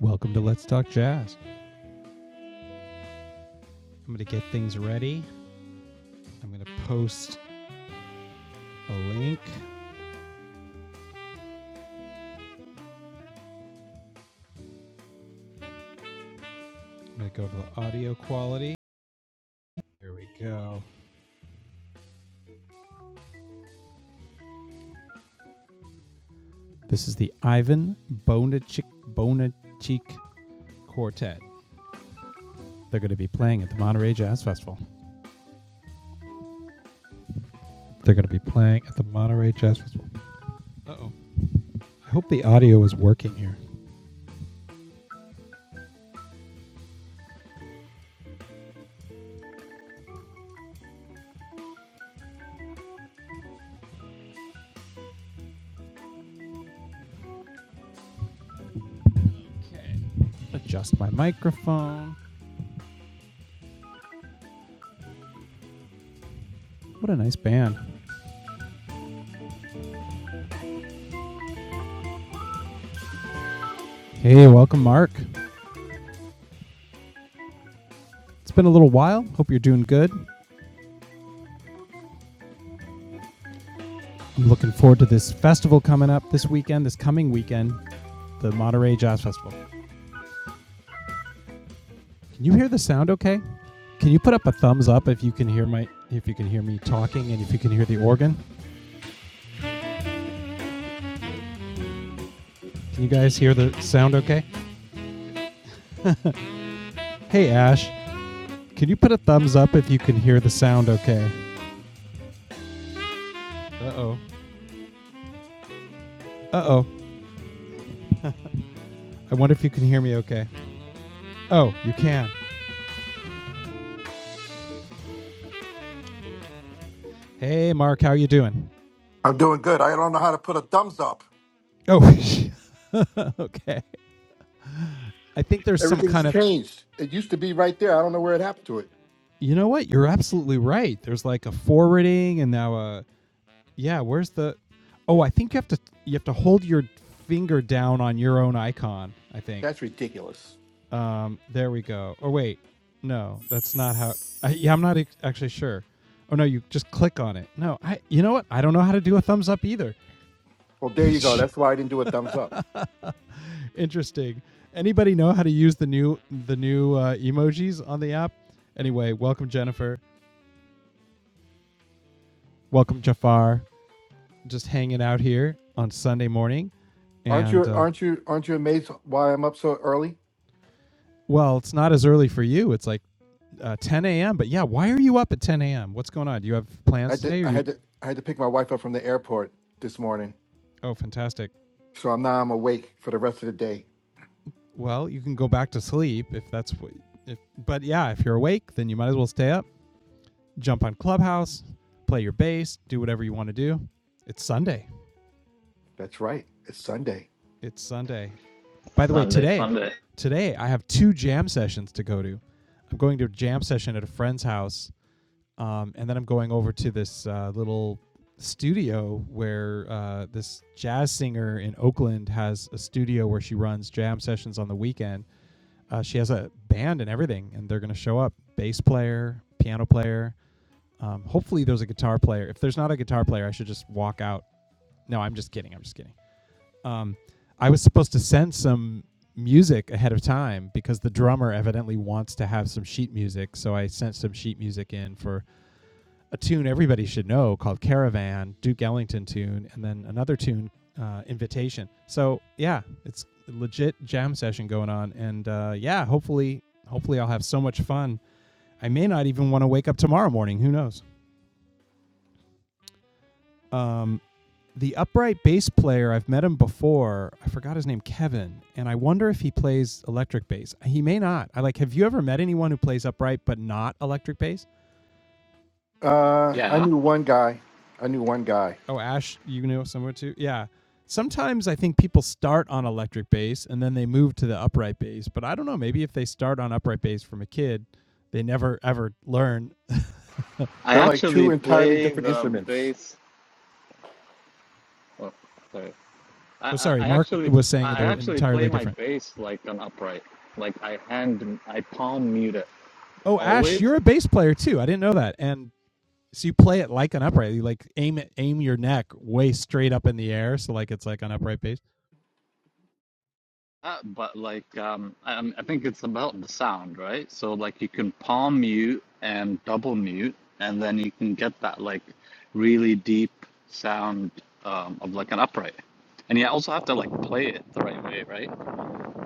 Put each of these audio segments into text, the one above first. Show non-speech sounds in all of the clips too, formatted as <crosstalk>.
Welcome to Let's Talk Jazz. I'm going to get things ready. I'm going to post a link. I'm going to go to the audio quality. Here we go. This is the Ivan Bonachik Bonachik Quartet. They're going to be playing at the Monterey Jazz Festival. They're going to be playing at the Monterey Jazz Festival. Uh oh. I hope the audio is working here. Adjust my microphone. What a nice band. Hey, welcome, Mark. It's been a little while. Hope you're doing good. I'm looking forward to this festival coming up this weekend, this coming weekend, the Monterey Jazz Festival. Can you hear the sound okay? Can you put up a thumbs up if you can hear my if you can hear me talking and if you can hear the organ? Can you guys hear the sound okay? Hey Ash, can you put a thumbs up if you can hear the sound okay? Uh-oh. Uh-oh. I wonder if you can hear me okay. Oh, you can. Hey Mark, how you doing? I'm doing good. I don't know how to put a thumbs up. Oh, <laughs> okay. I think there's some Everything's kind of changed. It used to be right there. I don't know where it happened to it. You know what? You're absolutely right. There's like a forwarding and now a yeah, where's the Oh, I think you have to you have to hold your finger down on your own icon, I think. That's ridiculous. Um there we go. Or wait. No, that's not how I, yeah, I'm not ex- actually sure. Oh no, you just click on it. No, I you know what? I don't know how to do a thumbs up either. Well, there <laughs> you go. That's why I didn't do a thumbs up. Interesting. Anybody know how to use the new the new uh, emojis on the app? Anyway, welcome Jennifer. Welcome Jafar. just hanging out here on Sunday morning, Aren't and you? uh, Aren't you? Aren't you amazed why I'm up so early? well, it's not as early for you. It's like uh, 10 a.m. But yeah, why are you up at 10 a.m.? What's going on? Do you have I plans did. today? Or I you? had to. I had to pick my wife up from the airport this morning, Oh, fantastic. so I'm now I'm awake for the rest of the day. Well, you can go back to sleep if that's what. If but yeah, if you're awake, then you might as well stay up. Jump on Clubhouse, play your bass, do whatever you want to do. It's Sunday. That's right. It's Sunday. It's Sunday. By the way, Sunday, today, Sunday. today I have two jam sessions to go to. I'm going to a jam session at a friend's house Um, and then I'm going over to this uh, little studio where uh, this jazz singer in Oakland has a studio where she runs jam sessions on the weekend. Uh, she has a band and everything, and they're going to show up bass player, piano player. Um, hopefully, there's a guitar player. If there's not a guitar player, I should just walk out. No, I'm just kidding. I'm just kidding. Um, I was supposed to send some music ahead of time because the drummer evidently wants to have some sheet music. So I sent some sheet music in for a tune everybody should know called Caravan, Duke Ellington tune, and then another tune, uh, Invitation. So yeah, it's a legit jam session going on, and uh, yeah, hopefully, hopefully I'll have so much fun. I may not even want to wake up tomorrow morning. Who knows? Um, the upright bass player, I've met him before. I forgot his name, Kevin, and I wonder if he plays electric bass. He may not. I like. Have you ever met anyone who plays upright but not electric bass? Uh, I Yeah. knew one guy. I knew one guy. Oh, Ash, you know somewhere too? Yeah. Sometimes I think people start on electric bass and then they move to the upright bass. But I don't know. Maybe if they start on upright bass from a kid, they never ever learn. <laughs> oh, I They're like actually two entirely play different the instruments. bass. Oh, sorry. I, sorry. I, I Mark actually was saying I they're actually play entirely my different. bass like an upright. Like I hand I palm mute it Oh, Ash, always. you're a bass player too. I didn't know that. And so you play it like an upright. You like aim it, aim your neck way straight up in the air. So like it's like an upright bass. Uh, but like um I, i I think it's about the sound, right? So like you can palm mute and double mute, and then you can get that like really deep sound um, of like an upright. And you also have to like play it the right way, right?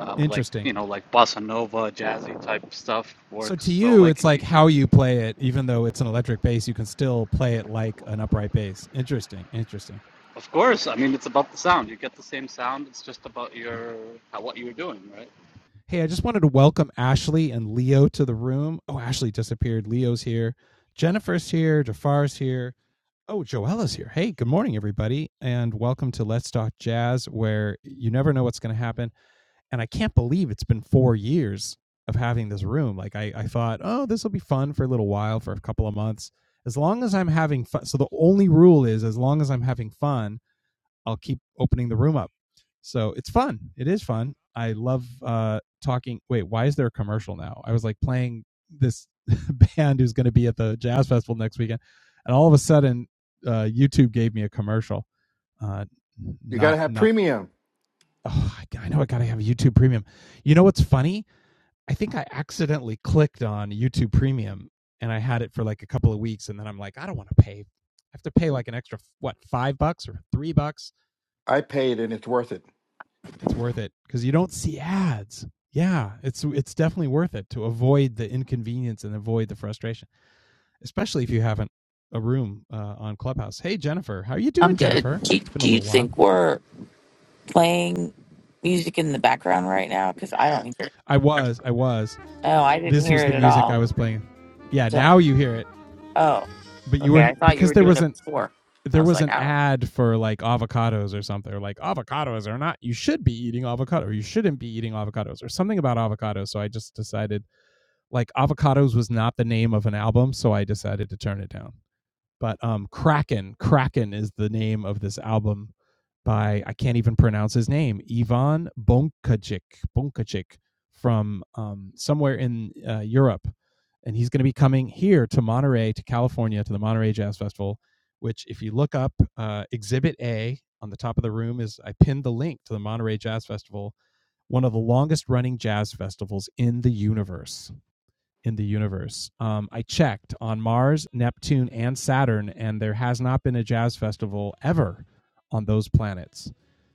um, like Interesting. you know like bossa nova jazzy type stuff So works to so you, it's like like how you play it. Even though it's an electric bass, you can still play it like an upright bass. Interesting, interesting. of course i mean it's about the sound you get the same sound it's just about your how, what you're doing right Hey, I just wanted to welcome Ashley and Leo to the room. Oh, Ashley disappeared. Leo's here. Jennifer's here. Jafar's here. Oh, Joella's here. Hey, good morning, everybody, and welcome to Let's Talk Jazz, where you never know what's going to happen. and I can't believe it's been four years of having this room. Like I, I thought, oh, this will be fun for a little while, for a couple of months. As long as I'm having fun. So the only rule is, as long as I'm having fun, I'll keep opening the room up. So it's fun. It is fun. I love uh, talking. Wait, why is there a commercial now? I was like playing this <laughs> band who's going to be at the jazz festival next weekend, and all of a sudden, uh, YouTube gave me a commercial. Uh, You got to not have not premium. Oh, I- know I gotta have YouTube Premium. You know what's funny? I think I accidentally clicked on YouTube Premium and I had it for like a couple of weeks, and then I'm like, I don't want to pay. I have to pay like an extra what five bucks or three bucks. I paid, and it's worth it. It's worth it because you don't see ads. Yeah, it's it's definitely worth it to avoid the inconvenience and avoid the frustration, especially if you haven't a room uh, on Clubhouse. Hey Jennifer, how are you I'm doing, good. Jennifer? Do you, It's been a do you little while. think we're playing music in the background right now? Because I don't hear. I was, I was. Oh, I didn't This was hear the it at music I all. was playing. Yeah, So, now you hear it. oh, but you okay. were I thought you because were there doing was it an before. I there was was like, an I don't. ad for like avocados or something or like avocados are not you should be eating avocado or you shouldn't be eating avocados or something about avocados so i just decided like avocados was not the name of an album so i decided to turn it down but um, Kraken, Kraken is the name of this album by I can't even pronounce his name, Ivan Bonkacic, Bonkacic from um, somewhere in uh, Europe, and he's going to be coming here to Monterey, to California, to the Monterey Jazz Festival. Which, if you look up uh, Exhibit A on the top of the room, is I pinned the link to the Monterey Jazz Festival, one of the longest running jazz festivals in the universe in the universe. Um, I checked on Mars, Neptune, and Saturn, and there has not been a jazz festival ever on those planets.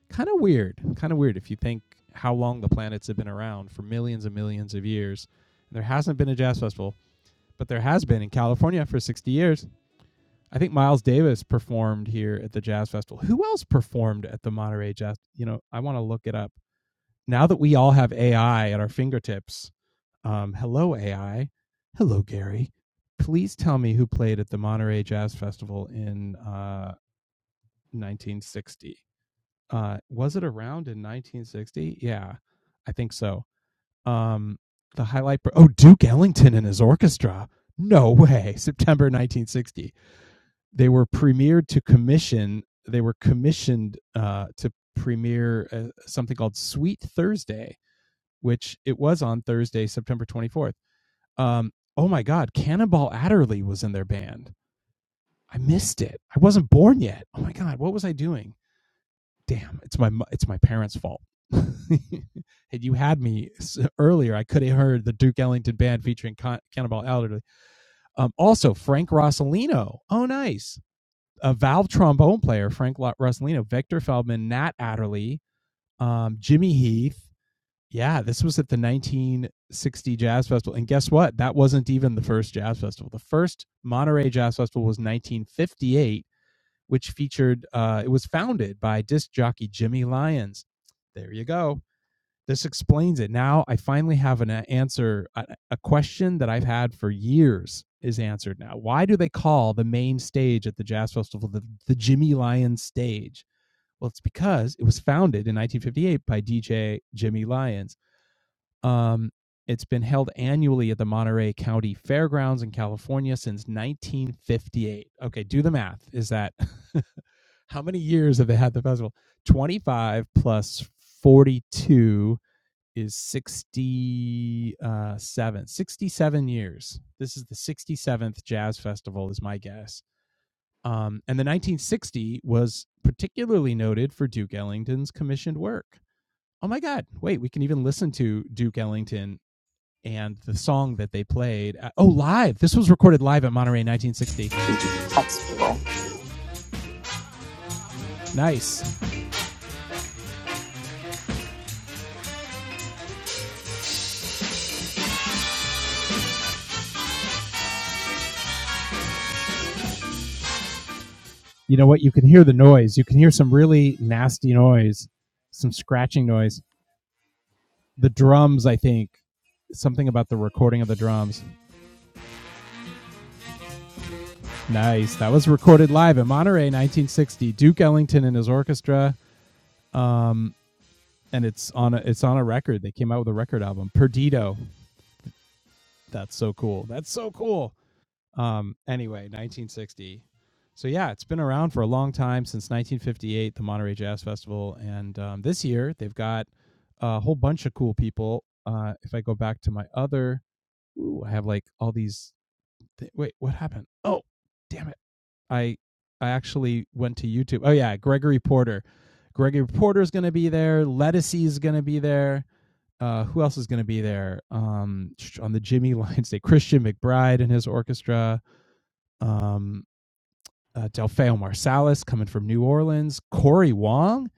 Kind of weird. Kind of weird if you think how long the planets have been around for millions and millions of years. There hasn't been a jazz festival, but there has been in California for 60 years. I think Miles Davis performed here at the Jazz Festival. Who else performed at the Monterey Jazz? You know, I want to look it up. Now that we all have AI at our fingertips, um, hello AI, hello Gary. Please tell me who played at the Monterey Jazz Festival in uh, 1960. Uh, was it around in 1960? Yeah, I think so. Um, the highlight. pro- Oh, Duke Ellington and his orchestra. No way. <laughs> September 1960. They were premiered to commission. They were commissioned uh, to premiere uh, something called Sweet Thursday, which it was on Thursday, September 24th. Um, oh my God, Cannonball Adderley was in their band. I missed it. I wasn't born yet. Oh my God, what was I doing? Damn, it's my it's my parents' fault. <laughs> Had you had me earlier, I could have heard the Duke Ellington band featuring Con- Cannonball Adderley. Um, also, Frank Rossellino. Oh, nice. A valve trombone player, Frank Lo- Victor Feldman, Nat Adderley, um, Jimmy Heath. Yeah, this was at the 1960 Jazz Festival. And guess what? That wasn't even the first Jazz Festival. The first Monterey Jazz Festival was 1958, which featured, uh, it was founded by disc jockey Jimmy Lyons. There you go. This explains it. Now I finally have an uh, answer, a, a question that I've had for years is answered now. Why do they call the main stage at the Jazz Festival the, the Jimmy Lyons stage? Well, it's because it was founded in 1958 by DJ Jimmy Lyons um, it's been held annually at the Monterey County Fairgrounds in California since 1958. Okay, do the math. Is that <laughs> how many years have they had the festival? 25 plus 42 is 67. 67 years. This is the 67th Jazz Festival, is my guess. Um, and the 1960 was particularly noted for Duke Ellington's commissioned work. Oh my God, wait, we can even listen to Duke Ellington and the song that they played. Uh, oh, live! This was recorded live at Monterey in 1960. That's cool. Nice. You know what? You can hear the noise. You can hear some really nasty noise, some scratching noise. The drums, I think, something about the recording of the drums. Nice. That was recorded live at Monterey 1960. Duke Ellington and his orchestra. Um, and it's on a, it's on a record. They came out with a record album, Perdido. That's so cool. That's so cool. Um, anyway, 1960. So yeah, it's been around for a long time since 1958, the Monterey Jazz Festival, and um, this year they've got a whole bunch of cool people. Uh, if I go back to my other, ooh, I have like all these. Th- wait, what happened? Oh, damn it! I I actually went to YouTube. Oh yeah, Gregory Porter. Gregory Porter is going to be there. Lettucey is going to be there. Uh, who else is going to be there? Um, on the Jimmy <laughs> Lions Day, Christian McBride and his orchestra. Um, uh, Delfeo Marsalis coming from New Orleans, Corey Wong.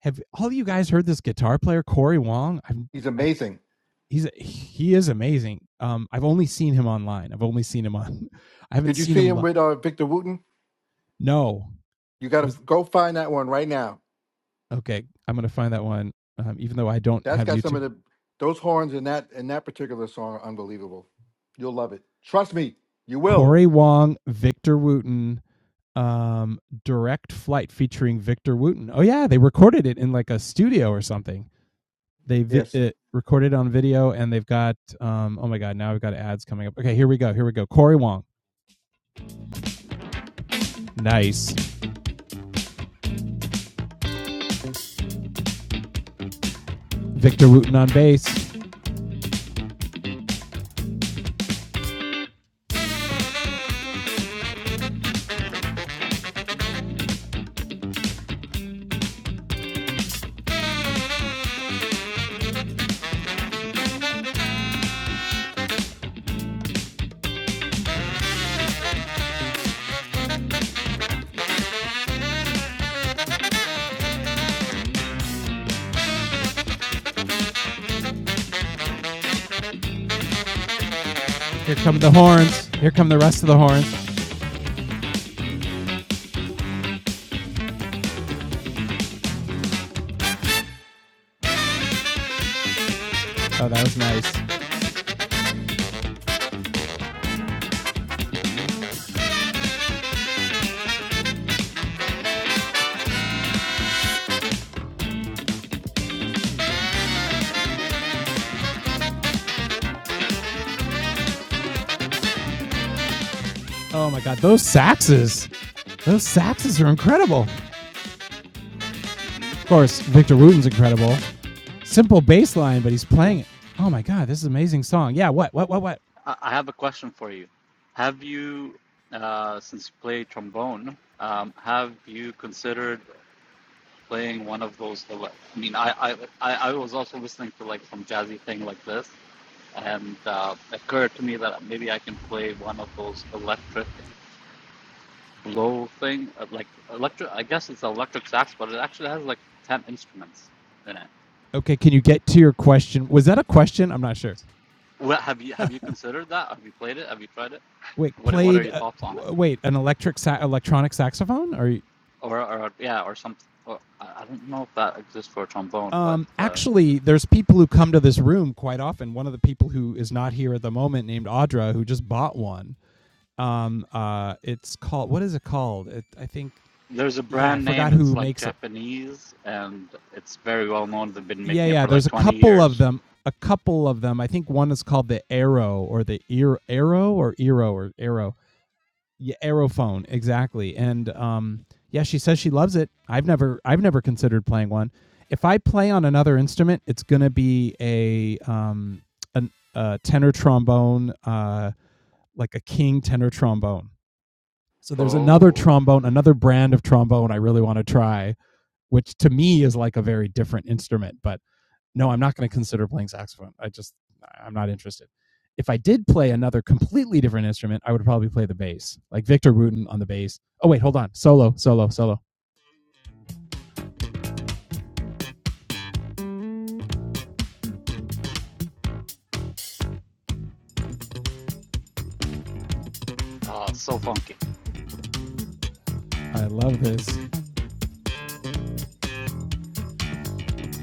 Have all of you guys heard this guitar player, Corey Wong? i am He's I've, amazing. he's he is amazing. Um, I've only seen him online. I've only seen him on. <laughs> I haven't Did you seen see him. him Li- with uh, Victor Wooten? no, You got was to go find that one right now. okay. I'm gonna find that one. Um, even though I don't That's have got some YouTube, of the those horns in that in that particular song are unbelievable. You'll love it. Trust me, you will. Corey Wong, Victor Wooten, um, Direct Flight featuring Victor Wooten. Oh yeah, they recorded it in like a studio or something. they vi- Yes. it recorded on video and they've got um oh my god now we've got ads coming up okay here we go here we go corey wong nice victor wooten on bass here come the horns here come the rest of the horns oh that was nice oh my god those saxes those saxes are incredible hmm of course victor wooten's incredible simple bass line but he's playing it oh my god this is an amazing song yeah what what what what I, have a question for you have you uh, since you play trombone um, have you considered playing one of those i mean I, I i I was also listening to like some jazzy thing like this and uh, it occurred to me that maybe i can play one of those electric low thing, uh, like electric. I guess it's an electric sax, but it actually has like ten instruments in it. okay can you get to your question was that a question i'm not sure What have you have you considered that? Have you played it? Have you tried it? wait What what are played your uh, thoughts on it? wait an electric sa- electronic saxophone or Or or yeah, or some. Or, I I don't know if that exists for a trombone, but Um, uh, actually, there's people who come to this room quite often. One of the people who is not here at the moment, named Audra, who just bought one. Um, uh, it's called what is it called? It, I think there's a yeah, I brand forgot name. It's who like makes it. Japanese, and it's very well known. They've been Yeah, making it yeah. for There's like a twenty couple of years. them. A couple of them. I think one is called the Arrow or the Ear Arrow or Eero or Arrow. yeah, Aerophone, exactly. And um, yeah, she says she loves it. I've never, I've never considered playing one. If I play on another instrument, it's gonna be a um, an, a tenor trombone, uh, like a king tenor trombone. So there's another Oh, trombone, another brand of trombone I really want to try, which to me is like a very different instrument, but no, I'm not going to consider playing saxophone. I just, I'm not interested. If I did play another completely different instrument, I would probably play the bass, like Victor Wooten on the bass. Oh, wait, hold on. Solo, solo, solo. uh, so funky. I love this.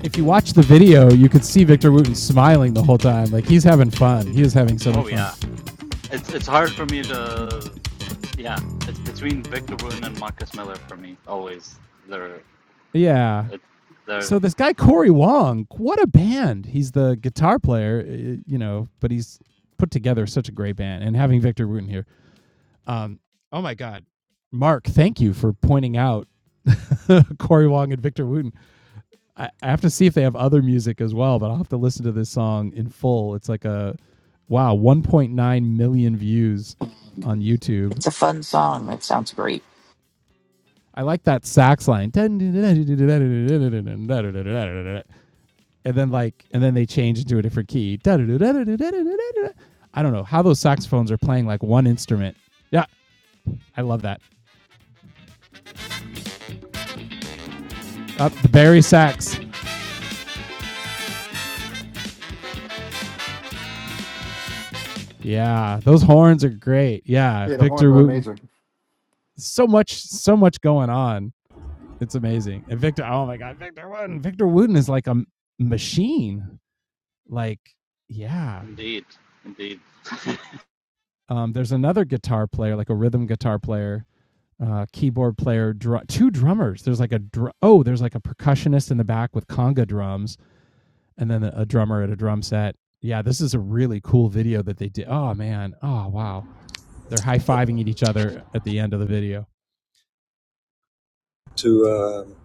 If you watch the video, you could see Victor Wooten smiling the whole time. Like he's having fun. He is having so much Oh fun. yeah, it's it's hard for me to Yeah, it's between Victor Wooten and Marcus Miller for me. Always, they're Yeah. it, they're So this guy, Corey Wong, what a band. He's the guitar player, eh, you know, but he's put together such a great band. And having Victor Wooten here. Um, oh, my God. Mark, thank you for pointing out <laughs> Corey Wong and Victor Wooten. I, I have to see if they have other music as well, but I'll have to listen to this song in full. It's like a wow, 1.9 million views on YouTube. It's a fun song. That sounds great. I like that sax line. And then like and then they change into a different key. I don't know how those saxophones are playing like one instrument. Yeah, I love that. Up the Barry sax. Yeah, those horns are great. Yeah, Yeah, the horns Victor are Wooten amazing. so much, so much going on. It's amazing. And Victor, oh my God, Victor Wooten. Victor Wooten is like a machine. Like, yeah. indeed, indeed. Um, there's another guitar player, like a rhythm guitar player, uh, keyboard player, dr- two drummers. There's like a dr- oh, there's like a percussionist in the back with conga drums, and then a drummer at a drum set. Yeah, this is a really cool video that they did. Oh man, oh wow, they're high fiving at each other at the end of the video. to um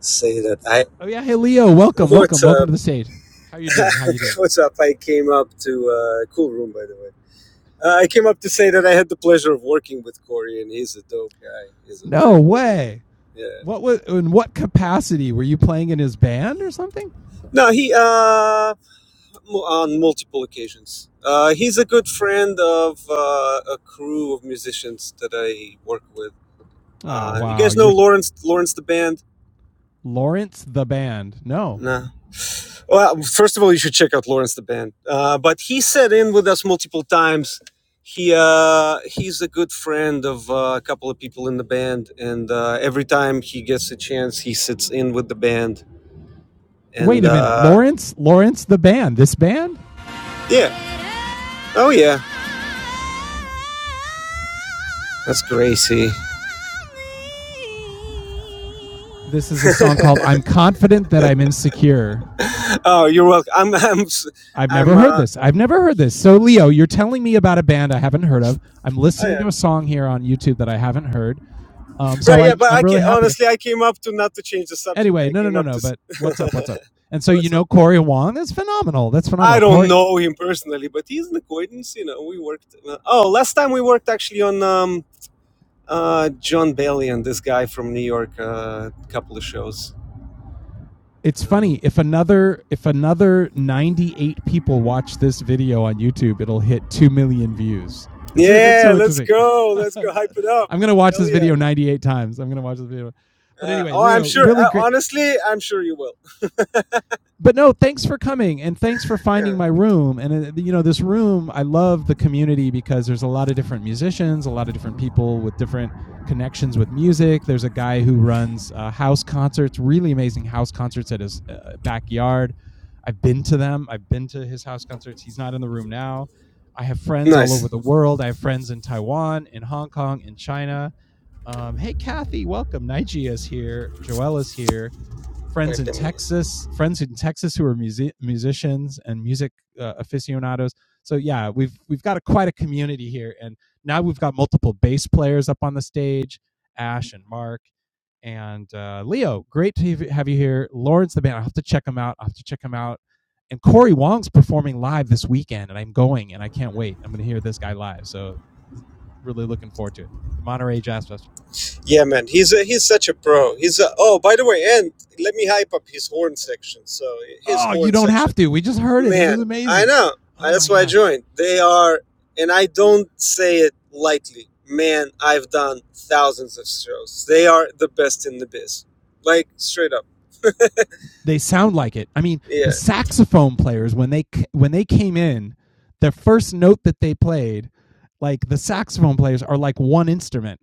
say that I Oh yeah, hey Leo, welcome, welcome, what's welcome up to the stage. How you doing? How you <laughs> doing? what's up I came up to uh, cool room by the way uh, I came up to say that I had the pleasure of working with Corey and he's a dope guy he's a very No cool dude way. yeah What was in what capacity were you playing in his band or something? no he uh on multiple occasions uh, he's a good friend of uh, a crew of musicians that I work with Oh uh, you wow, guys know you're Lawrence Lawrence the band Lawrence the band. No. No. Well, first of all, you should check out Lawrence the Band. Uh, but he sat in with us multiple times. He uh, he's a good friend of uh, a couple of people in the band, and uh, every time he gets a chance, he sits in with the band. Wait And a minute. uh, Lawrence, Lawrence the band. This band? yeah, oh yeah, that's Gracie. This is a song called I'm Confident That I'm Insecure. Oh, you're welcome. I'm I'm am i I've I'm. never heard Uh, this. I've never heard this. So, Leo, you're telling me about a band I haven't heard of. I'm oh listening yeah, to a song here on YouTube that I haven't heard. Um, so right. Yeah, I'm but I'm I ca really happy to. honestly, I came up to not to change the subject. Anyway, I no, no, came no, up no. to. But what's up? What's up? And <laughs> so you What's up? know Corey Wong. That's phenomenal. That's I phenomenal. don't Corey. know him personally, but he's an acquaintance. You know, we worked. Uh, oh, last time we worked actually on um, uh, John Bailey and this guy from New York. A uh, couple of shows. It's funny Um, if another if another 98 people watch this video on YouTube, it'll hit two million views. It's it's yeah, so let's interesting. go. <laughs> Let's go hype it up. I'm gonna watch Hell this yeah. video 98 times. I'm gonna watch this video. But Uh, anyway, oh, I'm Leo, sure. really Uh, great. honestly, I'm sure you will. but no, thanks for coming and thanks for Yeah. finding my room. And uh, you know, this room, I love the community because there's a lot of different musicians, a lot of different people with different connections with music. There's a guy who runs uh, house concerts, really amazing house concerts at his uh, backyard. I've been to them. I've been to his house concerts. He's not in the room now. I have friends all over Nice. the world. I have friends in Taiwan, in Hong Kong, in China. Um, hey, Kathy, welcome. Nigia is here. Joelle is here friends Wait, in let me. Texas, friends in Texas who are music, musicians and music uh, aficionados. So yeah, we've we've got a, quite a community here, and now we've got multiple bass players up on the stage, Ash and Mark and uh, Leo. Great to have you here, Lawrence the band. I have to check them out. I have to check them out. And Corey Wong's performing live this weekend, and I'm going, and I can't wait. I'm going to hear this guy live. So really looking forward to it. The Monterey Jazz Festival. Yeah, man, he's a, he's such a pro. He's a, oh, by the way, and let me hype up his horn section. So his Oh, you horn don't section. have to. We just heard it. It was Man, I amazing. know. Oh That's my why I god. joined. They are, and I don't say it lightly. Man, I've done thousands of shows. They are the best in the biz. Like, straight up. they sound like it. I mean, the Yeah. saxophone players when they when they came in, the first note that they played, like the saxophone players are like one instrument.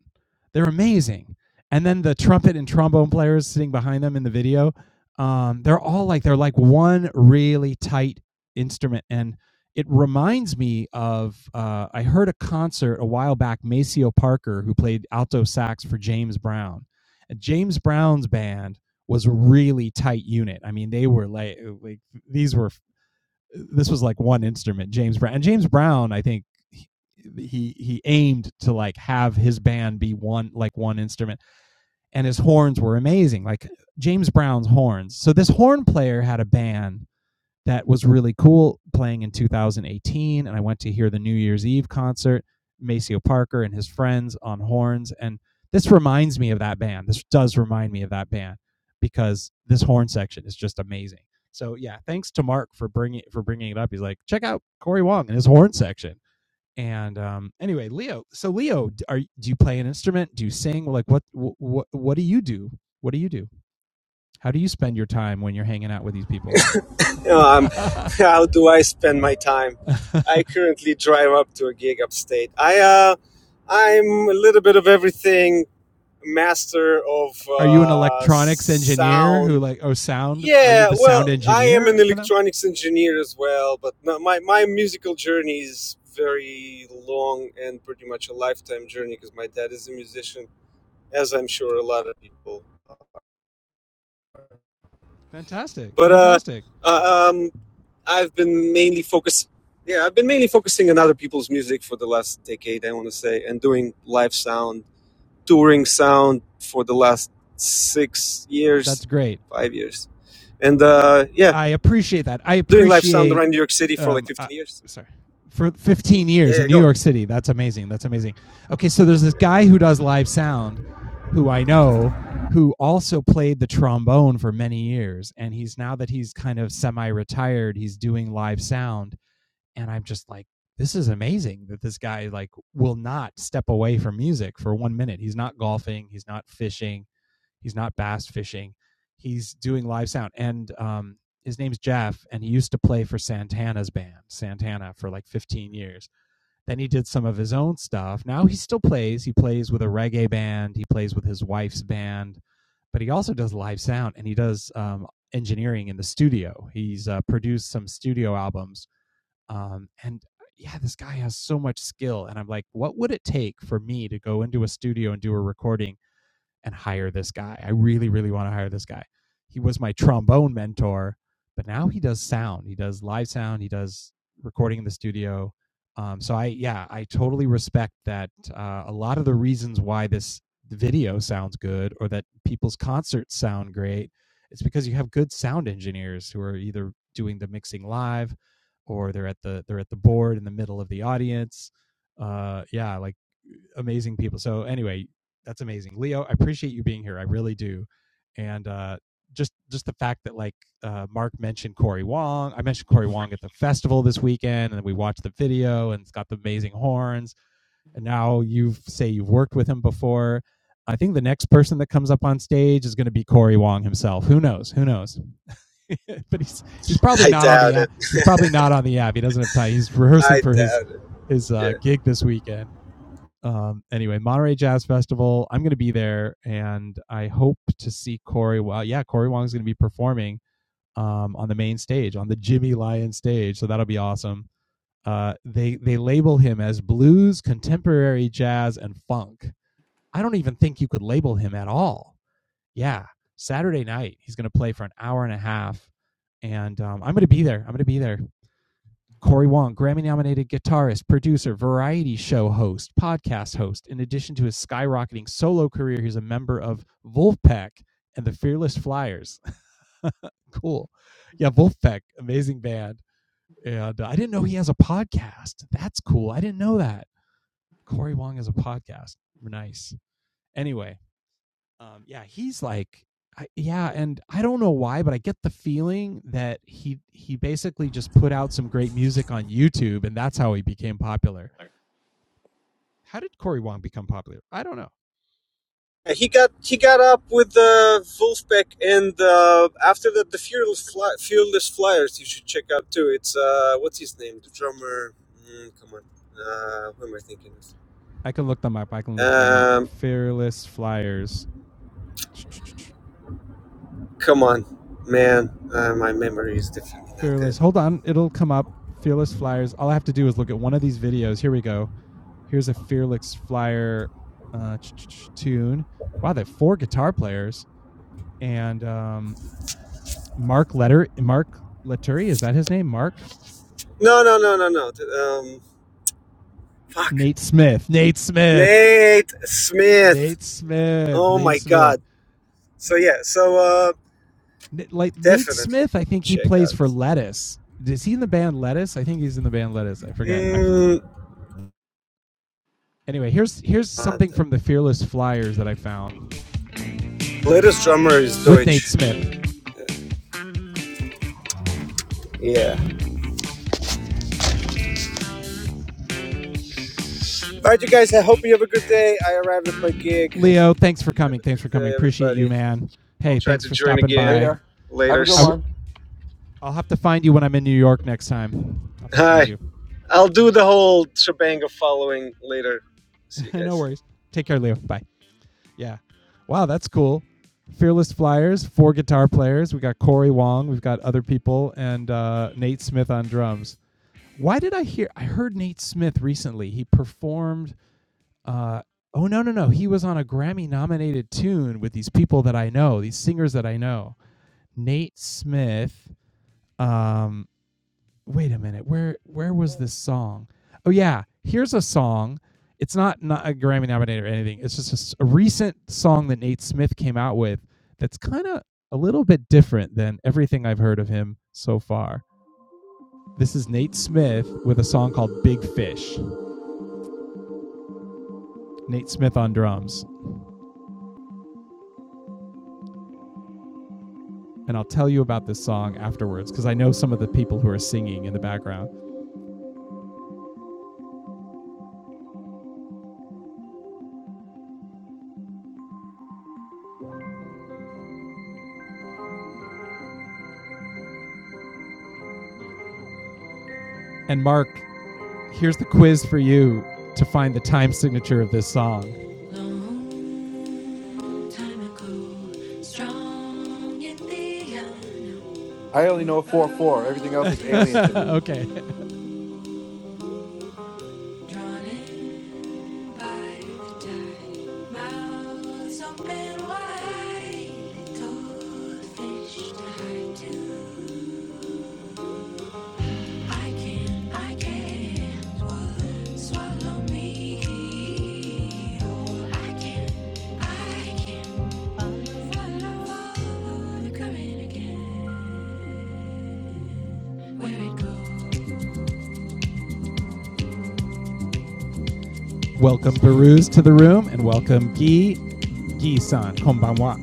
They're amazing. And then the trumpet and trombone players sitting behind them in the video, um, they're all like they're like one really tight instrument, and it reminds me of uh, I heard a concert a while back. Maceo Parker, who played alto sax for James Brown, and James Brown's band was a really tight unit. I mean, they were like uh, like these were this was like one instrument. James Brown and James Brown, I think he he, he aimed to like have his band be one like one instrument, and his horns were amazing, like James Brown's horns. So this horn player had a band that was really cool playing in 2018. And I went to hear the New Year's Eve concert, Maceo Parker and his friends on horns. And this reminds me of that band. This does remind me of that band because this horn section is just amazing. So yeah, thanks to Mark for bringing for bringing it up. He's like, check out Corey Wong and his horn section. And um, anyway, Leo. So Leo, are do you play an instrument? Do you sing? Like what what what do you do? What do you do? How do you spend your time when you're hanging out with these people? You know, I'm, <laughs> <laughs> how do I spend my time? I currently drive up to a gig upstate. I, uh, I'm a little bit of everything, master of <laughs> are you an uh, electronics engineer sound who like oh sound? Are you Yeah, the well, sound I am an engineer for them? electronics engineer as well, but no, my my musical journey is very long and pretty much a lifetime journey because my dad is a musician, as I'm sure a lot of people. Fantastic, But uh, fantastic. uh, um, I've been mainly focused. Yeah, I've been mainly focusing on other people's music for the last decade, I want to say, and doing live sound, touring sound for the last six years, That's great. five years, and uh, yeah, I appreciate that. I doing live sound appreciate. around New York City for like Um, uh, 15 years. sorry. For 15 Yeah, years in yeah, New go on. York City. That's amazing. That's amazing. Okay, so there's this guy who does live sound who I know who also played the trombone for many years and he's now that he's kind of semi-retired he's doing live sound and I'm just like, this is amazing that this guy like will not step away from music for one minute. He's not golfing, he's not fishing, he's not bass fishing, he's doing live sound. And um, his name's Jeff, and he used to play for Santana's band, Santana, for like 15 years. Then he did some of his own stuff. Now he still plays. He plays with a reggae band. He plays with his wife's band, but he also does live sound and he does um, engineering in the studio. He's uh, produced some studio albums um, and uh, yeah, this guy has so much skill. And I'm like, what would it take for me to go into a studio and do a recording and hire this guy. I really, really want to hire this guy. He was my trombone mentor, but now he does sound. He does live sound. He does recording in the studio. Um, so I, yeah, I totally respect that. Uh, a lot of the reasons why this video sounds good or that people's concerts sound great, it's because you have good sound engineers who are either doing the mixing live or they're at the they're at the board in the middle of the audience. Uh, yeah, like amazing people. So anyway, that's amazing, Leo. I appreciate you being here. I really do. And uh, just just the fact that like uh, Mark mentioned Corey Wong. I mentioned Corey Wong at the festival this weekend, and we watched the video, and it's got the amazing horns. And now you say you've worked with him before. I think the next person that comes up on stage is going to be Corey Wong himself. Who knows? Who knows? <laughs> but he's he's <laughs> probably I not on the doubt app. it. He's probably not on the app. He doesn't have time. He's rehearsing I for his doubt it. his uh, Yeah. gig this weekend um, anyway, Monterey Jazz Festival. I'm going to be there, and I hope to see Corey. Well, yeah, Corey Wong's going to be performing um, on the main stage, on the Jimmy Lyon stage. So that'll be awesome. Uh, they they label him as blues, contemporary jazz, and funk. I don't even think you could label him at all. Yeah, Saturday night he's going to play for an hour and a half, and um, I'm going to be there. I'm going to be there. Corey Wong, Grammy nominated guitarist, producer, variety show host, podcast host. In addition to his skyrocketing solo career, he's a member of Wolfpack and the Fearless Flyers. <laughs> cool. Yeah, Wolfpack, amazing band. And uh, I didn't know he has a podcast. That's cool. I didn't know that. Corey Wong has a podcast. Nice. Anyway, um, yeah, he's like, I, yeah, and I don't know why, but I get the feeling that he he basically just put out some great music on YouTube, and that's how he became popular. How did Corey Wong become popular? I don't know. He got he got up with the uh, Wolfpack, and uh, after that, the Fearless, Fly- Fearless Flyers. You should check out too. It's uh, what's his name? The drummer. Mm, come on. Uh, who am I thinking I can look them up. I can of? look them up. Um, Fearless Flyers. come on, man. Uh, my memory is definitely not good. Fearless. Hold on, it'll come up. Fearless Flyers. All I have to do is look at one of these videos. Here we go. Here's a Fearless Flyer uh, tune. Wow, they have four guitar players and um, Mark Letter Mark Lettery, is that his name? Mark? No, no, no, no, no. Um, fuck. Nate Smith. Nate Smith. Nate Smith. Nate Smith. Oh Nate my Smith. God. So yeah. So uh, N- like Nate definitely Smith, I think he check plays out. for Lettuce. Is he in the band Lettuce? I think he's in the band Lettuce. I forget. I Mm, anyway, here's here's And something the from the Fearless Flyers that I found latest drummer is with Nate Deutsch. Smith. Yeah. yeah. All right, you guys. I hope you have a good day. I arrived at my gig. Leo, thanks for Have coming. a Thanks for good coming. day, Appreciate you, everybody. man. I'll Hey, try thanks to for join stopping again. by. Later. Have a good I Later's. w- one. I'll have to find you when I'm in New York next time. I'll have to find Hi. you. I'll do the whole shebang of following later. See you <laughs> no guys. worries. Take care, Leo. Bye. Yeah. Wow, that's cool. Fearless Flyers, four guitar players. We got Corey Wong, we've got other people, and uh, Nate Smith on drums. Why did I hear? I heard Nate Smith recently. He performed. Uh, oh no, no, no! He was on a Grammy-nominated tune with these people that I know, these singers that I know. Nate Smith. Um, wait a minute where where was this song oh yeah here's a song it's not not a grammy nominated or anything it's just a a recent song that nate smith came out with that's kind of a little bit different than everything i've heard of him so far this is nate smith with a song called big fish nate smith on drums and i'll tell you about this song afterwards because i know some of the people who are singing in the background And Mark, here's the quiz for you to find the time signature of this song. I only know four four. Everything else is alien to <laughs> me. okay. Oh, Welcome, Baruz, to the room, and welcome, Guy, Guy san, konbanwa.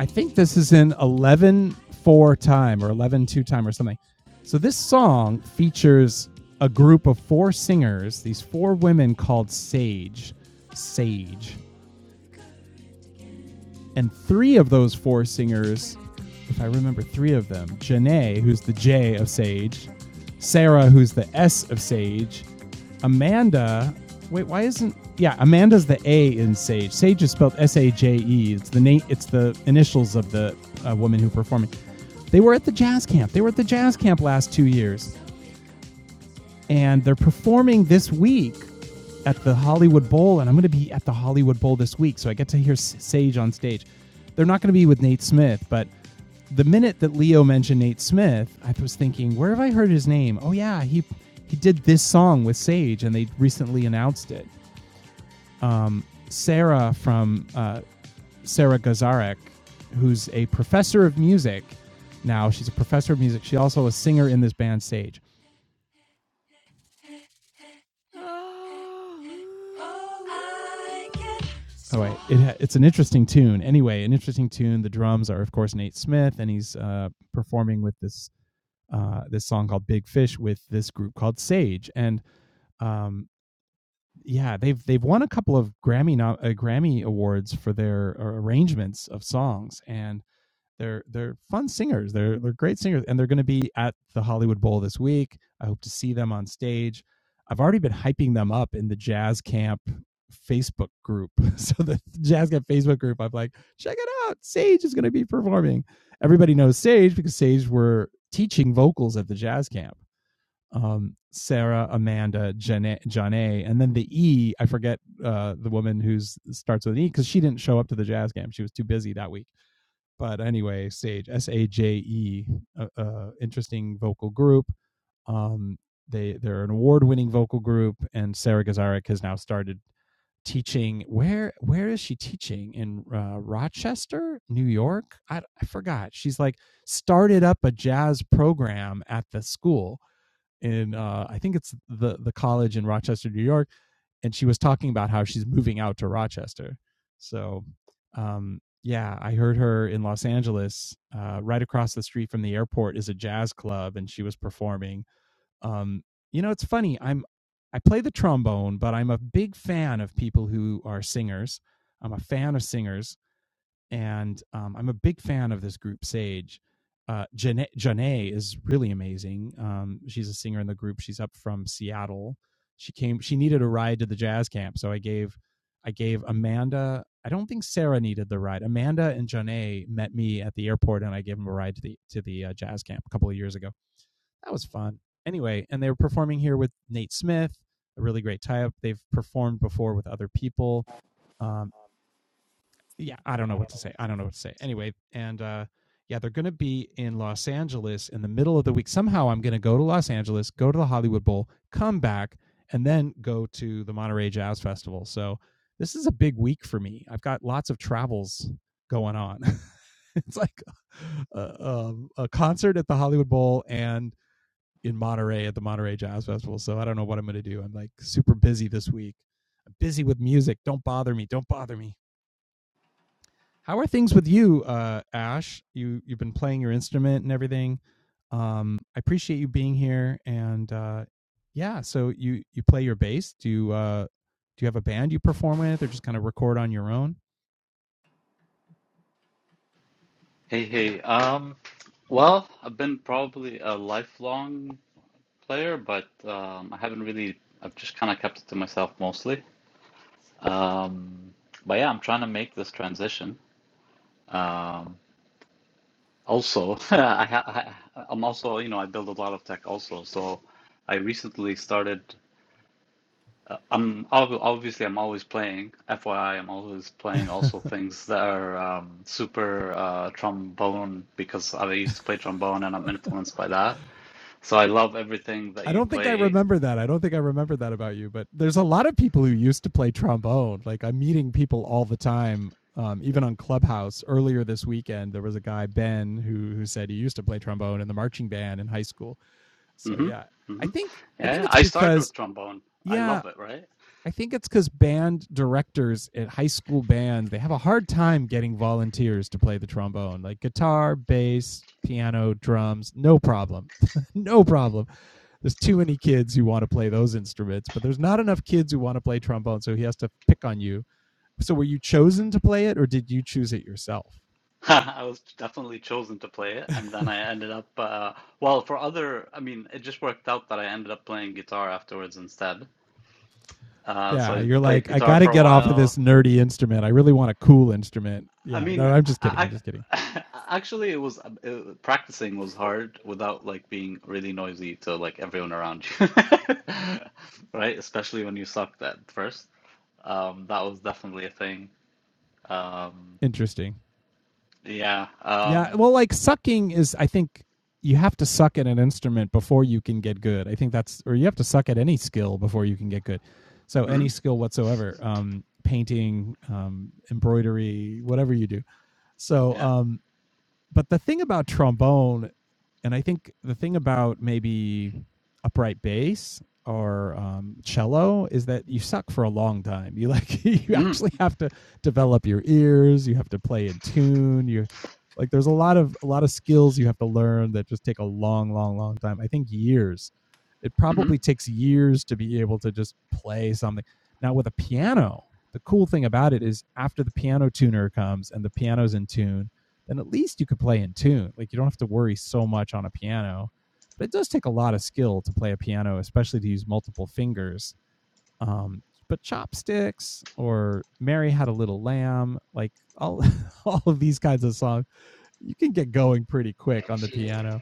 I think this is in 11:4 time or 11:2 time or something. So this song features a group of four singers, these four women called Sage. Sage. And three of those four singers, if I remember three of them, Janae, who's the J of Sage, Sarah, who's the S of Sage, Amanda. Wait, why isn't yeah? Amanda's the A in Sage. Sage is spelled S A J E. It's the name. It's the initials of the uh, woman who performed. They were at the jazz camp. They were at the jazz camp last two years and they're performing this week at the Hollywood Bowl, and I'm going to be at the Hollywood Bowl this week, so I get to hear Sage on stage. They're not going to be with Nate Smith, but the minute that Leo mentioned Nate Smith, I was thinking, where have I heard his name? Oh yeah, he he did this song with Sage, and they recently announced it. Sarah from uh, Sarah Gazarek, who's a professor of music now. She's a professor of music. She also a singer in this band Sage. Oh wait, it, ha- it's an interesting tune. Anyway, an interesting tune. The drums are of course Nate Smith, and he's uh, performing with this uh, this song called Big Fish with this group called Sage. And um, yeah, they've they've won a couple of Grammy no, uh, Grammy awards for their uh, arrangements of songs. And they're they're fun singers. They're they're great singers, and they're going to be at the Hollywood Bowl this week. I hope to see them on stage. I've already been hyping them up in the Jazz Camp Facebook group. <laughs> So the Jazz Camp Facebook group, I'm like, check it out. Sage is going to be performing. Everybody knows Sage because Sage were teaching vocals at the Jazz Camp. Um, Sarah, Amanda, Janae, Janae, and then the E. I forget uh, the woman who starts with an E because she didn't show up to the Jazz Camp. She was too busy that week but anyway, Sage S A J E, uh, uh, interesting vocal group. Um, they they're an award-winning vocal group, and Sarah Gazarek has now started teaching. Where where is she teaching in uh, Rochester, New York? I, I forgot. She's like started up a jazz program at the school in uh, I think it's the the college in Rochester, New York and she was talking about how she's moving out to Rochester. So, um, yeah, I heard her in Los Angeles. Uh, right across the street from the airport is a jazz club, and she was performing. Um, you know, it's funny. I'm I play the trombone, but I'm a big fan of people who are singers. I'm a fan of singers and um, I'm a big fan of this group Sage. Uh, Janae, Janae is really amazing. Um, she's a singer in the group. She's up from Seattle. She came. She needed a ride to the jazz camp, so I gave I gave Amanda. I don't think Sarah needed the ride. Amanda and Janae met me at the airport, and I gave them a ride to the to the uh, jazz camp a couple of years ago. That was fun. Anyway, and they were performing here with Nate Smith, a really great tie up. They've performed before with other people. Um, yeah, I don't know what to say. I don't know what to say. Anyway, and uh yeah, they're going to be in Los Angeles in the middle of the week. Somehow I'm going to go to Los Angeles, go to the Hollywood Bowl, come back, and then go to the Monterey Jazz Festival. So this is a big week for me. I've got lots of travels going on. <laughs> it's like a, a, um, a concert at the Hollywood Bowl and in Monterey at the Monterey Jazz Festival. So I don't know what I'm going to do. I'm like super busy this week. I'm busy with music. Don't bother me. Don't bother me. How are things with you, uh, Ash? You you've been playing your instrument and everything. Um, I appreciate you being here, and uh, yeah, so you you play your bass. Do you uh, do you have a band you perform with, or just kind of record on your own? Hey, hey. Um, well, I've been probably a lifelong player, but um, I haven't really. I've just kind of kept it to myself mostly. Um, but yeah, I'm trying to make this transition. Um, also, <laughs> I, ha I I'm also you know I build a lot of tech also, so I recently started. Uh, I'm obviously I'm always playing. FYI, I'm always playing <laughs> also things that are um, super uh, trombone because I used to play trombone and I'm influenced by that. So I love everything that I you don't think I play. remember that. I don't think I remember that about you, but there's a lot of people who used to play trombone. Like I'm meeting people all the time. Um, even on Clubhouse earlier this weekend, there was a guy Ben who who said he used to play trombone in the marching band in high school. So Mm-hmm. yeah, I Mm-hmm. think I Yeah, think yeah. it's I started because with trombone. I yeah, love it, right? I think it's because band directors at high school bands they have a hard time getting volunteers to play the trombone, like guitar, bass, piano, drums, no problem, <laughs> no problem. There's too many kids who want to play those instruments, but there's not enough kids who want to play trombone, so he has to pick on you. So were you chosen to play it, or did you choose it yourself? <laughs> I was definitely chosen to play it, and then <laughs> I ended up, uh, well, for other, I mean, it just worked out that I ended up playing guitar afterwards instead. Uh, so yeah, I you're played like, I guitar got to for a get off of this while, nerdy instrument. I really want a cool instrument. I Yeah, mean, no, I'm just kidding. I'm I, just kidding. I <laughs> actually it was uh, practicing was hard without like being really noisy to like everyone around you, <laughs> right? Especially when you sucked at first. Um, that was definitely a thing. Um, Interesting. yeah. Yeah. Um, Well, like sucking is, I think you have to suck at an instrument before you can get good. I think that's, or you have to suck at any skill before you can get good. So any mhm, skill whatsoever, um, painting, um, embroidery, whatever you do. So, yeah. um, but the thing about trombone, and I think the thing about maybe upright bass or um, cello is that you suck for a long time. You like <laughs> you Mm-hmm. actually have to develop your ears. You have to play in tune. You like there's a lot of a lot of skills you have to learn that just take a long, long, long time. I think years. It probably takes years to be able to just play something. Now with a piano, the cool thing about it is after the piano tuner comes and the piano's in tune then at least you could play in tune. Like you don't have to worry so much on a piano. But it does take a lot of skill to play a piano, especially to use multiple fingers. Um, but chopsticks or Mary had a little lamb, like all <laughs> all of these kinds of songs, you can get going pretty quick on the piano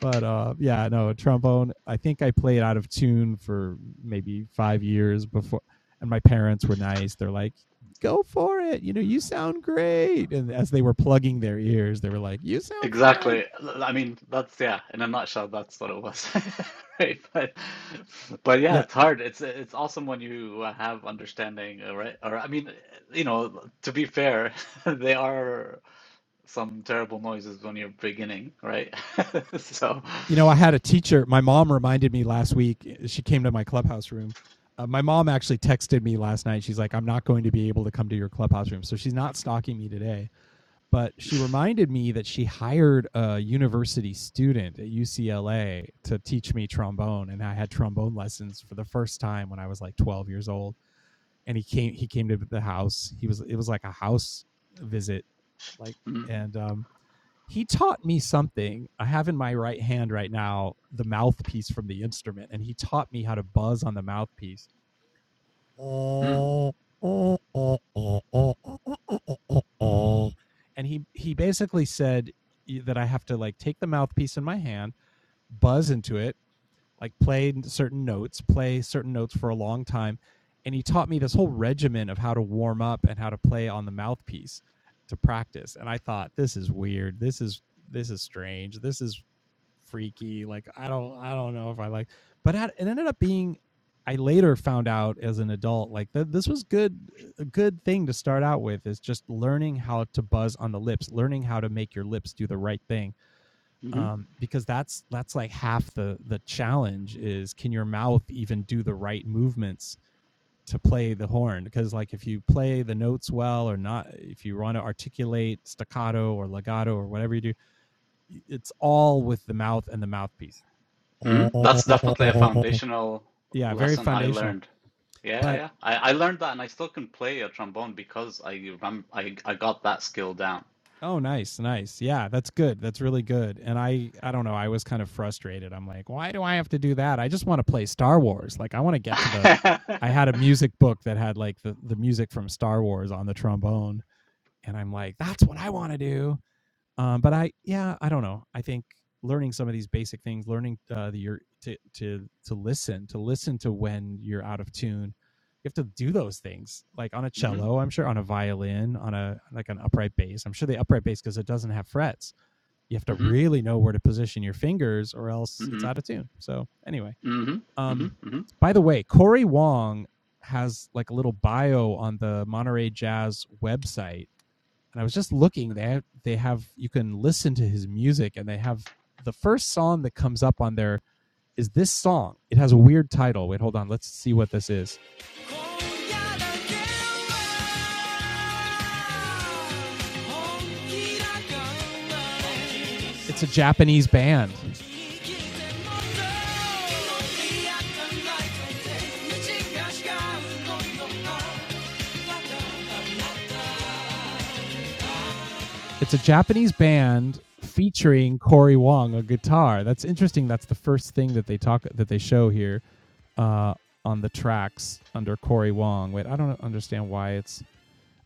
but uh yeah no trombone i think i played out of tune for maybe five years before and my parents were nice they're like go for it you know you sound great and as they were plugging their ears they were like you sound fine Exactly. L- I mean, that's yeah, in a nutshell, that's what it was. <laughs> Right? But but yeah, yeah it's hard. It's it's awesome when you uh, have understanding, uh, right? Or I mean, you know, to be fair, <laughs> they are some terrible noises when you're beginning, right? <laughs> So you know i had a teacher my mom reminded me last week eh, she came to my clubhouse room uh, my mom actually texted me last night she's like i'm not going to be able to come to your clubhouse room so she's not stalking me today but she reminded me that she hired a university student at UCLA to teach me trombone and I had trombone lessons for the first time when I was like 12 years old and he came he came to the house he was it was like a house visit like mm, and um he taught me something I have in my right hand right now the mouthpiece from the instrument and he taught me how to buzz on the mouthpiece mm, and he he basically said that I have to like take the mouthpiece in my hand, buzz into it, like play certain notes, play certain notes for a long time, and he taught me this whole regimen of how to warm up and how to play on the mouthpiece to practice. And I thought this is weird. This is this is strange. This is freaky. Like I don't I don't know if I like, but it ended up being. I later found out as an adult like that this was good a good thing to start out with is just learning how to buzz on the lips, learning how to make your lips do the right thing. mhm, Um, because that's that's like half the the challenge is can your mouth even do the right movements to play the horn because like if you play the notes well or not if you want to articulate staccato or legato or whatever you do it's all with the mouth and the mouthpiece mhm. That's definitely a <laughs> foundational yeah, very lesson I foundational. learned. Yeah, But yeah. I, I learned that and I still can play a trombone because I rem I, I got that skill down. oh, nice, nice. Yeah, that's good. That's really good. And I, I don't know. I was kind of frustrated. I'm like, why do I have to do that? I just want to play Star Wars. Like, I want to get to the. I <laughs> had a music book that had like the the music from Star Wars on the trombone, and I'm like, that's what I want to do. Um, but I, yeah, I don't know. I think learning some of these basic things, learning uh, the your to to to listen, to listen to when you're out of tune. You have to do those things, like on a hmm hmm cello. I'm sure on a violin, on a like an upright bass. I'm sure the upright bass because it doesn't have frets. You have to really know where to position your fingers, or else it's hmm out of tune. So anyway, hmm hmm um, by the way, Corey Wong has like a little bio on the Monterey Jazz website and I was just looking. They have, they have you can listen to his music, and they have the first song that comes up on there is this song. It has a weird title. Wait, hold on. Let's see what this is. It's a Japanese band. It's a Japanese band featuring Corey Wong on guitar. That's interesting. That's the first thing that they talk that they show here uh, on the tracks under Corey Wong. Wait, I don't understand why it's.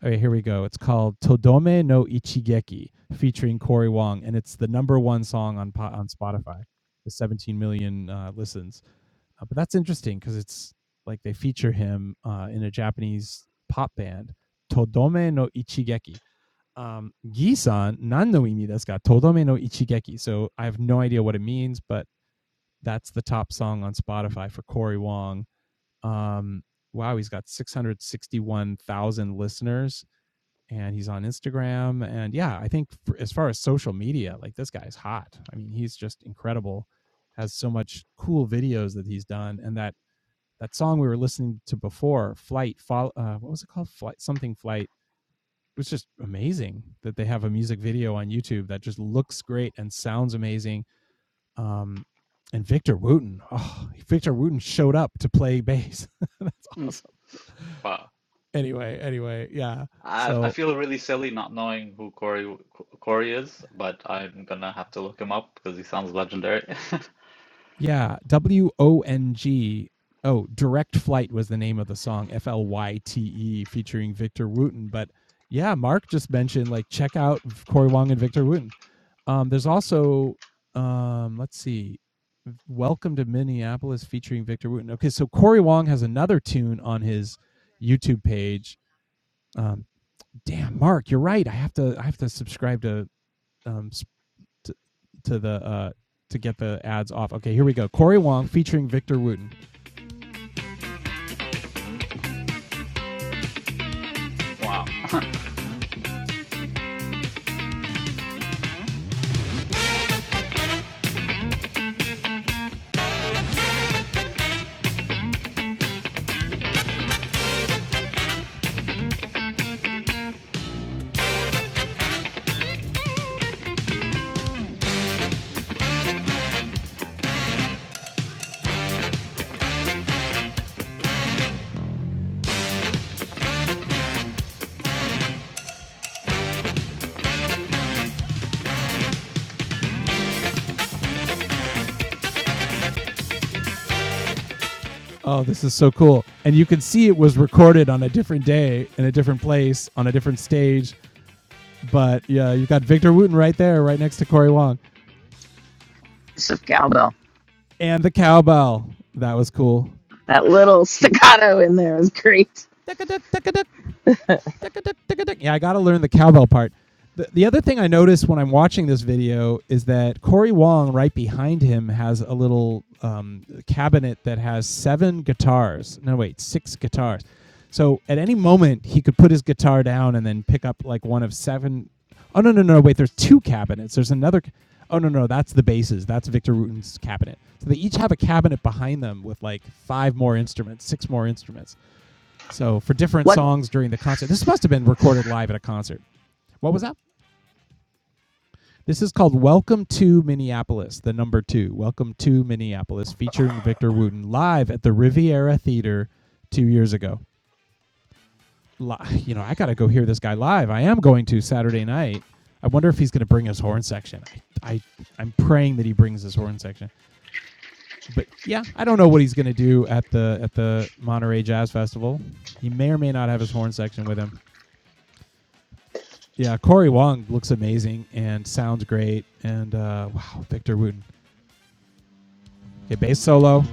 Okay, here we go. It's called Todome no Ichigeki featuring Corey Wong, and it's the number one song on on Spotify with 17 million uh, listens. Uh, but that's interesting because it's like they feature him uh, in a Japanese pop band, Todome no Ichigeki um, Gisan nan no imi desu ga todome no ichigeki. So I have no idea what it means, but that's the top song on Spotify for Corey Wong. Um, wow, he's got 661,000 listeners and he's on Instagram. And yeah, I think for, as far as social media, like this guy's hot. I mean, he's just incredible, has so much cool videos that he's done. And that, that song we were listening to before, Flight, Follow, uh, what was it called? Flight, something Flight was just amazing that they have a music video on YouTube that just looks great and sounds amazing. Um, and Victor Wooten, oh, Victor Wooten showed up to play bass. <laughs> That's hmm awesome. Wow. Anyway, anyway, yeah. I I So feel really silly not knowing who Corey Corey is, but I'm gonna have to look him up because he sounds legendary. <laughs> yeah, W O N G. Oh, Direct Flight was the name of the song, F L Y T E, featuring Victor Wooten. But yeah, Mark just mentioned like check out Corey Wong and Victor Wooten. Um, there's also um, let's see, Welcome to Minneapolis featuring Victor Wooten. Okay, so Corey Wong has another tune on his YouTube page. Um, damn, Mark, you're right. I have to I have to subscribe to um to, to the uh to get the ads off. Okay, here we go. Corey Wong featuring Victor Wooten. Wow. Oh, this is so cool. And you can see it was recorded on a different day in a different place on a different stage, but yeah, you got Victor Wooten right there right next to Corey Wong. piece of cowbell. and the cowbell. That was cool. That little <coughs> <laughs> staccato in there is great. Duck-a-duck, duck-a-duck. Yeah, I got to learn the cowbell part. The, the other thing I noticed when I'm watching this video is that Corey Wong, right behind him, has a little um, cabinet that has seven guitars. No, wait, six guitars. So at any moment, he could put his guitar down and then pick up like one of seven. Oh no no no! Wait, there's two cabinets. There's another. Oh no no! That's the basses. That's Victor Rutan's cabinet. So they each have a cabinet behind them with like five more instruments, six more instruments. So for different What songs during the concert, this must have been recorded live at a concert. What was that? This is called Welcome to Minneapolis, the number two. Welcome to Minneapolis, featuring Victor Wooten live at the Riviera Theater two years ago. You know, I got to go hear this guy live. I am going to Saturday night. I wonder if he's going to bring his horn section. I, I, I'm praying that he brings his horn section. But yeah, I don't know what he's going to do at the at the Monterey Jazz Festival. He may or may not have his horn section with him. yeah, Corey Wong looks amazing and sounds great. And uh, wow, Victor Wooten. Okay, bass solo.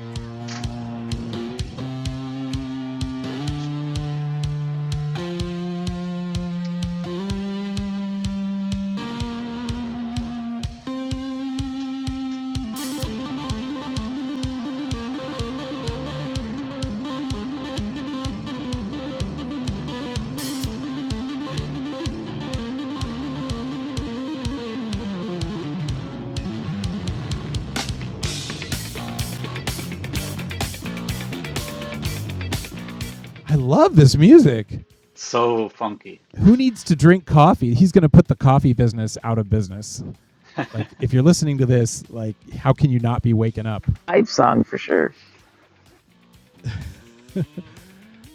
I love this music. So funky. Who needs to drink coffee? He's going to put the coffee business out of business. <laughs> Like, if you're listening to this, like, how can you not be waking up? pipe song for sure?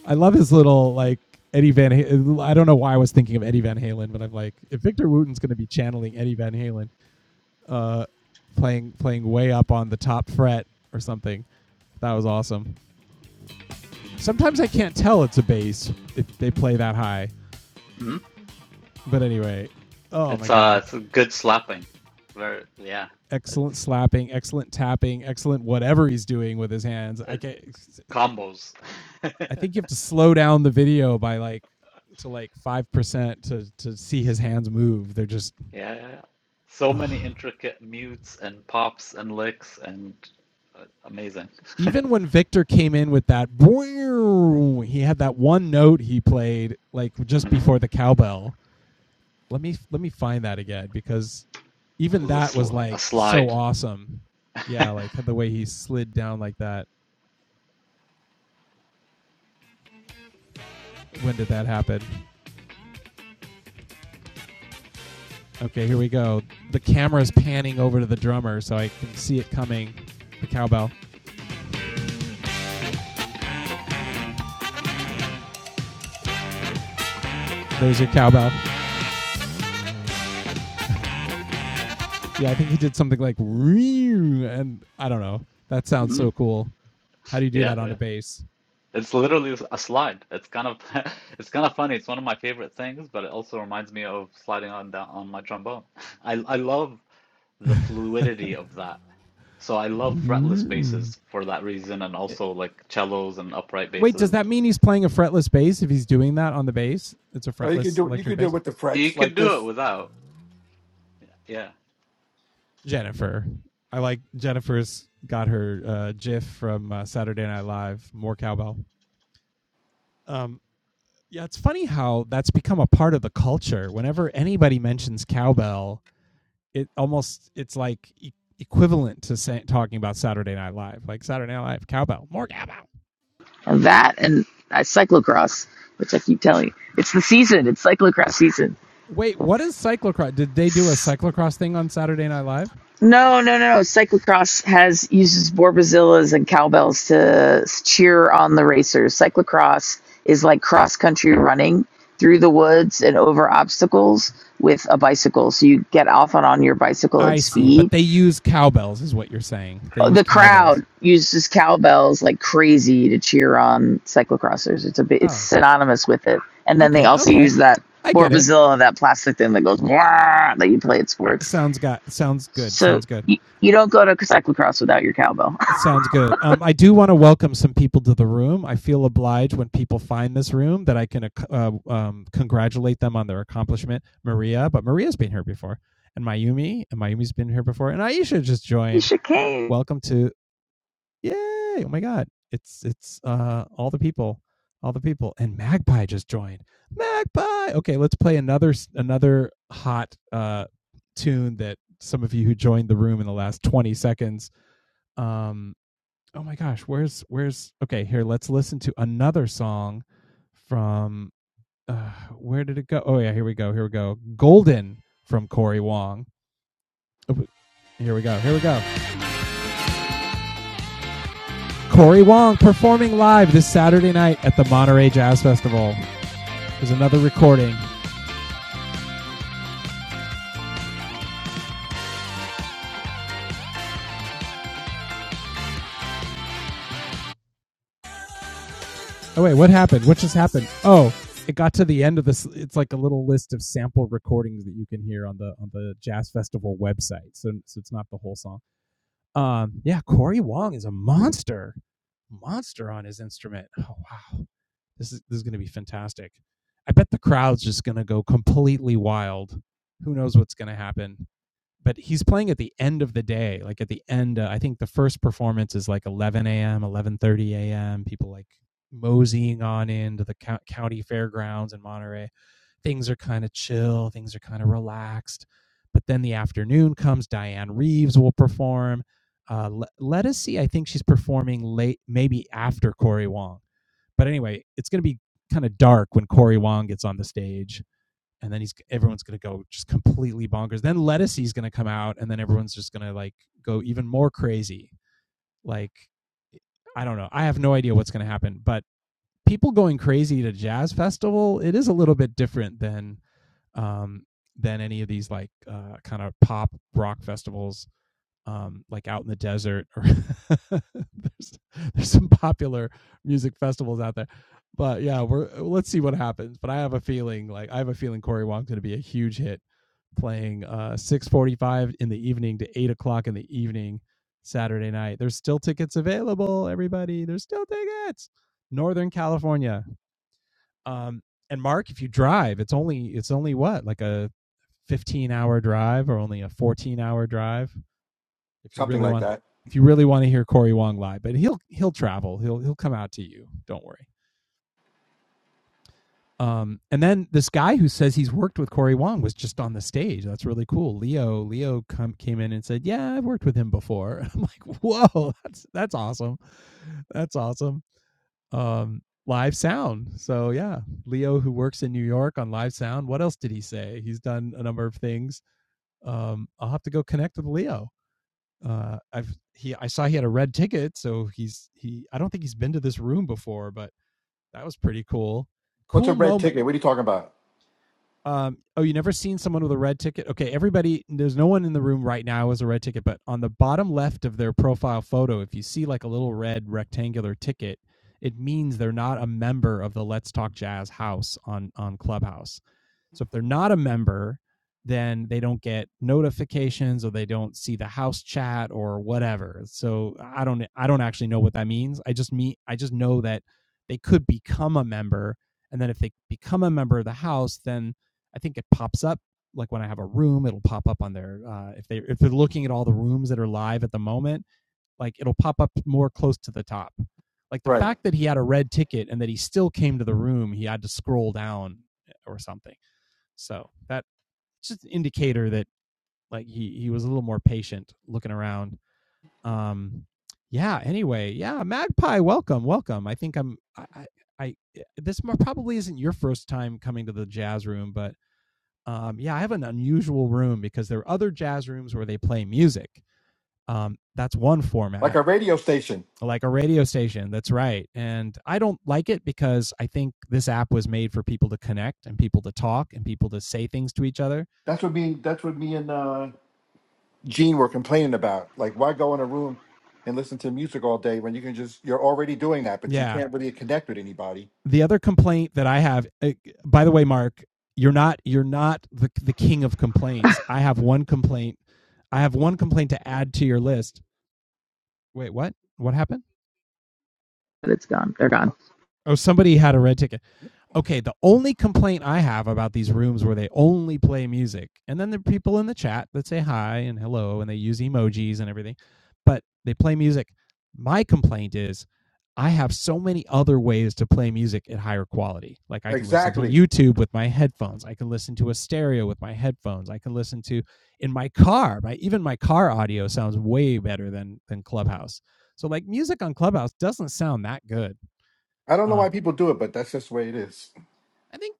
I love his little, like, Eddie Van Halen. I don't know why I was thinking of Eddie Van Halen, but I'm like, if Victor Wooten's going to be channeling Eddie Van Halen, uh, playing playing way up on the top fret or something, that was awesome. Sometimes I can't tell it's a bass if they play that high. hmm But anyway, oh my It's uh god. it's a good slapping. Very yeah. Excellent It's slapping, excellent tapping, excellent whatever he's doing with his hands. I it can not combos. I think you have to slow down the video by like to like 5% to to see <laughs> his hands move. They're just Yeah, yeah, yeah. so many ugh. intricate mutes and pops and licks and uh, amazing. <laughs> even when Victor came in with that he had that one note he played like just hmm before the cowbell. Let me let me find that again because That even was a, that sl was a like so slide. <laughs> awesome. Yeah, like the way he slid down like that. When did that happen? Okay, here we go. The camera's panning over to the drummer so I can see it coming. The cowbell. There's your cowbell. Yeah, I think he did something like and I don't know. That sounds Mhm. so cool. How do you do Yeah, that on a yeah. bass? It's literally a slide. It's kind of <laughs> it's kind of funny. It's one of my favorite things, but it also reminds me of sliding on down on my trombone. <laughs> I I love the fluidity of that. So I love fretless basses for that reason, and also like cellos and upright Wait, does basses. that mean he's playing a fretless bass if he's doing that on the bass? It's a Oh, you could fretless do you electric could do bass? it with the You frets could like do it this, without. Yeah. Jennifer. I like Jennifer's got her uh, GIF from uh, Saturday Night Live. More cowbell. Um, yeah, it's funny how that's become a part of the culture. Whenever anybody mentions cowbell, it almost it's like e- equivalent to say, talking about Saturday Night Live. Like Saturday Night Live, cowbell, more cowbell. And that and uh, cyclocross, which I keep telling you, it's the season. It's cyclocross season. Wait, what is cyclocross? Did they do a cyclocross thing on Saturday Night Live? No, no, no, no. Cyclocross has uses Borbazillas and cowbells to s- cheer on the racers. Cyclocross is like cross country running through the woods and over obstacles with a bicycle. So you get off and on your bicycle at I see. But speed. they use cowbells, is what you're saying. They use The cowbells. crowd uses cowbells like crazy to cheer on cyclocrossers. It's a bit, it's Oh, synonymous with it. And then they okay, also okay. use that I get it. Borbazilla, that plastic thing that goes "Wah," that you play at sports. Sounds got sounds good. So Sounds good. you, you don't go to cyclocross without your cowbell. Sounds good. Um, I do want to welcome some people to the room. I feel obliged when people find this room that I can uh, um, congratulate them on their accomplishment. Maria, but Maria's been here before, and Mayumi, and Mayumi's been here before, and Aisha just <laughs> you joined. should came, Welcome to Yay! Oh my god. It's it's uh all the people. All the people. And Magpie just joined. Magpie. Okay, let's play another another hot uh tune that some of you who joined the room in the last 20 seconds. Um oh my gosh, where's where's okay, here let's listen to another song from uh where did it go? Oh yeah, here we go. Here we go. Golden from Corey Wong. Oh, Here we go. Here we go. Corey Wong performing live this Saturday night at the Monterey Jazz Festival. There's another recording. Oh wait, what happened? What just happened? Oh, it got to the end of this. It's like a little list of sample recordings that you can hear on the on the Jazz Festival website. So, so it's not the whole song. Um, yeah, Corey Wong is a monster, monster on his instrument. Oh wow, this is this is going to be fantastic. I bet the crowd's just going to go completely wild. Who knows what's going to happen? but he's playing at the end of the day like at the end uh, i think the first performance is like 11 a.m 11.30 a.m people like moseying on into the co- county fairgrounds in monterey things are kind of chill things are kind of relaxed but then the afternoon comes diane reeves will perform uh, Le- let us see i think she's performing late maybe after corey wong but anyway it's going to be kind of dark when corey wong gets on the stage and then he's everyone's gonna go just completely bonkers. Then Lettucey's gonna come out, and then everyone's just gonna like go even more crazy. Like I don't know. I have no idea what's gonna happen, but people going crazy to jazz festival, it is a little bit different than um than any of these like uh, kind of pop rock festivals um, like out in the desert or <laughs> there's, there's some popular music festivals out there but yeah we're let's see what happens but i have a feeling like i have a feeling corey wong's going to be a huge hit playing uh 645 in the evening to 8 o'clock in the evening saturday night there's still tickets available everybody there's still tickets northern california um and mark if you drive it's only it's only what like a 15 hour drive or only a 14 hour drive if you something really like want that. if you really want to hear Corey Wong live. But he'll he'll travel. He'll he'll come out to you. Don't worry. Um, and then this guy who says he's worked with Corey Wong was just on the stage. That's really cool. Leo Leo come, came in and said, "Yeah, I've worked with him before." <laughs> I'm like, "Whoa, <laughs> that's that's awesome. That's awesome." Um, live sound. So yeah, Leo who works in New York on live sound. What else did he say? He's done a number of things. Um, I'll have to go connect with Leo. uh i've he i saw he had a red ticket so he's he i don't think he's been to this room before but that was pretty cool What's a cool moment red ticket? What are you talking about? um, oh, you never seen someone with a red ticket? Okay, everybody, there's no one in the room right now as a red ticket, but on the bottom left of their profile photo, if you see like a little red rectangular ticket, it means they're not a member of the Let's Talk Jazz house on on Clubhouse. So if they're not a member, then they don't get notifications or they don't see the house chat or whatever. So I don't I don't actually know what that means. I just mean I just know that they could become a member and then if they become a member of the house, then I think it pops up like when I have a room, it'll pop up on their uh, if they if they're looking at all the rooms that are live at the moment, like it'll pop up more close to the top. Like the Right, fact that he had a red ticket and that he still came to the room, he had to scroll down eh, or something. So that just an indicator that like he he was a little more patient looking around. Um, yeah. Anyway, yeah, Magpie, welcome, welcome. I think I'm I I, I eh, this probably isn't your first time coming to the jazz room, but um, yeah, I have an unusual room because there are other jazz rooms where they play music. Um, that's one like format, a radio station. like a radio station. That's right. And I don't like it because I think this app was made for people to connect and people to talk and people to say things to each other. That's what me. That's what me and uh, Gene were complaining about. Like, why go in a room and listen to music all day when you can just you're already doing that, but you Yeah. can't really connect with anybody. The other complaint that I have, uh, by the way, Mark, you're not you're not the the king of complaints. I have one complaint. I have one complaint to add to your list. Wait, what? What happened? but it's gone. They're gone. Oh, somebody had a red ticket. okay, the only complaint I have about these rooms where they only play music, and then there are people in the chat that say hi and hello and they use emojis and everything, but they play music. My complaint is I have so many other ways to play music at higher quality. Like I can listen to Exactly. YouTube with my headphones, I can listen to a stereo with my headphones, I can listen to in my car. My even my car audio sounds way better than than Clubhouse. So like music on Clubhouse doesn't sound that good. I don't know why Um, people do it, but that's just the way it is. I think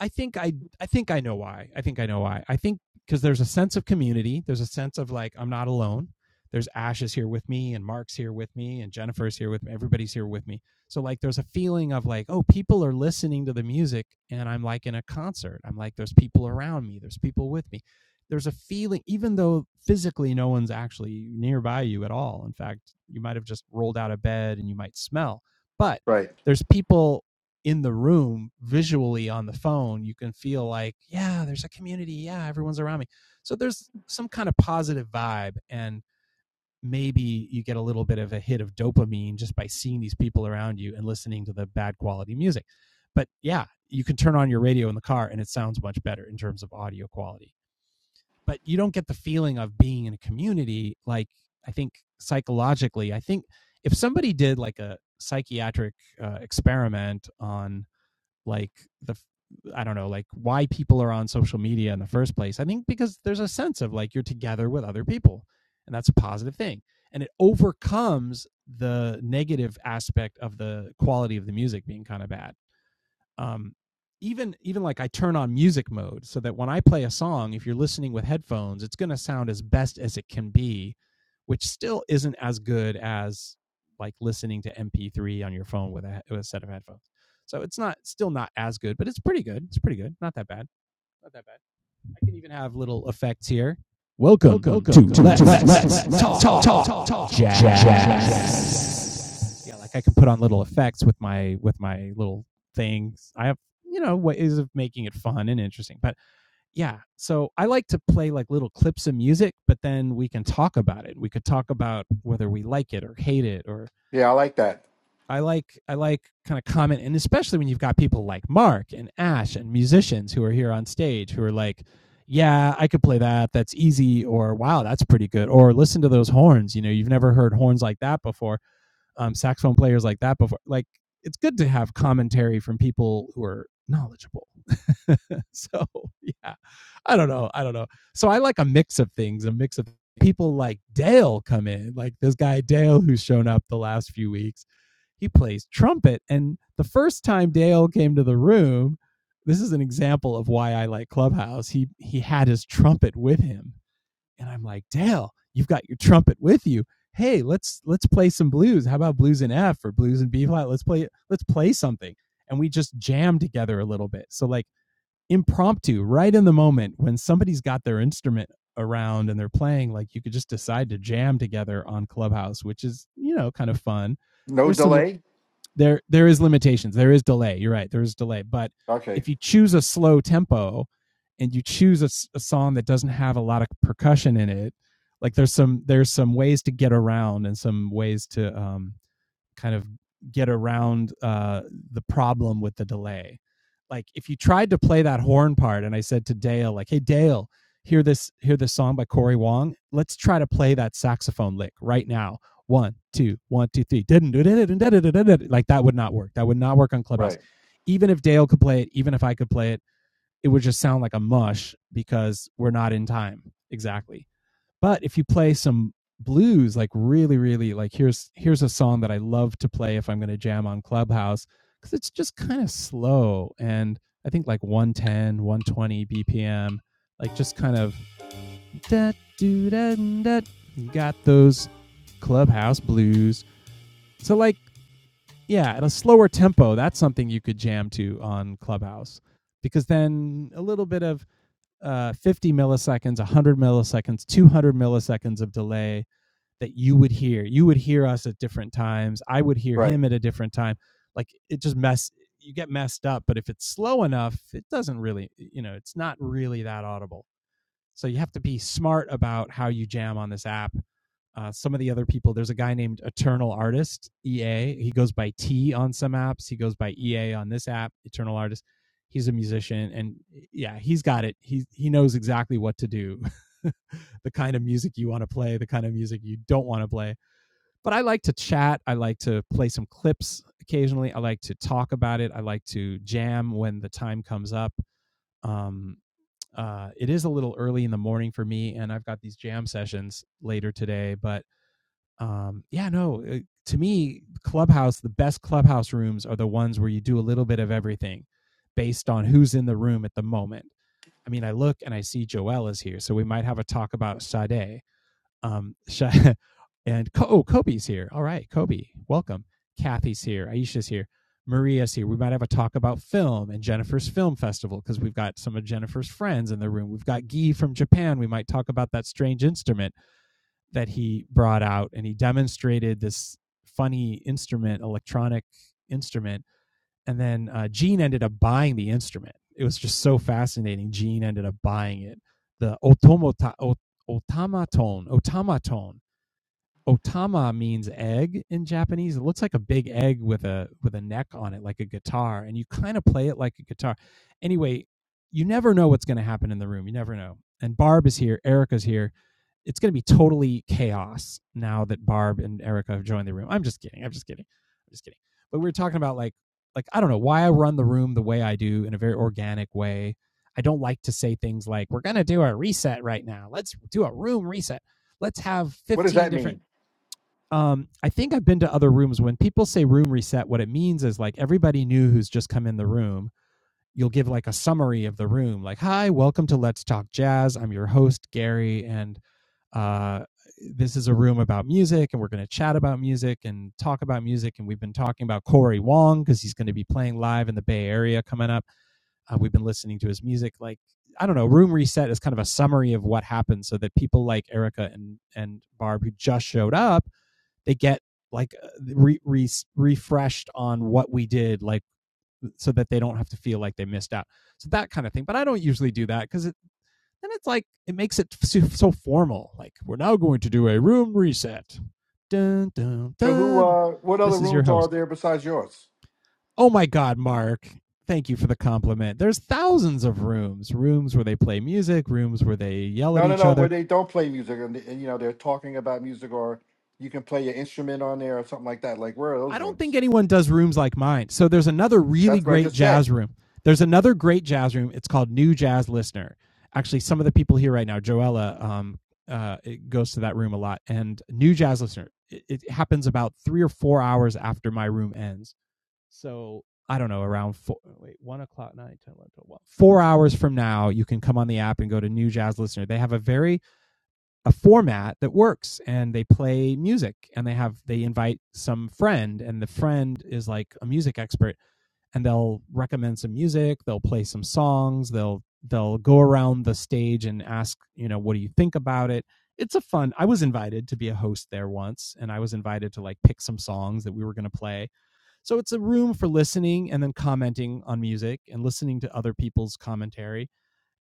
I think I I think I know why. I think I know why. I think because there's a sense of community. There's a sense of like I'm not alone. There's Ash is here with me, and Mark's here with me, and Jennifer's here with me. Everybody's here with me. So like there's a feeling of like oh people are listening to the music, and I'm like in a concert. I'm like there's people around me. There's people with me. There's a feeling, even though physically no one's actually nearby you at all. In fact, you might have just rolled out of bed and you might smell, but Right. there's people in the room visually on the phone, you can feel like, yeah, there's a community. Yeah, everyone's around me. So there's some kind of positive vibe. And maybe you get a little bit of a hit of dopamine just by seeing these people around you and listening to the bad quality music. But yeah, you can turn on your radio in the car and it sounds much better in terms of audio quality. But you don't get the feeling of being in a community like I think psychologically. I think if somebody did like a psychiatric uh, experiment on like the I don't know, like why people are on social media in the first place. I think because there's a sense of like you're together with other people, and that's a positive thing. And it overcomes the negative aspect of the quality of the music being kind of bad um even even like I turn on music mode so that when I play a song, if you're listening with headphones, it's going to sound as best as it can be, which still isn't as good as like listening to MP3 on your phone with a, with a set of headphones. So it's not still not as good, but it's pretty good. It's pretty good. Not that bad. Not that bad. I can even have little effects here. Welcome, welcome, welcome to, to Let's, Talk, Jazz yeah, like I can put on little effects with my with my little things. I have you know ways of making it fun and interesting. But yeah, so I like to play like little clips of music, but then we can talk about it. We could talk about whether we like it or hate it or Yeah, I like that. I like I like kind of comment and especially when you've got people like Mark and Ash and musicians who are here on stage who are like yeah, I could play that. That's easy. Or, wow, that's pretty good. Or, listen to those horns. You know, you've never heard horns like that before um, saxophone players like that before. Like it's good to have commentary from people who are knowledgeable. <laughs> so yeah, I don't know. I don't know. So I like a mix of things, a mix of people like Dale come in, like this guy Dale who's shown up the last few weeks. He plays trumpet, and the first time Dale came to the room, this is an example of why I like Clubhouse. He he had his trumpet with him, and I'm like, Dale, you've got your trumpet with you. Hey, let's let's play some blues. How about blues in F or blues in B flat? Let's play let's play something. And we just jam together a little bit. So like impromptu, right in the moment when somebody's got their instrument around and they're playing, like you could just decide to jam together on Clubhouse, which is, you know, kind of fun. No There's some delay. there there is limitations. There is delay. You're right. There is delay. But Okay. if you choose a slow tempo and you choose a a song that doesn't have a lot of percussion in it, like there's some there's some ways to get around and some ways to um kind of get around uh, the problem with the delay. Like if you tried to play that horn part, and I said to Dale, like, "Hey Dale, hear this hear this song by Corey Wong. Let's try to play that saxophone lick right now. One, two, one, two, three. Didn't do it. Like that would not work. That would not work on Clubhouse. Right. Even if Dale could play it, even if I could play it, it would just sound like a mush because we're not in time exactly but if you play some blues, like really, really like here's here's a song that I love to play if I'm going to jam on Clubhouse because it's just kind of slow and I think like 110, 120 BPM, like just kind of da do da da. You got those Clubhouse blues. So like yeah, at a slower tempo, that's something you could jam to on Clubhouse because then a little bit of uh, 50 milliseconds, 100 milliseconds, 200 milliseconds of delay that you would hear. You would hear us at different times. I would hear Right. him at a different time. Like it just mess you get messed up, but if it's slow enough, it doesn't really you know, it's not really that audible. So you have to be smart about how you jam on this app. Uh, some of the other people, there's a guy named Eternal Artist, EA. He goes by T on some apps. He goes by EA on this app, Eternal Artist. He's a musician and yeah, he's got it. He he knows exactly what to do. <laughs> the kind of music you want to play, the kind of music you don't want to play. But I like to chat. I like to play some clips occasionally. I like to talk about it. I like to jam when the time comes up. Um, uh, it is a little early in the morning for me, and I've got these jam sessions later today. But um, yeah, no, uh, to me, clubhouse, the best clubhouse rooms are the ones where you do a little bit of everything based on who's in the room at the moment. I mean, I look and I see Joel is here, so we might have a talk about Sade. Um, <laughs> Sha- and Co- oh, Kobe's here. All right, Kobe, welcome. Kathy's here. Aisha's here. Maria's here. We might have a talk about film and Jennifer's Film Festival because we've got some of Jennifer's friends in the room. We've got Guy from Japan. We might talk about that strange instrument that he brought out and he demonstrated this funny instrument, electronic instrument. And then uh, Gene ended up buying the instrument. It was just so fascinating. Gene ended up buying it. The automata, ot- automaton, automaton otama means egg in japanese it looks like a big egg with a with a neck on it like a guitar and you kind of play it like a guitar anyway you never know what's going to happen in the room you never know and barb is here erica's here it's going to be totally chaos now that barb and erica have joined the room i'm just kidding i'm just kidding i'm just kidding but we were talking about like like i don't know why i run the room the way i do in a very organic way i don't like to say things like we're going to do a reset right now let's do a room reset let's have What does 15 that different mean? um i think i've been to other rooms when people say room reset what it means is like everybody new who's just come in the room you'll give like a summary of the room like hi welcome to let's talk jazz i'm your host gary and uh this is a room about music and we're going to chat about music and talk about music and we've been talking about corey wong because he's going to be playing live in the bay area coming up uh, we've been listening to his music like i don't know room reset is kind of a summary of what happened so that people like erica and and barb who just showed up they get like uh, re, re, refreshed on what we did like so that they don't have to feel like they missed out so that kind of thing but i don't usually do that because it, then it's like it makes it so, so formal like we're now going to do a room reset dun, dun, So who? dun. uh What other this is your rooms are host there besides yours? oh my god mark thank you for the compliment there's thousands of rooms rooms where they play music rooms where they yell at No, no, each no. other Where they don't play music and, and you know they're talking about music, or you can play your instrument on there or something like that. Like where are I those don't think rooms? anyone does rooms like mine. So there's another really That's what I great just said. jazz room. There's another great jazz room. It's called New Jazz Listener. Actually, some of the people here right now, Joella, um, uh, it goes to that room a lot. And New Jazz Listener, it, it happens about three or four hours after my room ends. So I don't know, around four, wait, one o'clock, nine, ten, eleven, twelve, one. Four hours from now, you can come on the app and go to New Jazz Listener. They have a very a format that works and they play music and they have they invite some friend and the friend is like a music expert and they'll recommend some music they'll play some songs they'll they'll go around the stage and ask you know what do you think about it it's a fun i was invited to be a host there once and i was invited to like pick some songs that we were going to play so it's a room for listening and then commenting on music and listening to other people's commentary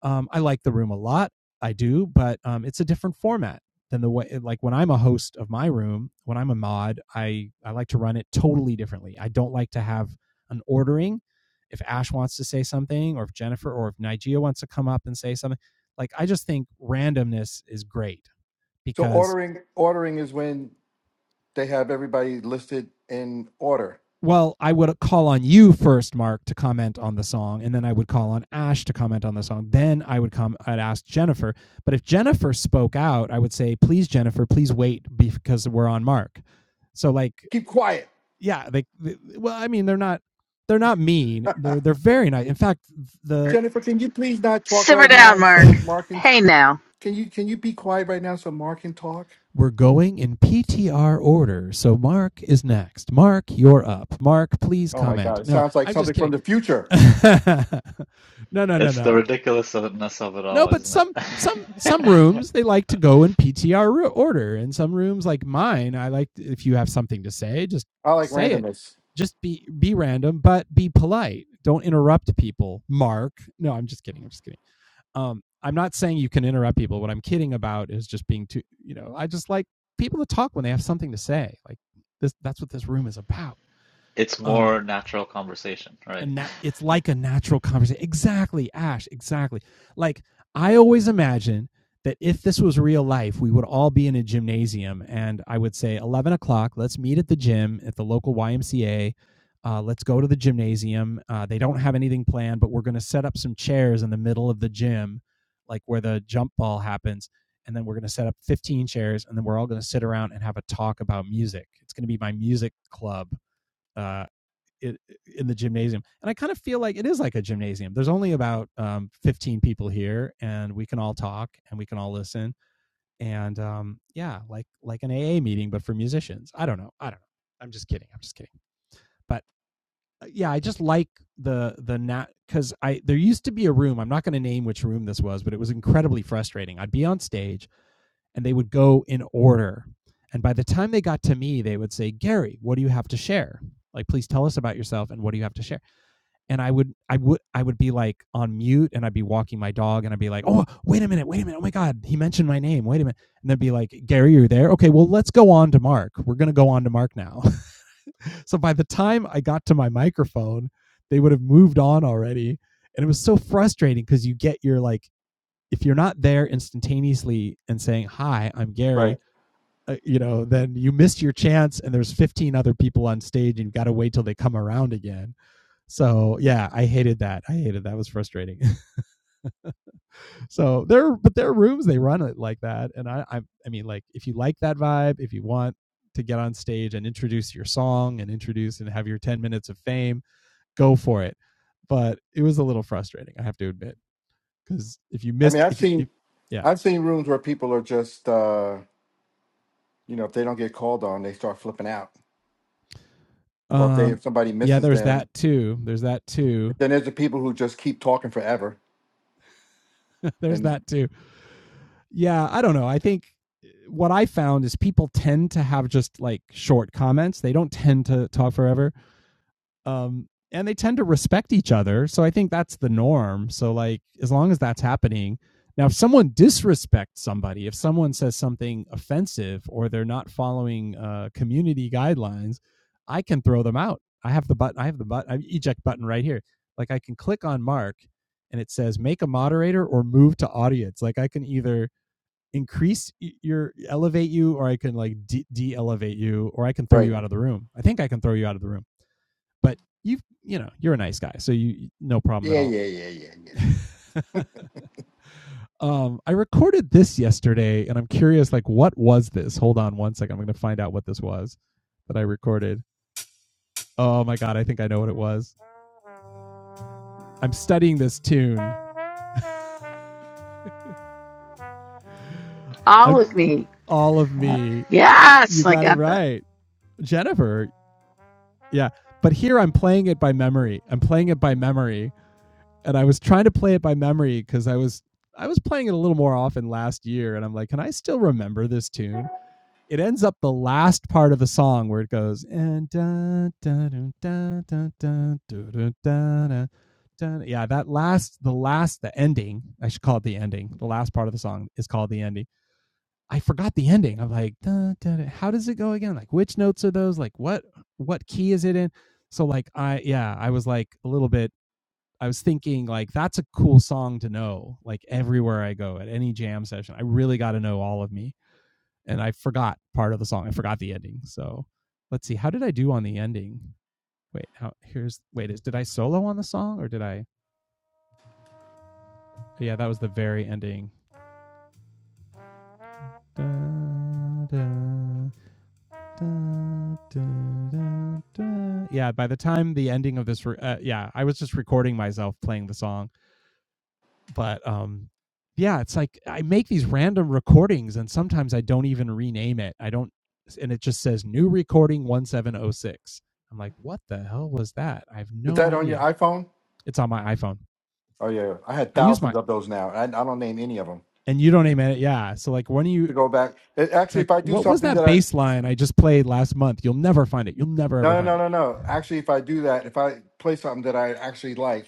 um, I like the room a lot. I do, but um, it's a different format than the way eh, like when I'm a host of my room, when I'm a mod, I I like to run it totally differently. I don't like to have an ordering. If Ash wants to say something, or if Jennifer or if Nigeria wants to come up and say something, like I just think randomness is great So because ordering ordering is when They have everybody listed in order. well, I would call on you first, Mark, to comment on the song, and then I would call on Ash to comment on the song. Then I would come, I'd ask Jennifer. But if Jennifer spoke out, I would say, "Please, Jennifer, please wait because we're on Mark." So, like, Keep quiet. yeah, they, they- well, I mean, they're not, they're not mean. <laughs> They're they're very nice. In fact, the Jennifer, can you please not talk Simmer right down, now so Mark. Mark can Hey now, can you can you be quiet right now so Mark can talk? we're going in PTR order. So Mark is next. Mark, you're up. Mark, please Oh my comment. god, it No, sounds like I'm just something from kidding. the future. <laughs> no, no, no, It's no. the ridiculousness of it No, all, but isn't some some some it? rooms <laughs> they like to go in PTR order, and some rooms like mine, I like to- if you have something to say, just I like say it. randomness. Just be be random, but be polite. Don't interrupt people. Mark. No, I'm just kidding. I'm just kidding. Um, I'm not saying you can interrupt people. What I'm kidding about is just being too. You know, I just like people to talk when they have something to say. Like this. That's what this room is about. It's Um, more natural conversation, a right? nat- it's like a natural conversation. Exactly, Ash, exactly. Like I always imagine that if this was real life, we would all be in a gymnasium and I would say, 11 o'clock, let's meet at the gym at the local YMCA. Uh, let's go to the gymnasium. Uh, they don't have anything planned, but we're going to set up some chairs in the middle of the gym, like where the jump ball happens. And then we're going to set up 15 chairs and then we're all going to sit around and have a talk about music. It's going to be my music club. Uh, it, in the gymnasium. And I kind of feel like it is like a gymnasium. There's only about um, 15 people here, and we can all talk and we can all listen. And um, yeah, like like an AA meeting, but for musicians. I don't know. I don't know. I'm just kidding. I'm just kidding. But uh, yeah, I just like the the nat because I there used to be a room. I'm not going to name which room this was, but it was incredibly frustrating. I'd be on stage, and they would go in order. And by the time they got to me, they would say, "Gary, what do you have to share? Like, please tell us about yourself and what do you have to share." and I would I would I would be like on mute and I'd be walking my dog and I'd be like, "Oh, wait a minute. Wait a minute. Oh my god, he mentioned my name. Wait a minute." And then be like, "Gary, you're there? Okay, well, let's go on to Mark. We're going to go on to Mark now." <laughs> so by the time I got to my microphone, they would have moved on already. And it was so frustrating cuz you get your like if you're not there instantaneously and saying, "Hi, I'm Gary," Right. uh, you know, then you missed your chance and there's 15 other people on stage and you got to wait till they come around again so yeah, I hated that. I hated that. It was frustrating. <laughs> so there, but there are rooms they run it like that, and I, I, I mean, like if you like that vibe, if you want to get on stage and introduce your song and introduce and have your ten minutes of fame, go for it. But it was a little frustrating, I have to admit, because if you I mean missed, I've if you, if, seen yeah, I've seen rooms where people are just uh you know, if they don't get called on, they start flipping out. Or if they um, if somebody yeah, misses there's that them, too. There's that too. then there's the people who just keep talking forever <laughs> there's and that too. yeah, I don't know. I think eh, what I found is people tend to have just like short comments. They don't tend to talk forever. Um, and they tend to respect each other. So I think that's the norm. So like as long as that's happening. Now if someone disrespects somebody, if someone says something offensive or they're not following uh community guidelines, I can throw them out. I have the button I have the button I have eject button right here. Like I can click on Mark and it says make a moderator or move to audience. Like I can either increase your elevate you or i can like de- de-elevate you or i can throw right. you out of the room i think i can throw you out of the room but you have you know you're a nice guy so you no problem at Yeah, all yeah, yeah, yeah, <laughs> yeah. um i recorded this yesterday and i'm curious like what was this hold on one second i'm gonna find out what this was that i recorded oh my god i think i know what it was i'm studying this tune all I'm, of me. all of me you Yes, I got it got that. right jennifer yeah but here i'm playing it by memory i'm playing it by memory and I was trying to play it by memory because I was I was playing it a little more often last year, and I'm like, can I still remember this tune? It ends up the last part of the song where it goes and da da da da da da da da da da. da." Yeah, that last, the last, the ending. I should call it the ending. The last part of the song is called the ending. I forgot the ending. I'm like, da, da, da. how does it go again? Like, which notes are those? Like, what what key is it in? So, like, I yeah, I was like a little bit I was thinking like that's a cool song to know. Like everywhere I go at any jam session, I really got to know all of me. And I forgot part of the song. I forgot the ending. So let's see. How did I do on the ending? Wait, how here's wait, is did I solo on the song or did I Yeah, that was the very ending. Da, da, da, da, da, da. yeah, by the time the ending of this, re- uh, yeah, I was just recording myself playing the song but um yeah it's like i make these random recordings and sometimes i don't even rename it i don't and it just says new recording 1706 i'm like what the hell was that i have Is no that on your idea iPhone? it's on my iphone Oh yeah, I had i use my thousands of those now. I, I don't name any of them. and you don't name it yeah so like when you To go back, it, it's actually, like if I do what was something that that I bass line i just played last month you'll never find it you'll never ever no no find no it no no, actually, if I do that, if I play something that I actually like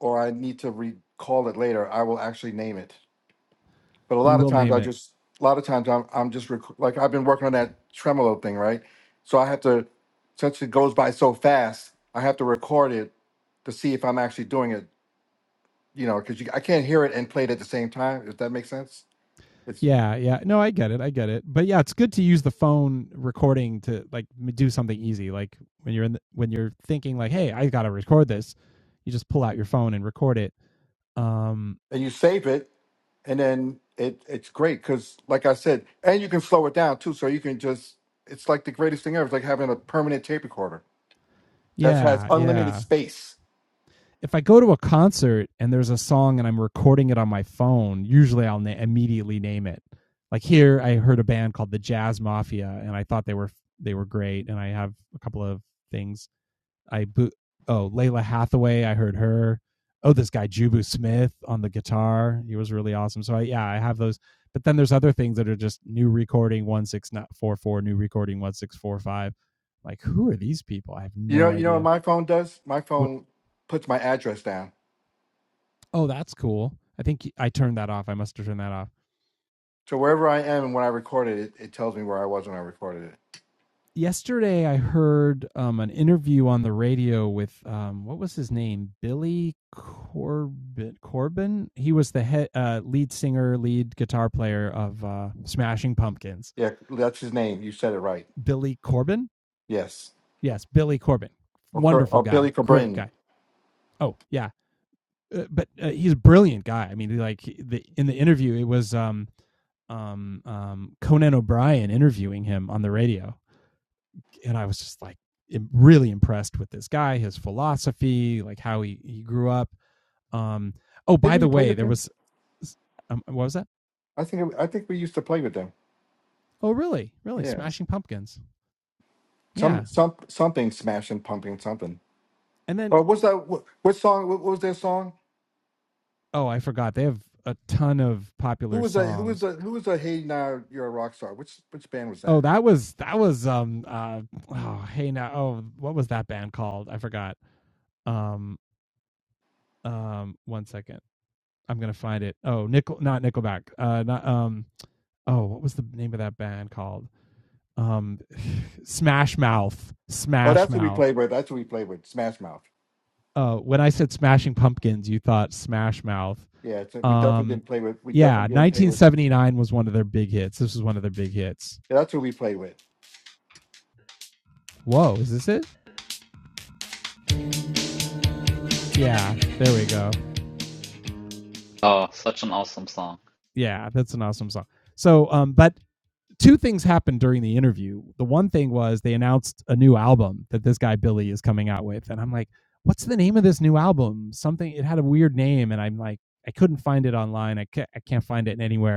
or I need to recall it later, I will actually name it. But a you lot of will times, name I it just a lot of times I'm I'm just rec- like I've been working on that tremolo thing, right? So I have to since it goes by so fast, I have to record it to see if I'm actually doing it. You know, because I can't hear it and play it at the same time. If that makes sense, it's Yeah, yeah. No, I get it. I get it. But yeah, it's good to use the phone recording to like m- do something easy. Like when you're in the, when you're thinking like, "Hey, I got to record this." You just pull out your phone and record it. Um and you save it and then it it's great because like i said and you can slow it down too so you can just it's like the greatest thing ever it's like having a permanent tape recorder that has yeah, unlimited yeah. space if I go to a concert and there's a song and I'm recording it on my phone, usually I'll na- immediately name it. Like here, I heard a band called the Jazz Mafia, and I thought they were they were great. And I have a couple of things. I bo- oh Layla Hathaway, I heard her. Oh, this guy Jubu Smith on the guitar, he was really awesome. So I, yeah, I have those. But then there's other things that are just new recording one six four four, new recording one six four five. Like who are these people? I have you know no you know what idea. my phone does my What phone puts my address down Oh, that's cool. I think I turned that off. I must have turned that off. so wherever i am and when i recorded it it tells me where i was when i recorded it Yesterday, I heard um, an interview on the radio with um, what was his name, Billy Corbin. Corbin. He was the head, uh, lead singer, lead guitar player of uh, Smashing Pumpkins. yeah that's his name you said it right Billy Corbin. yes Yes, Billy Corbin. or, Cor- Wonderful or billy guy. Great Cobrain. guy. Oh yeah, uh, but uh, he's a brilliant guy. I mean, like the in the interview, it was um, um, um, Conan O'Brien interviewing him on the radio and I was just like really impressed with this guy, his philosophy, like how he he grew up. Um, oh, by didn't the you play way, with there him was um, what was that? i think it, i think we used to play with them Oh, really, really, yeah Smashing Pumpkins. some Yeah, some something smashing pumping something and then Oh, what's that what, what song what, what was their song oh, I forgot they have a ton of Who popular was a who was songs. a who was a Hey Now You're a Rock Star? Which which band was Oh, that? that was that was um uh oh hey now oh what was that band called? I forgot. Um um one second. I'm gonna find it. Oh, nickel not Nickelback. Uh not um oh what was the name of that band called? um smash mouth Oh, smash that's what we mouth played with. That's what we played with. Smash Mouth. uh when i said smashing pumpkins you thought smash mouth Yeah, it's, we definitely um didn't play with. We yeah definitely didn't play with. 1979 was one of their big hits this was one of their big hits Yeah, that's what we played with. whoa is this it yeah there we go Oh, such an awesome song. yeah that's an awesome song so um but two things happened during the interview the one thing was they announced a new album that this guy billy is coming out with and i'm like what's the name of this new album something it had a weird name and i'm like I couldn't find it online. I can't, I can't find it anywhere.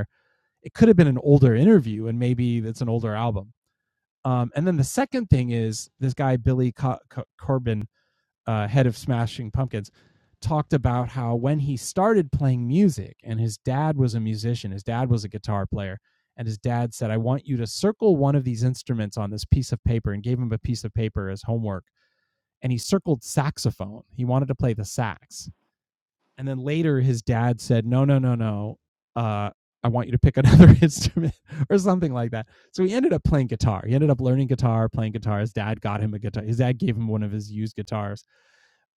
it could have been an older interview and maybe it's an older album. Um, and then the second thing is this guy Billy Co- Co- Corbin, uh, head of Smashing Pumpkins, talked about how when he started playing music and his dad was a musician, his dad was a guitar player, and his dad said, "I want you to circle one of these instruments on this piece of paper," and gave him a piece of paper as homework. And he circled saxophone. He wanted to play the sax. And then later, his dad said, "No, no, no, no. Uh, I want you to pick another <laughs> instrument or something like that." So he ended up playing guitar. He ended up learning guitar, playing guitar. His dad got him a guitar. His dad gave him one of his used guitars.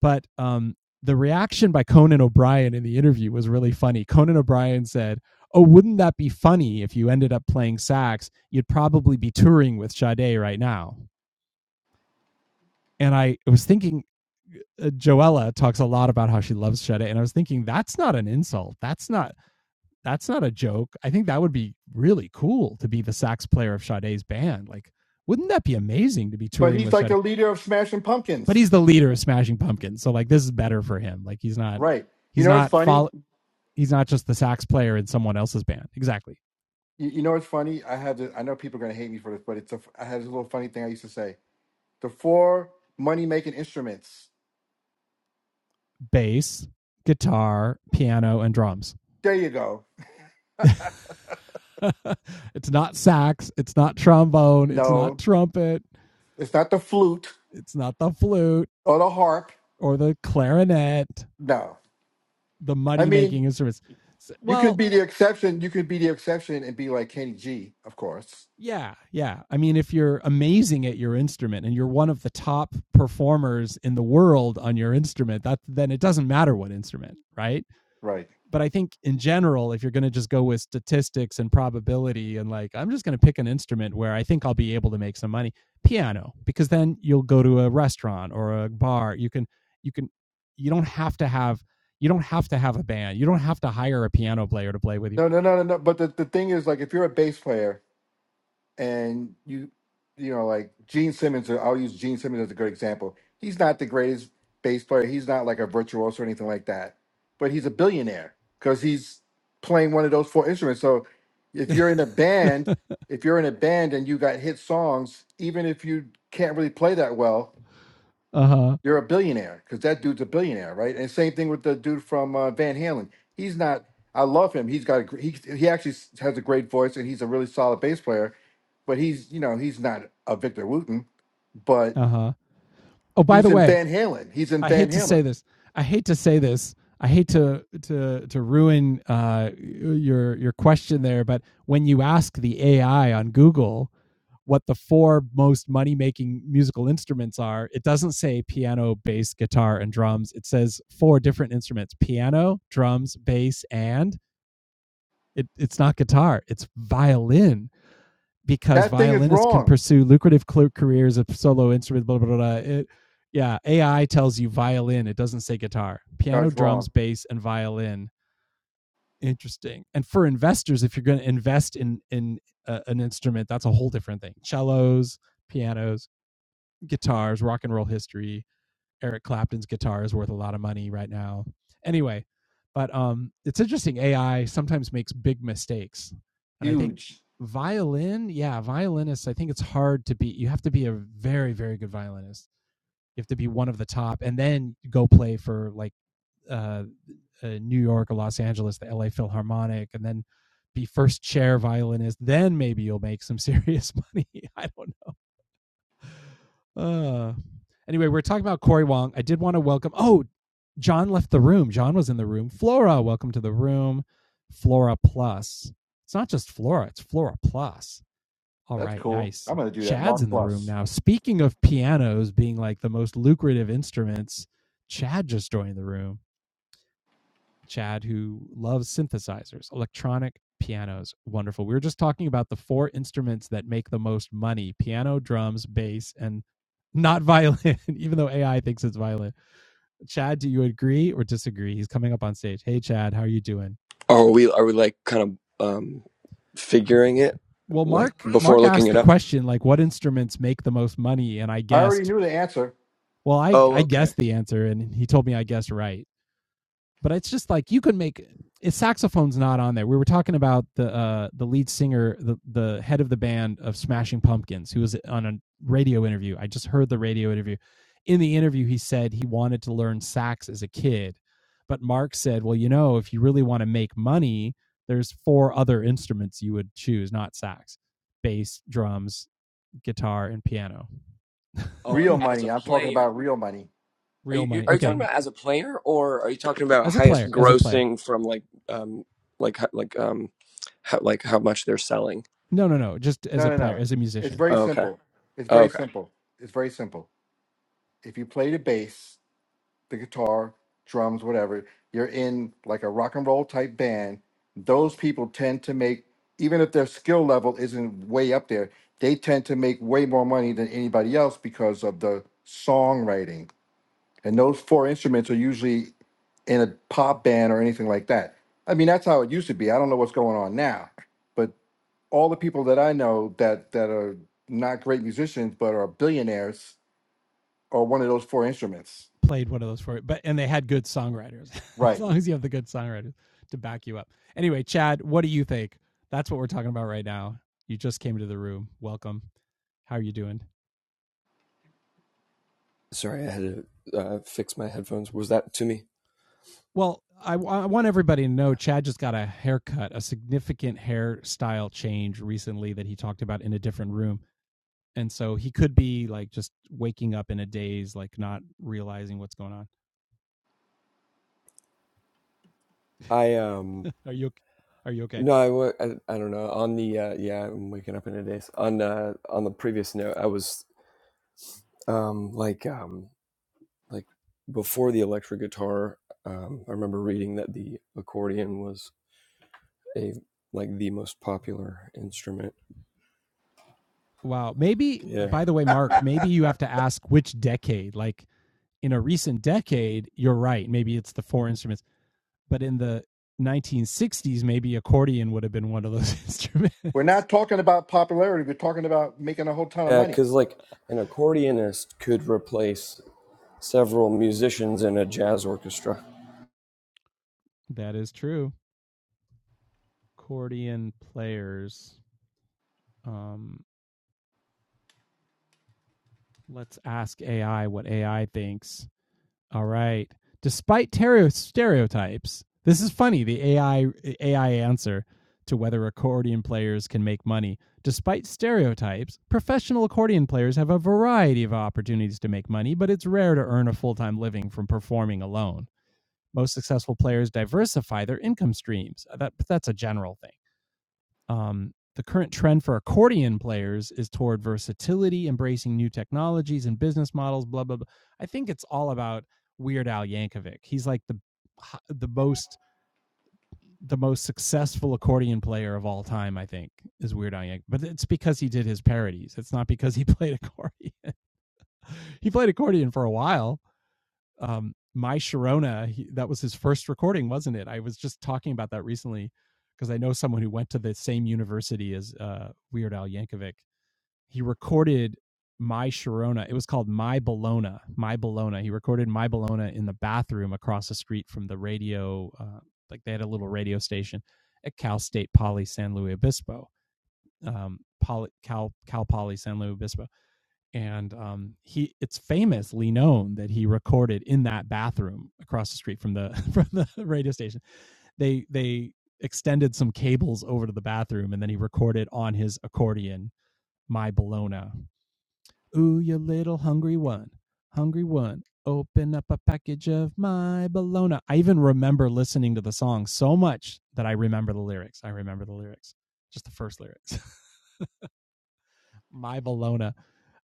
But um, the reaction by Conan O'Brien in the interview was really funny. Conan O'Brien said, "Oh, wouldn't that be funny if you ended up playing sax? You'd probably be touring with Sade right now." And I was thinking, uh, Joella talks a lot about how she loves Shada, and I was thinking that's not an insult. That's not that's not a joke. I think that would be really cool to be the sax player of Sade's band. Like, wouldn't that be amazing to be But touring he's with like Sade? the leader of Smashing But Pumpkins, he's the leader of Smashing Pumpkins, so like this is better for him. Like he's not, right? You he's know what's not funny? follow, he's not just the sax player in someone else's band. Exactly. You, you know what's funny? I have. This, I know people are gonna hate me for this, but it's a. I have this little funny thing I used to say: the four money making instruments. Bass, guitar, piano, and drums. There you go. <laughs> it's not sax. It's not trombone. It's not No, trumpet. it's not the flute It's not the flute or the harp. or the clarinet. No, The I money mean making instruments. You Well, could be the exception. You could be the exception and be like Kenny G, of course. Yeah, yeah. I mean, if you're amazing at your instrument and you're one of the top performers in the world on your instrument, that then it doesn't matter what instrument, right? Right. But I think in general, if you're going to just go with statistics and probability and like I'm just going to pick an instrument where I think I'll be able to make some money, piano, because then you'll go to a restaurant or a bar. You can you can you don't have to have you don't have to have a band. You don't have to hire a piano player to play with you No, no, no, no, no. But the, the thing is, like, if you're a bass player and you, you know, like Gene Simmons, or I'll use Gene Simmons as a good example. He's not the greatest bass player. He's not like a virtuoso or anything like that. But he's a billionaire because he's playing one of those four instruments. So if you're in a band, if you're in a band and you got hit songs, even if you can't really play that well, uh-huh. You're a billionaire because that dude's a billionaire, right? And same thing with the dude from uh, Van Halen. He's not. I love him. He's got a, gr- he he actually s- has a great voice and he's a really solid bass player. But he's you know he's not a Victor Wooten, but Uh-huh. Oh, by he's the in way, Van Halen. He's in I Van hate to say Halen. this. I hate to say this. I hate to to to ruin uh your your question there, but when you ask the AI on Google what the four most money-making musical instruments are, it doesn't say piano, bass, guitar, and drums. It says four different instruments: piano, drums, bass, and It, it's not guitar, it's violin because That thing is violinists can wrong. pursue lucrative cl- careers of solo instrument, blah, blah, blah. It, yeah, AI tells you violin, it doesn't say guitar. No, Piano, it's drums, wrong. bass, and violin. Interesting. And for investors, if you're going to invest in, in uh, an instrument, that's a whole different thing. Cellos, pianos, guitars, rock and roll history, Eric Clapton's guitar is worth a lot of money right now. Anyway, but um, it's interesting. AI sometimes makes big mistakes, and I think Huge. violin, yeah, violinists. I think it's hard to be. You have to be a very, very good violinist. You have to be one of the top, and then go play for like uh, uh, New York or Los Angeles, the LA Philharmonic, and then be first chair violinist. Then maybe you'll make some serious money. <laughs> I don't <laughs> Uh, anyway, we're talking about Corey Wong. I did want to welcome. Oh, John left the room. John was in the room. Flora, welcome to the room. Flora Plus. It's not just Flora, it's Flora Plus. All That's right, cool. nice. I'm gonna do that. Chad's Mark in the room Plus. now. Speaking of pianos being like the most lucrative instruments, Chad just joined the room. Chad, who loves synthesizers, electronic pianos. Wonderful. We were just talking about the four instruments that make the most money piano, drums, bass, and not violin, <laughs> even though AI thinks it's violin. Chad, do you agree or disagree? He's coming up on stage. Hey, Chad, how are you doing? Are we are we like kind of um figuring it Well, like Mark, before Mark looking asked it the up? question like, what instruments make the most money? And I I already guessed, knew the answer. well, I, Oh, I okay. guessed the answer, and he told me I guessed right. but it's just like you can make his saxophone's not on there. We were talking about the uh, the lead singer, the the head of the band of Smashing Pumpkins, who was on a radio interview. I just heard the radio interview. In the interview, he said he wanted to learn sax as a kid, but Mark said, "Well, you know, if you really want to make money, there's four other instruments you would choose, not sax: bass, drums, guitar, and piano. Oh, like Real <laughs> as a money. I'm talking player. about real money. Are Real you, you money. are you talking Okay, about as a player or are you talking about as a highest player, as a player. grossing from like um like ho- like um how, like how much they're selling? No, no, no, just as No, a no, player, no. as a It's musician." very Oh, okay. simple. It's Oh, very okay. simple. It's very simple. If you play the bass the guitar, drums, whatever, you're in like a rock and roll type band, those people tend to make, even if their skill level isn't way up there, they tend to make way more money than anybody else because of the songwriting. And those four instruments are usually in a pop band or anything like that. I mean, that's how it used to be. I don't know what's going on now, but all the people that I know that that are not great musicians but are billionaires are one of those four instruments. played one of those for it. But and they had good songwriters. <laughs> as Right. long as you have the good songwriters to back you up. Anyway, Chad, what do you think? That's what we're talking about right now. You just came into the room. Welcome. How are you doing? Sorry, I had to uh, fix my headphones. Was that to me? Well, I, I want everybody to know Chad just got a haircut, a significant hairstyle change recently that he talked about in a different room. And so he could be like just waking up in a daze, like not realizing what's going on. I um <laughs> are you are you okay? no, I, wa- I, I don't know. On the uh, yeah, I'm waking up in a daze. On uh, on the previous note, I was um like um like before the electric guitar, um, I remember reading that the accordion was a like the most popular instrument. Wow. Maybe, Yeah, by the way, <laughs> Mark, maybe you have to ask which decade. Like in a recent decade, you're right. Maybe it's the four instruments, but in the 1960s, maybe accordion would have been one of those <laughs> We're instruments. not talking about popularity. We're talking about making a whole ton of yeah, money. because like an accordionist could replace several musicians in a jazz orchestra. That is true. Accordion players. Um, Let's ask AI what AI thinks. All right. Despite tereo- stereotypes, this is funny. The AI AI answer to whether accordion players can make money. Despite stereotypes, professional accordion players have a variety of opportunities to make money, but it's rare to earn a full-time living from performing alone. Most successful players diversify their income streams. That that's a general thing um, the current trend for accordion players is toward versatility, embracing new technologies and business models. Blah blah blah. I think it's all about Weird Al Yankovic. He's like the the most the most successful accordion player of all time. I think is Weird Al Yankovic, but it's because he did his parodies. It's not because he <laughs> played accordion. He played accordion for a while. Um, My Sharona, he, that was his first recording, wasn't it? I was just talking about that recently because I know someone who went to the same university as uh, Weird Al Yankovic he recorded my Sharona. It was called My Bologna. My Bologna. He recorded My Bologna in the bathroom across the street from the radio. Uh, like they had a little radio station at Cal State Poly San Luis Obispo. Um, Poly, Cal Cal Poly San Luis Obispo, and um, he it's famously known that he recorded in that bathroom across the street from the <laughs> from the radio station. They they extended some cables over to the bathroom, and then he recorded on his accordion my Bologna Ooh, you little hungry one. Hungry one. Open up a package of my bologna. I even remember listening to the song so much that I remember the lyrics. I remember the lyrics, just the first lyrics. <laughs> my bologna.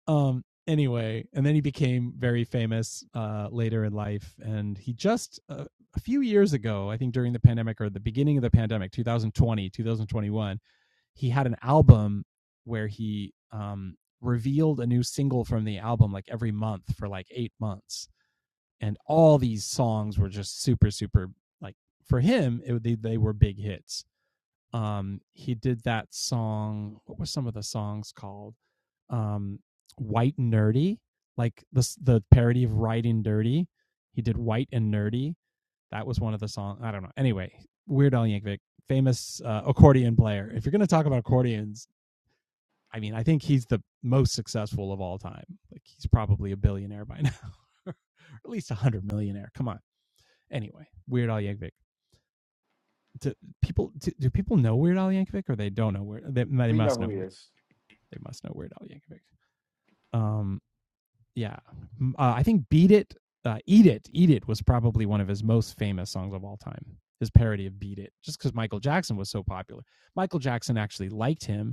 Um, anyway, and then he became very famous uh, later in life. And he just uh, a few years ago, I think during the pandemic or the beginning of the pandemic, 2020, he had an album where he um, revealed a new single from the album like every month for like eight months, and all these songs were just super super like for him it, they they were big hits. Um, he did that song. What were some of the songs called? Um, White and Nerdy, like the the parody of Riding Dirty. He did White and Nerdy. That was one of the songs. I don't know. Anyway, Weird Al Yankovic, famous uh, accordion player. If you're going to talk about accordions, I mean, I think he's the most successful of all time. Like he's probably a billionaire by now, <laughs> or at least a hundred millionaire. Come on. Anyway, Weird Al Yankovic. Do people do, do people know Weird Al Yankovic, or they don't know Weird? They, they We know must who know he Weird. is. They must know Weird Al Yankovic. Um, yeah. Uh, I think "Beat It," uh, "Eat It," "Eat It" was probably one of his most famous songs of all time. His parody of "Beat It," just because Michael Jackson was so popular. Michael Jackson actually liked him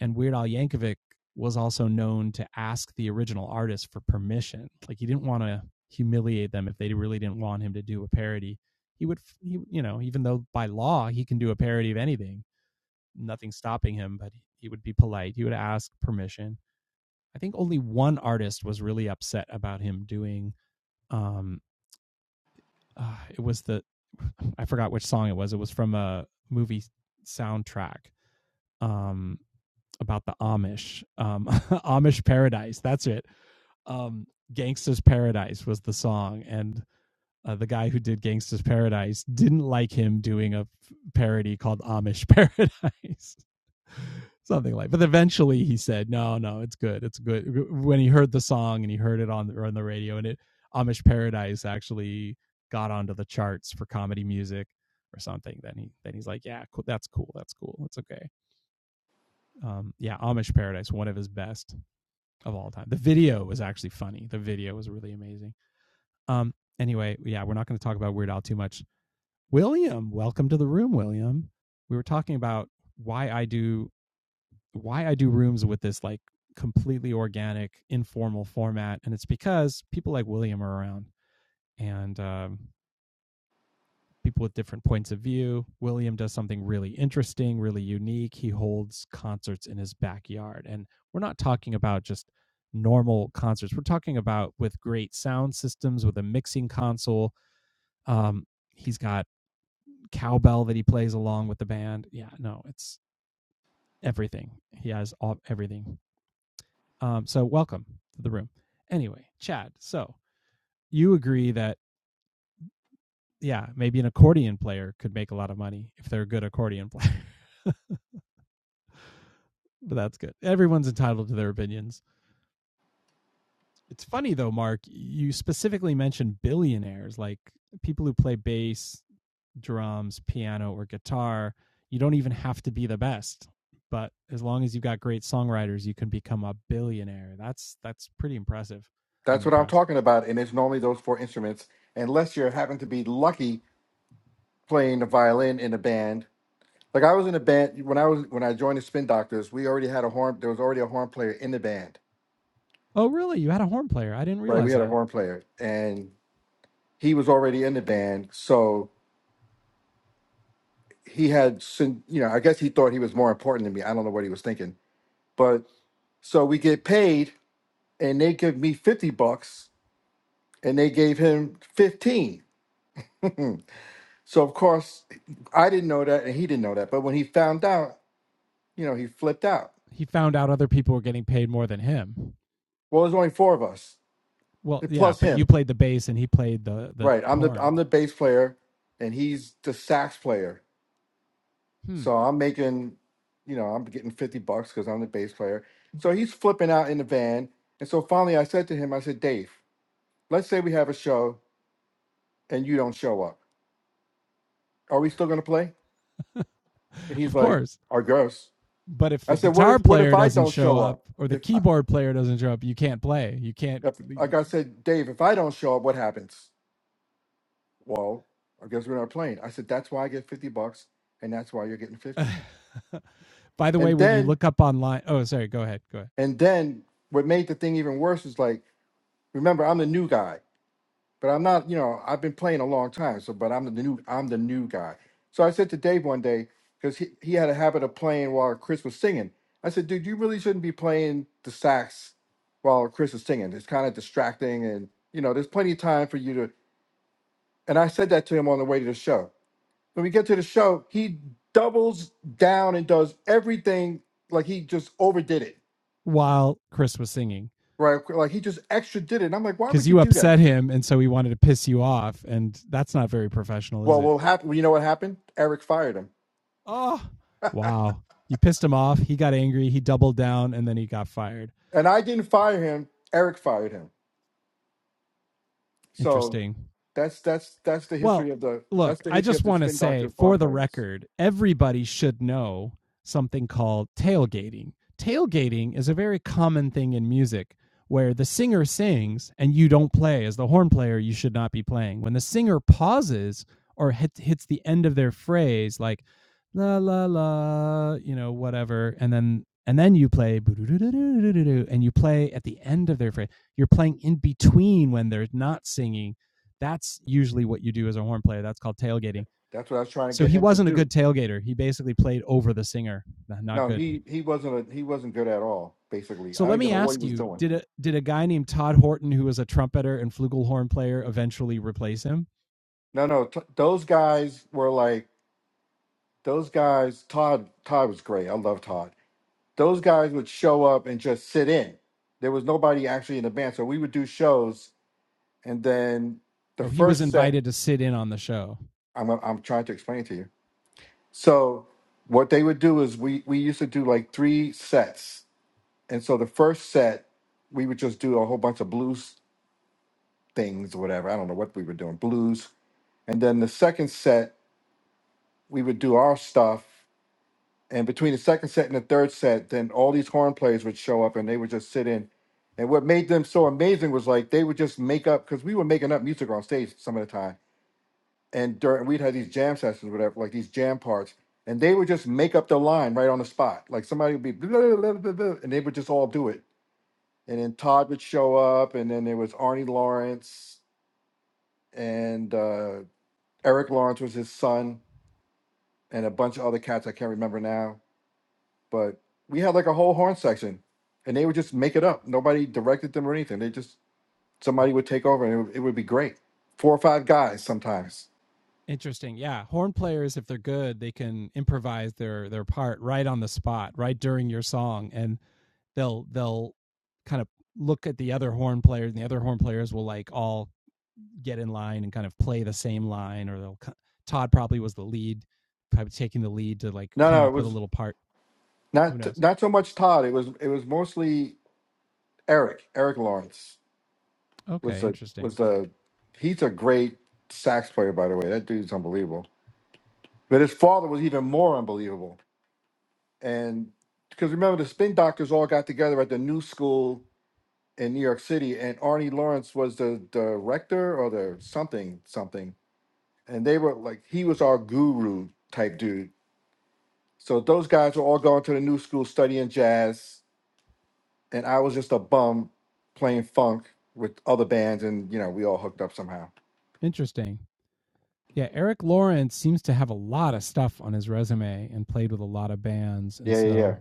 and Weird Al Yankovic was also known to ask the original artist for permission. Like he didn't want to humiliate them if they really didn't want him to do a parody. He would, he, you know, even though by law he can do a parody of anything, nothing stopping him, but he would be polite. He would ask permission. I think only one artist was really upset about him doing. Um, uh, it was the <sighs> I forgot which song it was. It was from a movie soundtrack. Um, about the Amish, um, <laughs> Amish Paradise. That's it. Um, Gangsta's Paradise was the song, and uh, the guy who did Gangsta's Paradise didn't like him doing a parody called Amish Paradise, <laughs> something like. But eventually, he said, "No, no, it's good. It's good." When he heard the song and he heard it on the, on the radio, and it Amish Paradise actually got onto the charts for comedy music or something, then he then he's like, "Yeah, cool. That's cool. That's cool. It's okay." Um, yeah, Amish Paradise, one of his best of all time. The video was actually funny. The video was really amazing. Um. Anyway, yeah, we're not going to talk about Weird Al too much. William, welcome to the room, William. We were talking about why I do why I do rooms with this like completely organic, informal format, and it's because people like William are around, and um, people with different points of view. William does something really interesting, really unique. He holds concerts in his backyard. And we're not talking about just normal concerts, we're talking about with great sound systems, with a mixing console. Um, he's got cowbell that he plays along with the band. Yeah, no, it's everything. He has all, everything. Um, so, welcome to the room. Anyway, Chad, so you agree that, yeah, maybe an accordion player could make a lot of money if they're a good accordion player. but that's good. Everyone's entitled to their opinions. It's funny though, Mark, you specifically mentioned billionaires, like people who play bass, drums, piano, or guitar. You don't even have to be the best, but as long as you've got great songwriters, you can become a billionaire. That's that's pretty impressive. I'm That's what I'm impressed. talking about. And it's normally those four instruments, unless you happen to be lucky playing the violin in a band. Like I was in a band when I was when I joined the Spin Doctors. We already had a horn. There was already a horn player in the band, Oh, really? You had a horn player? I didn't right? We realize had a that. horn player, and he was already in the band. So he had, syn- you know, I guess he thought he was more important than me. I don't know what he was thinking, but so we get paid, and they give me fifty bucks and they gave him 15. Hmm. So of course, I didn't know that, and he didn't know that. But when he found out, you know, he flipped out. He found out other people were getting paid more than him. Well, there's only four of us, Well, yeah, plus but you him. played the bass and he played the the Right. I'm the horn. I'm the bass player, and he's the sax player. Hmm. So I'm making, you know, I'm getting 50 bucks because I'm the bass player. So he's flipping out in the van. And so finally, I said to him, I said, Dave, let's say we have a show and you don't show up. Are we still gonna play? And he's Of like, course. I guess. but if I the said, what guitar if what if player I doesn't don't show show up up? or the If keyboard player doesn't show up, you can't play. You can't. If, like I said, Dave, if I don't show up, what happens? Well, I guess we're not playing. I said that's why I get fifty bucks, and that's why you're getting fifteen. <laughs> By the way, And when you then, look up online, oh, sorry, go ahead, go ahead. and then, what made the thing even worse is like, remember, I'm the new guy, but I'm not. You know, I've been playing a long time, so but I'm the new, I'm the new guy. So I said to Dave one day because he he had a habit of playing while Chris was singing. I said, dude, you really shouldn't be playing the sax while Chris is singing. It's kind of distracting, and you know, there's plenty of time for you to And I said that to him on the way to the show. When we get to the show, he doubles down and does everything like he just overdid it, While Chris was singing, right? Like he just extra did it. And I'm like, why because would you you do that? upset him, and so he wanted to piss you off, and that's not very professional, is Well, it? what happened? You know what happened? Eric fired him, Oh, wow. You pissed him off. He got angry. He doubled down, and then he got fired. and I didn't fire him. Eric fired him. So Interesting. that's that's that's the Well, history of the that's look, the I history just of the want to spin doctor say of for foreign the players. record, everybody should know something called tailgating. Tailgating is a very common thing in music where the singer sings and you don't play. As the horn player, you should not be playing. When the singer pauses or hit, hits the end of their phrase, like la la la, you know, whatever, and then and then you play and you play at the end of their phrase. You're playing in between when they're not singing that's usually what you do as a horn player. That's called tailgating. That's what I was trying to So get he him to wasn't a do. good tailgater. He basically played over the singer. nah, Not- No, good. he he wasn't a, he wasn't good at all. Basically, So I don't let me even know what he ask was you, doing. did a did a guy named Todd Horton who was a trumpeter and flugelhorn player eventually replace him? No, no, t- those guys were like Those guys, Todd, Todd was great. I love Todd. Those guys would show up and just sit in. There was nobody actually in the band, so we would do shows, and then the Oh, he was first set. invited to sit in on the show. I'm I'm trying to explain to you. So what they would do is we we used to do like three sets, and so the first set we would just do a whole bunch of blues things or whatever. I don't know what we were doing, blues, and then the second set we would do our stuff, And between the second set and the third set, then all these horn players would show up and they would just sit in. And what made them so amazing was like they would just make up because we were making up music on stage some of the time. And during we'd have these jam sessions, whatever, like these jam parts, and they would just make up the line right on the spot. Like somebody would be blah, blah, blah, blah, blah, and they would just all do it. And then Todd would show up, and then there was Arnie Lawrence and uh, Eric Lawrence was his son, and a bunch of other cats I can't remember now But we had like a whole horn section, and they would just make it up. Nobody directed them or anything. They just somebody would take over, and it, would- it would be great. Four or five guys sometimes. Interesting. Yeah, horn players if they're good, they can improvise their their part right on the spot, right during your song and they'll they'll kind of look at the other horn players and the other horn players will like all get in line and kind of play the same line or they'll co- Todd probably was the lead, probably taking the lead to like No, come no, it up with a was little part. Who not knows? not so much Todd. It was it was mostly Eric. Eric Lawrence was Okay, the interesting. was the he's a great sax player by the way. That dude's unbelievable. But his father was even more unbelievable. And because remember the spin doctors all got together at the new school in New York City, and Arnie Lawrence was the director or the something something, and they were like he was our guru type dude. So those guys were all going to the new school studying jazz, and I was just a bum playing funk with other bands, and you know we all hooked up somehow. Interesting. Yeah, Eric Lawrence seems to have a lot of stuff on his resume and played with a lot of bands. And Yeah, yeah, yeah, so,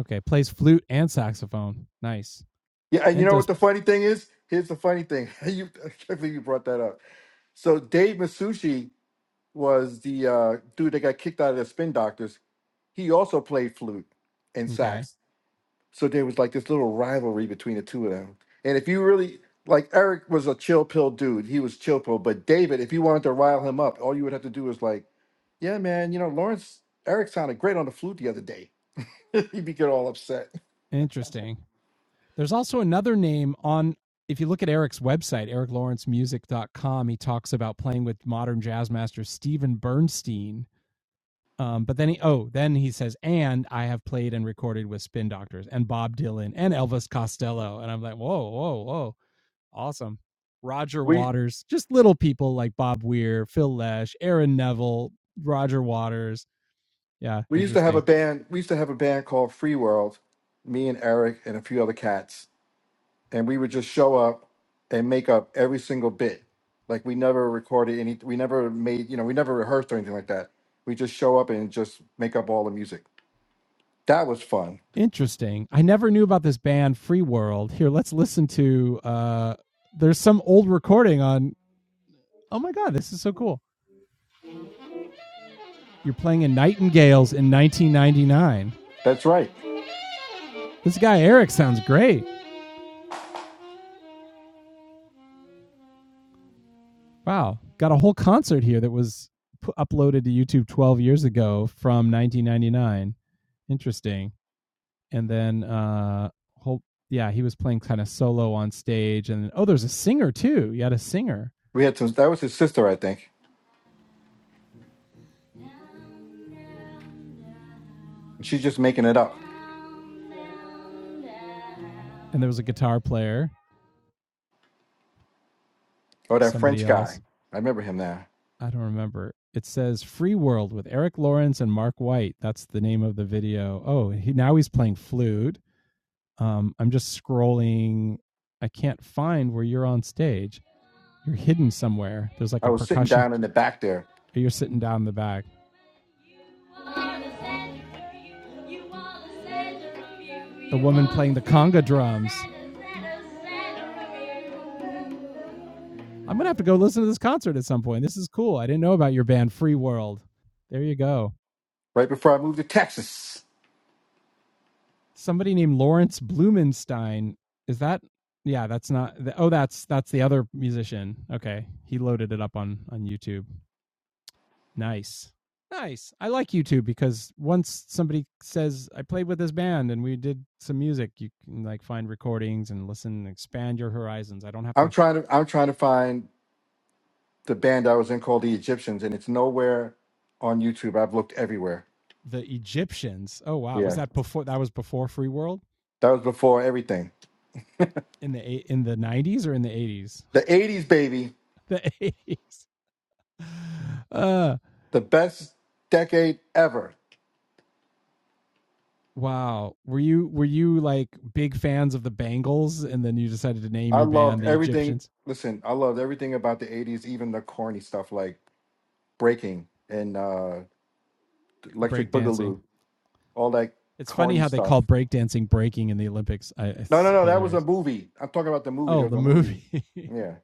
okay, plays flute and saxophone. Nice. yeah. And you And know what does, the funny thing is? Here's the funny thing. <laughs> you, I can't believe you brought that up. So Dave Masucci was the uh, dude that got kicked out of the Spin Doctors. He also played flute and okay, sax. So there was like this little rivalry between the two of them. And if you really like Eric was a chill pill dude, he was chill pill. But David, if you wanted to rile him up, all you would have to do was like, yeah, man, you know, Lawrence Eric sounded great on the flute the other day. <laughs> He'd be get all upset. interesting. There's also another name on, if you look at Eric's website, ericlawrencemusic.com, he talks about playing with modern jazz master Steven Bernstein. Um, but then he, oh, then he says, and I have played and recorded with Spin Doctors and Bob Dylan and Elvis Costello. And I'm like, whoa, whoa, whoa. Awesome. Roger We Waters, just little people like Bob Weir, Phil Lesh, Aaron Neville, Roger Waters, yeah, we used to have a interesting. band. We used to have a band called Free World. Me and Eric and a few other cats, and we would just show up and make up every single bit. Like we never recorded any. We never made. You know, we never rehearsed or anything like that. We just show up and just make up all the music That was fun. Interesting. I never knew about this band Free World. Here, let's listen to uh there's some old recording on Oh my god, this is so cool. You're playing in Nightingales in 1999. That's right. This guy Eric sounds great. Wow, got a whole concert here that was pu- uploaded to YouTube 12 years ago from 1999. Interesting. And then uh whole yeah, he was playing kind of solo on stage and oh, there's a singer too. You had a singer. We had some. That was his sister, I think. And she's just making it up. And there was a guitar player, Or that somebody French else. guy. I remember him now. I don't remember. It says Free World with Eric Lawrence and Mark White. That's the name of the video. Oh, he, now he's playing flute. Um, I'm just scrolling. I can't find where you're on stage. You're hidden somewhere. There's like I a was sitting percussion. down in the back there You're sitting down in the back. The woman playing the conga drums. I'm gonna have to go listen to this concert at some point. This is cool. I didn't know about your band, Free World. There you go. right before I moved to Texas. Somebody named Lawrence Blumenstein. Is that? Yeah, that's not. th- Oh, that's that's the other musician. Okay, he loaded it up on on YouTube. Nice. Nice. I like YouTube because once somebody says I played with this band and we did some music, you can like find recordings and listen and expand your horizons. I don't have I'm to trying to. I'm trying to find the band I was in called the Egyptians, and it's nowhere on YouTube. I've looked everywhere. the Egyptians. Oh wow, was Yeah, that before that was before Free World that was before everything. in the eight- in the 90s or in the 80s? The '80s, baby, <laughs> The 80s. Uh the best decade ever. wow. Were you were you like big fans of the Bangles and then you decided to name I your band loved the everything. Egyptians Listen, I loved everything about the '80s, even the corny stuff like breaking and uh Electric breakdancing? Boogaloo, all that It's funny corny how they stuff. call breakdancing breaking in the Olympics. I, No, no, it's no, that was a hilarious. movie. I'm talking about the movie. There Oh, was the a movie. movie. Yeah.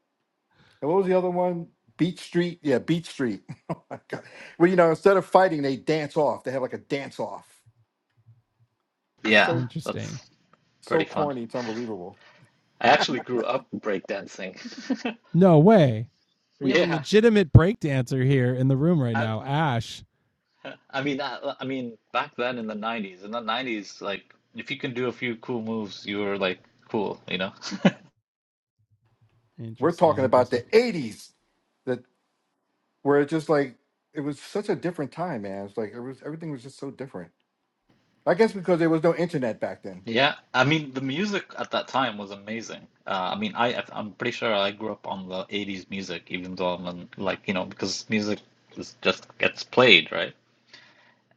And what was the other one? Beach Street. Yeah, Beach Street. <laughs> oh my god. Well, you know, instead of fighting, they dance off. They have like a dance off. It's <laughs> Yeah, so Interesting. that's pretty so fun. corny. It's unbelievable. I actually grew up breakdancing. <laughs> No way. We have a Yeah, legitimate breakdancer here in the room right I, now, Ash. I mean, I, I mean, back then in the 90s, in the 90s, like if you can do a few cool moves, you were like cool, you know? We're Interesting, talking about the interesting. '80s, that where it just like it was such a different time, man. It's like it was everything was just so different. I guess because there was no internet back then, Yeah, I mean the music at that time was amazing. Uh, I mean, I I'm pretty sure I grew up on the 80s music, even though I'm in, like, you know, because music is just gets played, right?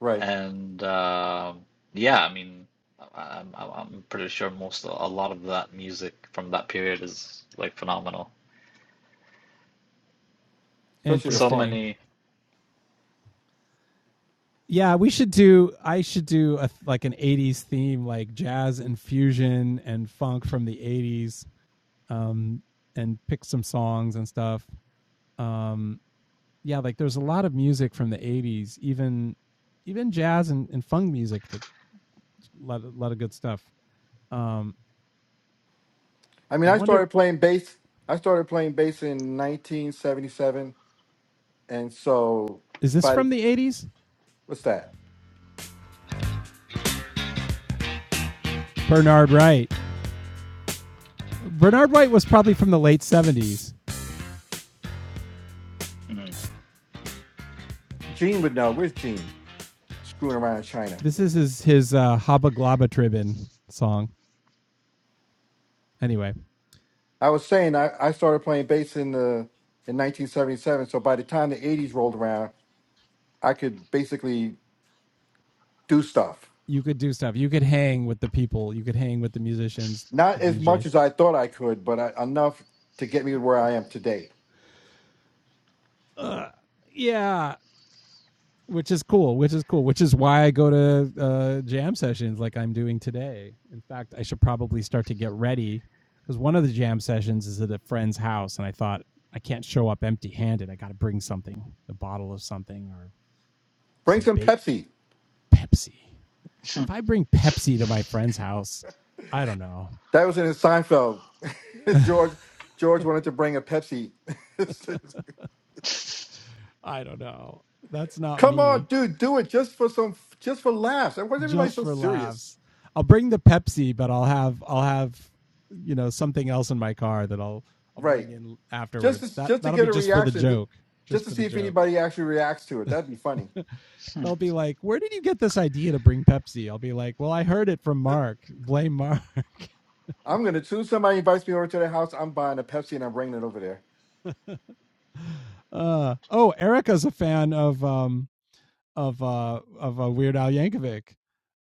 right? And uh, yeah, I mean, I- I'm I'm I'm pretty sure most a lot of that music from that period is like phenomenal. Especially the So funk. Interesting. many. Yeah, we should do. I should do a, like an '80s theme, like jazz and fusion and funk from the '80s, um, and pick some songs and stuff. Um, yeah, like there's a lot of music from the '80s, even even jazz and, and funk music. That a lot, of- lot of good stuff. Um, I I mean, I wonder, started playing bass. I started playing bass in 1977, and so is this by the, from the '80s? what's that? Bernard Wright. Bernard Wright was probably from the late '70s. Mm. Gene would know. Where's Gene? Screwing around in China. This is his his uh, Hubba Globba Tribbin song. Anyway. I was saying I, I started playing bass in the in 1977. So by the time the 80s rolled around, I could basically do stuff. you could do stuff. You could hang with the people. You could hang with the musicians, the Not as DJs. much as I thought I could, but I, enough to get me to where I am today. Ugh. yeah, which is cool. Which is cool. Which is why I go to uh, jam sessions like I'm doing today. In fact, I should probably start to get ready because one of the jam sessions is at a friend's house, and I thought I can't show up empty-handed. I got to bring something, a bottle of something, or Bring some some bait Pepsi. Pepsi. <laughs> If I bring Pepsi to my friend's house, I don't know. That was in Seinfeld. <laughs> George George wanted to bring a Pepsi <laughs> <laughs> I don't know. That's not Come me. on, dude, do it just for some, just for laughs. And why is everybody just so for serious? laughs. I'll bring the Pepsi, but I'll have I'll have you know something else in my car that I'll I'll Right. bring in Just afterwards. to, That just to that'll get be a just for the reaction, ju- joke, just just to for the see if joke. anybody actually reacts to it. That'd be funny. <laughs> They'll be like, "Where did you get this idea to bring Pepsi?" I'll be like, "Well, I heard it from Mark. Blame Mark." <laughs> I'm gonna as soon as somebody invites me over to their house. I'm buying a Pepsi and I'm bringing it over there. Uh, oh, Erica's a fan of um of uh of uh, Weird Al Yankovic.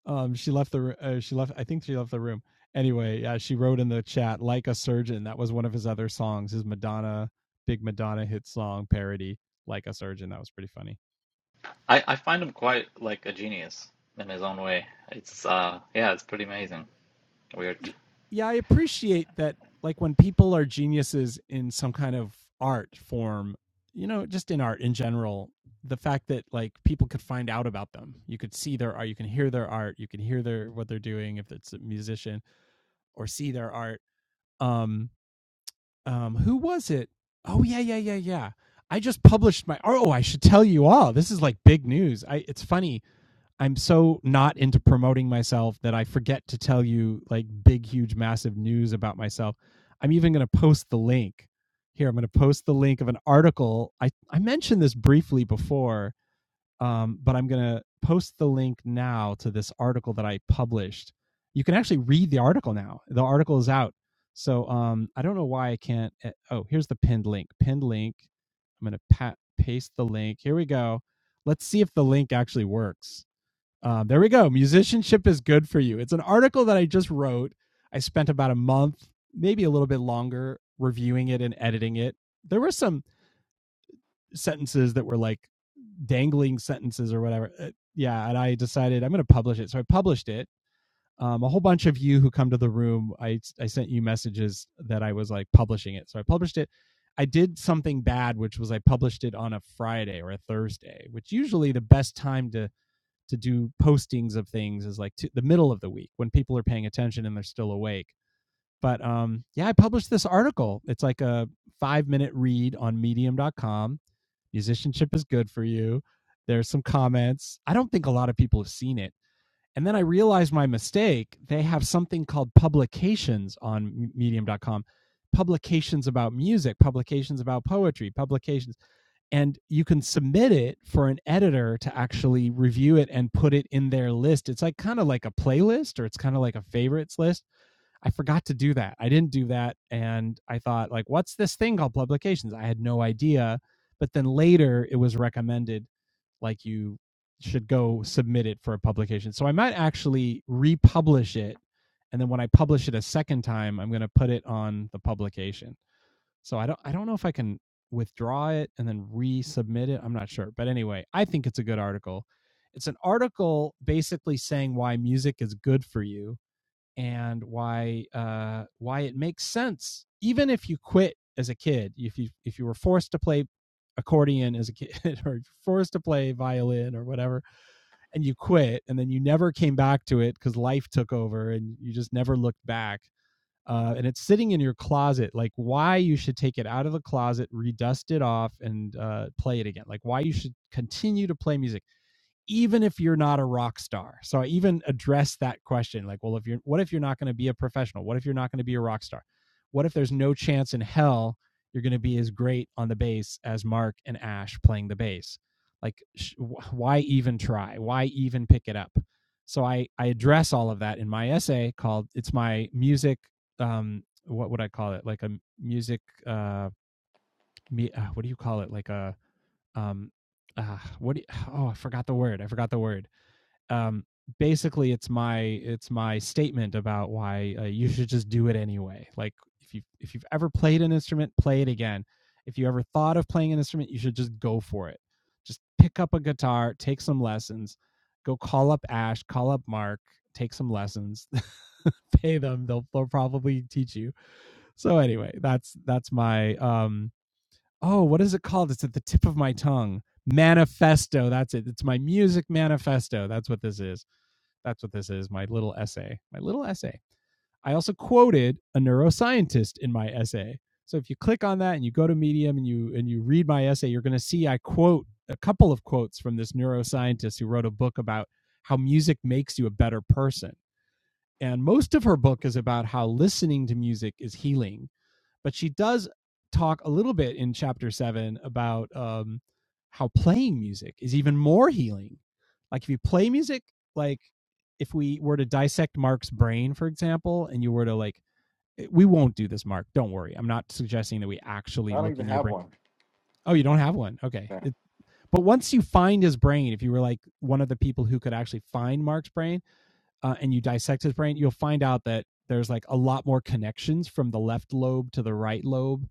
Um, she left the uh, she left. I think she left the room. Anyway, yeah, she wrote in the chat like a surgeon. That was one of his other songs, his Madonna big Madonna hit song parody, like a surgeon. That was pretty funny. I I find him quite like a genius in his own way. It's uh yeah, it's pretty amazing. Weird. Yeah, I appreciate that. Like when people are geniuses in some kind of art form, you know, just in art in general, the fact that like people could find out about them. You could see their art, you can hear their art, you can hear their what they're doing if it's a musician or see their art. Um um who was it? Oh yeah, yeah, yeah, yeah. I just published my oh, I should tell you all. This is like big news. I it's funny. I'm so not into promoting myself that I forget to tell you like big huge massive news about myself. I'm even going to post the link. Here, I'm going to post the link of an article. I I mentioned this briefly before um, but I'm going to post the link now to this article that I published. You can actually read the article now. The article is out. So um, I don't know why I can't. eh, Oh, here's the pinned link. Pinned link. I'm going to paste the link. Here we go. Let's see if the link actually works. Um, there we go. Musicianship is good for you. It's an article that I just wrote. I spent about a month, maybe a little bit longer, reviewing it and editing it. There were some sentences that were like dangling sentences or whatever. Uh, yeah, and I decided I'm going to publish it. So I published it. Um, a whole bunch of you who come to the room, I I sent you messages that I was like publishing it. So I published it. I did something bad, which was I published it on a Friday or a Thursday, which usually the best time to to do postings of things is like to, the middle of the week when people are paying attention and they're still awake. But um, yeah, I published this article. It's like a five minute read on Medium.com musicianship is good for you. There's some comments. I don't think a lot of people have seen it. And then I realized my mistake. They have something called publications on medium.com publications about music, publications about poetry, publications. And you can submit it for an editor to actually review it and put it in their list. It's like kind of like a playlist or it's kind of like a favorites list I forgot to do that. I didn't do that. And I thought, like, what's this thing called publications? I had no idea. But then later it was recommended, like, you should go submit it for a publication. So I might actually republish it. And then when I publish it a second time, I'm going to put it on the publication. So I don't, I don't know if I can withdraw it and then resubmit it. I'm not sure. But anyway, I think it's a good article. It's an article basically saying why music is good for you and why uh, why it makes sense, even if you quit as a kid, if you if you were forced to play accordion as a kid <laughs> or forced to play violin or whatever and you quit and then you never came back to it because life took over and you just never looked back uh, and it's sitting in your closet like why you should take it out of the closet redust it off and uh, play it again like why you should continue to play music even if you're not a rock star. So I even address that question like, well, if you're, what if you're not going to be a professional? What if you're not going to be a rock star? What if there's no chance in hell you're going to be as great on the bass as Mark and Ash playing the bass? Like, sh- why even try? Why even pick it up? So I, I address all of that in my essay called It's My Music. Um, what would I call it? Like a music, uh, me, uh what do you call it? Like a, um, uh, what do you, <sighs> oh, I forgot the word. I forgot the word um, basically it's my it's my statement about why uh, you should just do it anyway like if you if you've ever played an instrument play it again if you ever thought of playing an instrument you should just go for it just pick up a guitar take some lessons go call up ash call up mark take some lessons <laughs> pay them they'll, they'll probably teach you so anyway that's that's my um oh what is it called it's at the tip of my tongue manifesto that's it it's my music manifesto that's what this is that's what this is. My little essay. My little essay. I also quoted a neuroscientist in my essay. So if you click on that and you go to Medium and you and you read my essay, you're going to see I quote a couple of quotes from this neuroscientist who wrote a book about how music makes you a better person. And most of her book is about how listening to music is healing but she does talk a little bit in chapter seven about um, how playing music is even more healing. Like if you play music, like if we were to dissect Mark's brain, for example, and you were to like, eh, we won't do this, Mark. Don't worry. I'm not suggesting that we I actually don't look even in your have brain. one. Oh, you don't have one. Okay. Yeah, It, but once you find his brain, if you were like one of the people who could actually find Mark's brain, uh, and you dissect his brain, you'll find out that there's like a lot more connections from the left lobe to the right lobe.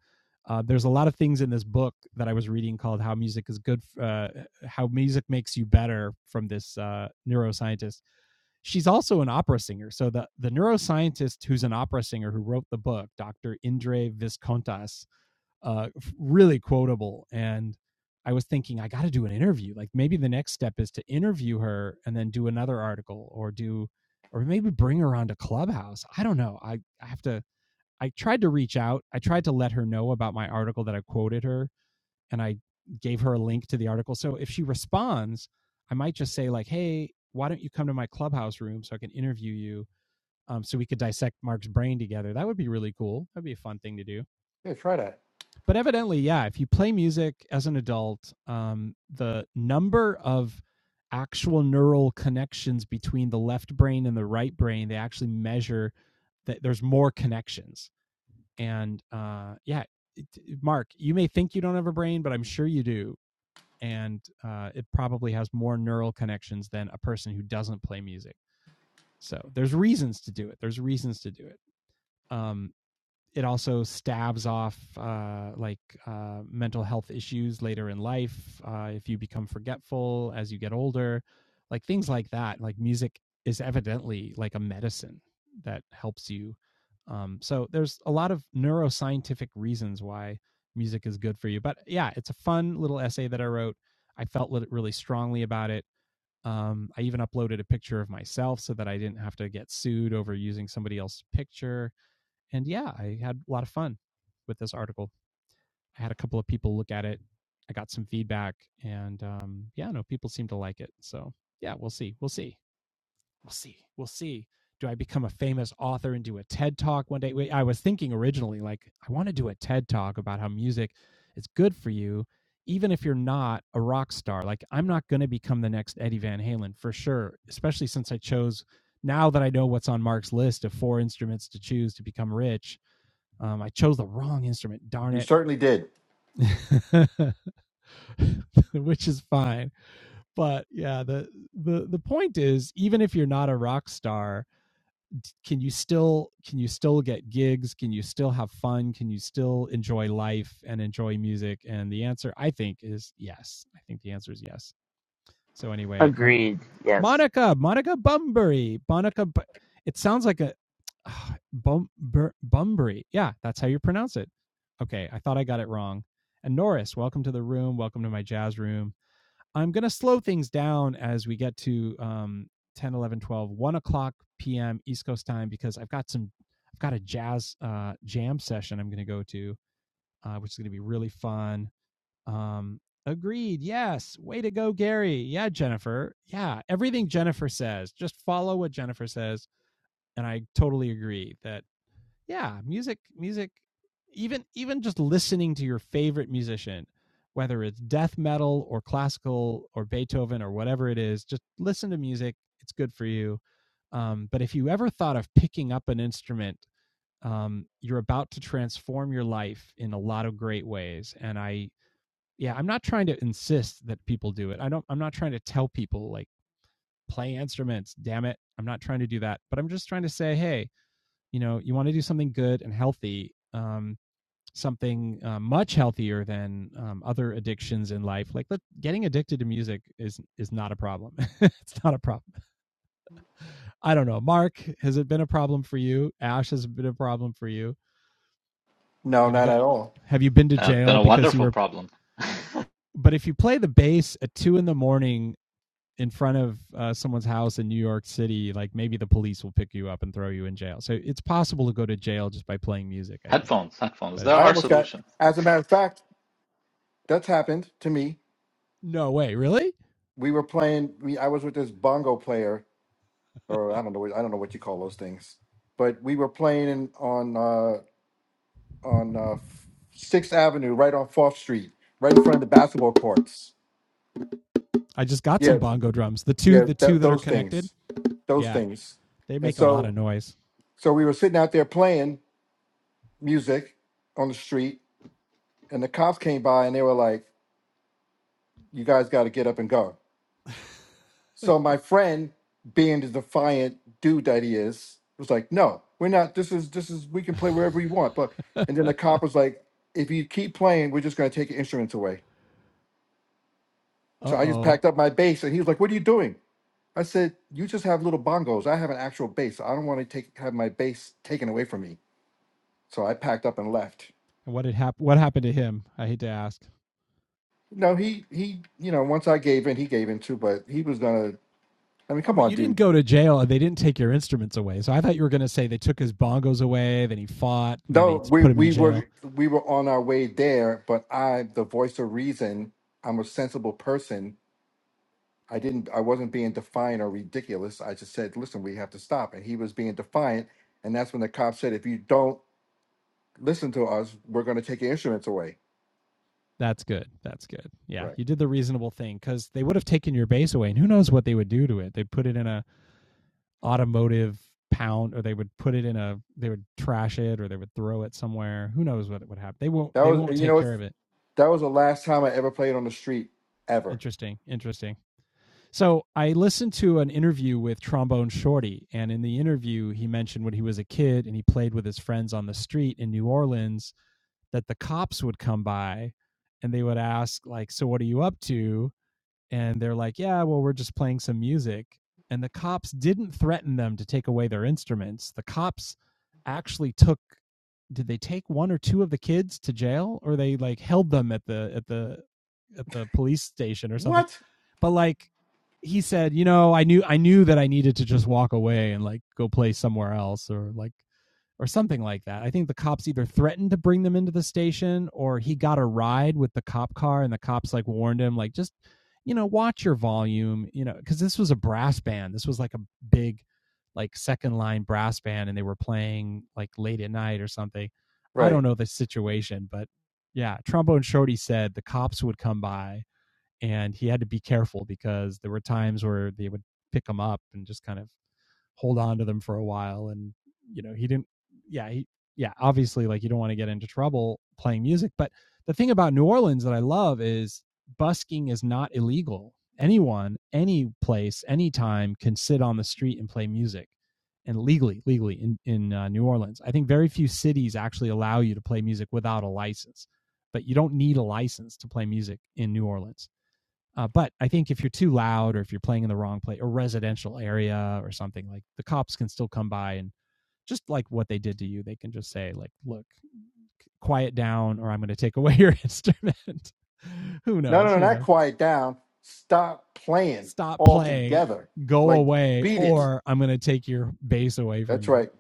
Uh, there's a lot of things in this book that I was reading called "How Music Is Good," uh, how music makes you better from this uh, neuroscientist. She's also an opera singer. So the the neuroscientist who's an opera singer who wrote the book, Dr. Indre Viscontas, uh, really quotable. And I was thinking, I got to do an interview. Like maybe the next step is to interview her and then do another article or do, or maybe bring her onto Clubhouse. I don't know. I, I have to, I tried to reach out. I tried to let her know about my article that I quoted her and I gave her a link to the article. So if she responds, I might just say, like, hey, why don't you come to my Clubhouse room so I can interview you? Um, so we could dissect Mark's brain together. That would be really cool. That'd be a fun thing to do yeah. Try that. but evidently, yeah, if you play music as an adult, um, the number of actual neural connections between the left brain and the right brain, they actually measure that there's more connections. And uh, yeah, it, Mark, you may think you don't have a brain, but I'm sure you do. And uh, it probably has more neural connections than a person who doesn't play music. So there's reasons to do it. There's reasons to do it. Um, it also stabs off uh, like uh, mental health issues later in life uh, if you become forgetful as you get older like things like that like music is evidently like a medicine that helps you um, so there's a lot of neuroscientific reasons why music is good for you but yeah it's a fun little essay that i wrote i felt really strongly about it um, i even uploaded a picture of myself so that i didn't have to get sued over using somebody else's picture and yeah, I had a lot of fun with this article. I had a couple of people look at it. I got some feedback, and um, yeah, no, people seem to like it. So yeah, we'll see. We'll see. We'll see. We'll see. Do I become a famous author and do a TED talk one day? I was thinking originally, like, I want to do a TED talk about how music is good for you, even if you're not a rock star. Like, I'm not going to become the next Eddie Van Halen for sure, especially since I chose now that I know what's on Mark's list of four instruments to choose to become rich um, I chose the wrong instrument, darn You it. certainly did. <laughs> Which is fine. But yeah, the the the point is even if you're not a rock star, can you still can you still get gigs? Can you still have fun? Can you still enjoy life and enjoy music? And the answer I think is yes. I think the answer is yes. So anyway, I'm Agreed. Yes. Monica, Monica Bumbury, Monica. It sounds like a <sighs> ah, Bum Bur- Bumbury. Yeah, that's how you pronounce it. Okay, I thought I got it wrong. And Norris, welcome to the room. Welcome to my jazz room. I'm gonna slow things down as we get to um 10, 11, 12, 1 o'clock p.m. East Coast time because I've got some. I've got a jazz uh, jam session I'm gonna go to, uh, which is gonna be really fun um, agreed. Yes. Way to go, Gary. Yeah, Jennifer. Yeah. Everything Jennifer says, just follow what Jennifer says. And I totally agree that, yeah, music, music, even, even just listening to your favorite musician, whether it's death metal or classical or Beethoven or whatever it is, just listen to music. It's good for you. Um, but if you ever thought of picking up an instrument, um, you're about to transform your life in a lot of great ways. And I, yeah, I'm not trying to insist that people do it. I don't I'm not trying to tell people like play instruments, damn it. I'm not trying to do that. But I'm just trying to say, hey, you know, you want to do something good and healthy, um something uh, much healthier than um, other addictions in life like let, getting addicted to music is is not a problem <laughs> it's not a problem i don't know mark has it been a problem for you ash has it been a problem for you No, have you not got at all. have you been to Uh, it's been jail a because you wonderful were problem. but if you play the bass at two in the morning in front of uh, someone's house in New York City, like maybe the police will pick you up and throw you in jail. So it's possible to go to jail just by playing music, I think. Headphones, headphones. But There I are anyway, almost got. solutions. As a matter of fact, that's happened to me. no way, really? We were playing. We, I was with this bongo player, or I don't know. what- I don't know what you call those things. But we were playing in, on. uh, on uh, Sixth Avenue, right on Fourth Street, right in front of the basketball courts. I just got some Yeah, bongo drums. The two, yeah, the two th- that are those connected. things, those Yeah, things. they And make a lot of so, noise. so we were sitting out there playing music on the street, and the cops came by and they were like, "You guys got to get up and go." So my friend, being the defiant dude that he is, was like, "No, we're not. This is this is we can play wherever we want." But <laughs> uh and then the cop was like, "If you keep playing, we're just going to take your instruments away." So I just oh. packed up my bass, and he was like, "What are you doing?" I said, "You just have little bongos. I have an actual bass. I don't want to take have my bass taken away from me." So I packed up and left. And what had happened? What happened to him? I hate to ask. No, he he, you know, once I gave in, he gave in too. But he was gonna. I mean, Oh, come but on, you didn't dude. go to jail, and they didn't take your instruments away. So I thought you were going to say they took his bongos away, then he fought, and then No, they we put him in we jail. were we were on our way there, but I, the voice of reason, I'm a sensible person. I didn't. I wasn't being defiant or ridiculous. I just said, "Listen, we have to stop." And he was being defiant, and that's when the cop said, "If you don't listen to us, we're going to take your instruments away." That's good. That's good. Yeah, Right. you did the reasonable thing because they would have taken your base away, and who knows what they would do to it? They'd put it in a automotive pound, or they would put it in a they would trash it, or they would throw it somewhere. Who knows what would happen? They won't. That They was, won't and you take know, it's care of it. That was the last time I ever played on the street ever. Interesting. Interesting. So I listened to an interview with Trombone Shorty, and in the interview, he mentioned when he was a kid and he played with his friends on the street in New Orleans that the cops would come by and they would ask like, "So what are you up to?" and they're like, "Yeah, well, we're just playing some music." And the cops didn't threaten them to take away their instruments. The cops actually took did they take one or two of the kids to jail or they like held them at the at the at the police station or something. What? But like he said, you know, I knew I knew that I needed to just walk away and like go play somewhere else or like or something like that. I think the cops either threatened to bring them into the station or he got a ride with the cop car and the cops like warned him like just you know watch your volume, you know, cuz this was a brass band. This was like a big like second line brass band and they were playing like late at night or something. I don't Right. know the situation, but yeah, Trombone Shorty said the cops would come by and he had to be careful because there were times where they would pick him up and just kind of hold on to them for a while and you know he didn't yeah he yeah obviously like you don't want to get into trouble playing music but the thing about new orleans that i love is busking is not illegal anyone any place anytime can sit on the street and play music and legally legally in, in uh, new orleans i think very few cities actually allow you to play music without a license but you don't need a license to play music in new orleans uh, but I think if you're too loud or if you're playing in the wrong place or residential area or something like the cops can still come by and just like what they did to you, they can just say like, "Look, quiet down, or I'm going to take away your instrument." <laughs> who No, no, knows? no, Who not knows? quiet down. Stop playing Stop playing, altogether. go Like, away, beat it. or I'm going to take your bass away from That's you. right.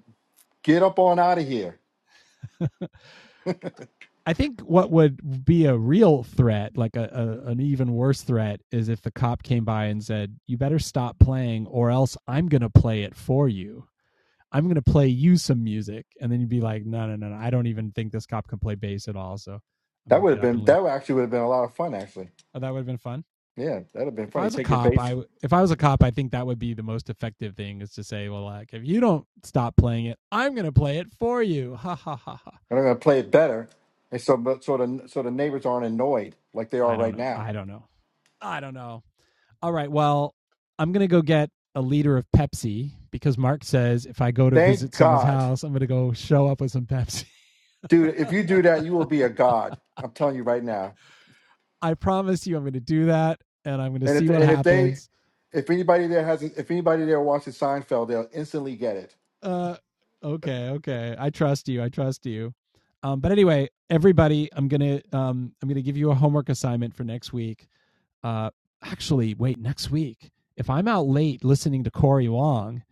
Get up on out of here. I think what would be a real threat, like a, a an even worse threat, is if the cop came by and said, "You better stop playing, or else I'm going to play it for you." I'm gonna play you some music, and then you'd be like, no, no, no, no, I don't even think this cop can play bass at all, so I'm That gonna would get have up and been, leave. that would actually would have been a lot of fun, actually. Oh, that would have been fun. Yeah, that would have been If I funny. was a Take your cop, bass, I if I was a cop, I think that would be the most effective thing is to say, well, like if you don't stop playing it, I'm gonna play it for you. Ha ha ha ha. and I'm going to play it better. And so, but so, the, so the neighbors aren't annoyed like they are I don't right know. now. I don't know. I don't know. All right. Well, I'm gonna go get a liter of Pepsi because Mark says if I go to Thank visit someone's God. house, I'm gonna go show up with some Pepsi. Dude, if you do that, you will be a god. I'm telling you right now. <laughs> I promise you, I'm gonna do that, and I'm gonna And see if what and if they happens if anybody there hasn't if anybody there watches Seinfeld, they'll instantly get it. uh okay okay i trust you i trust you um but anyway everybody i'm gonna um i'm gonna give you a homework assignment for next week uh actually wait next week if i'm out late listening to corey wong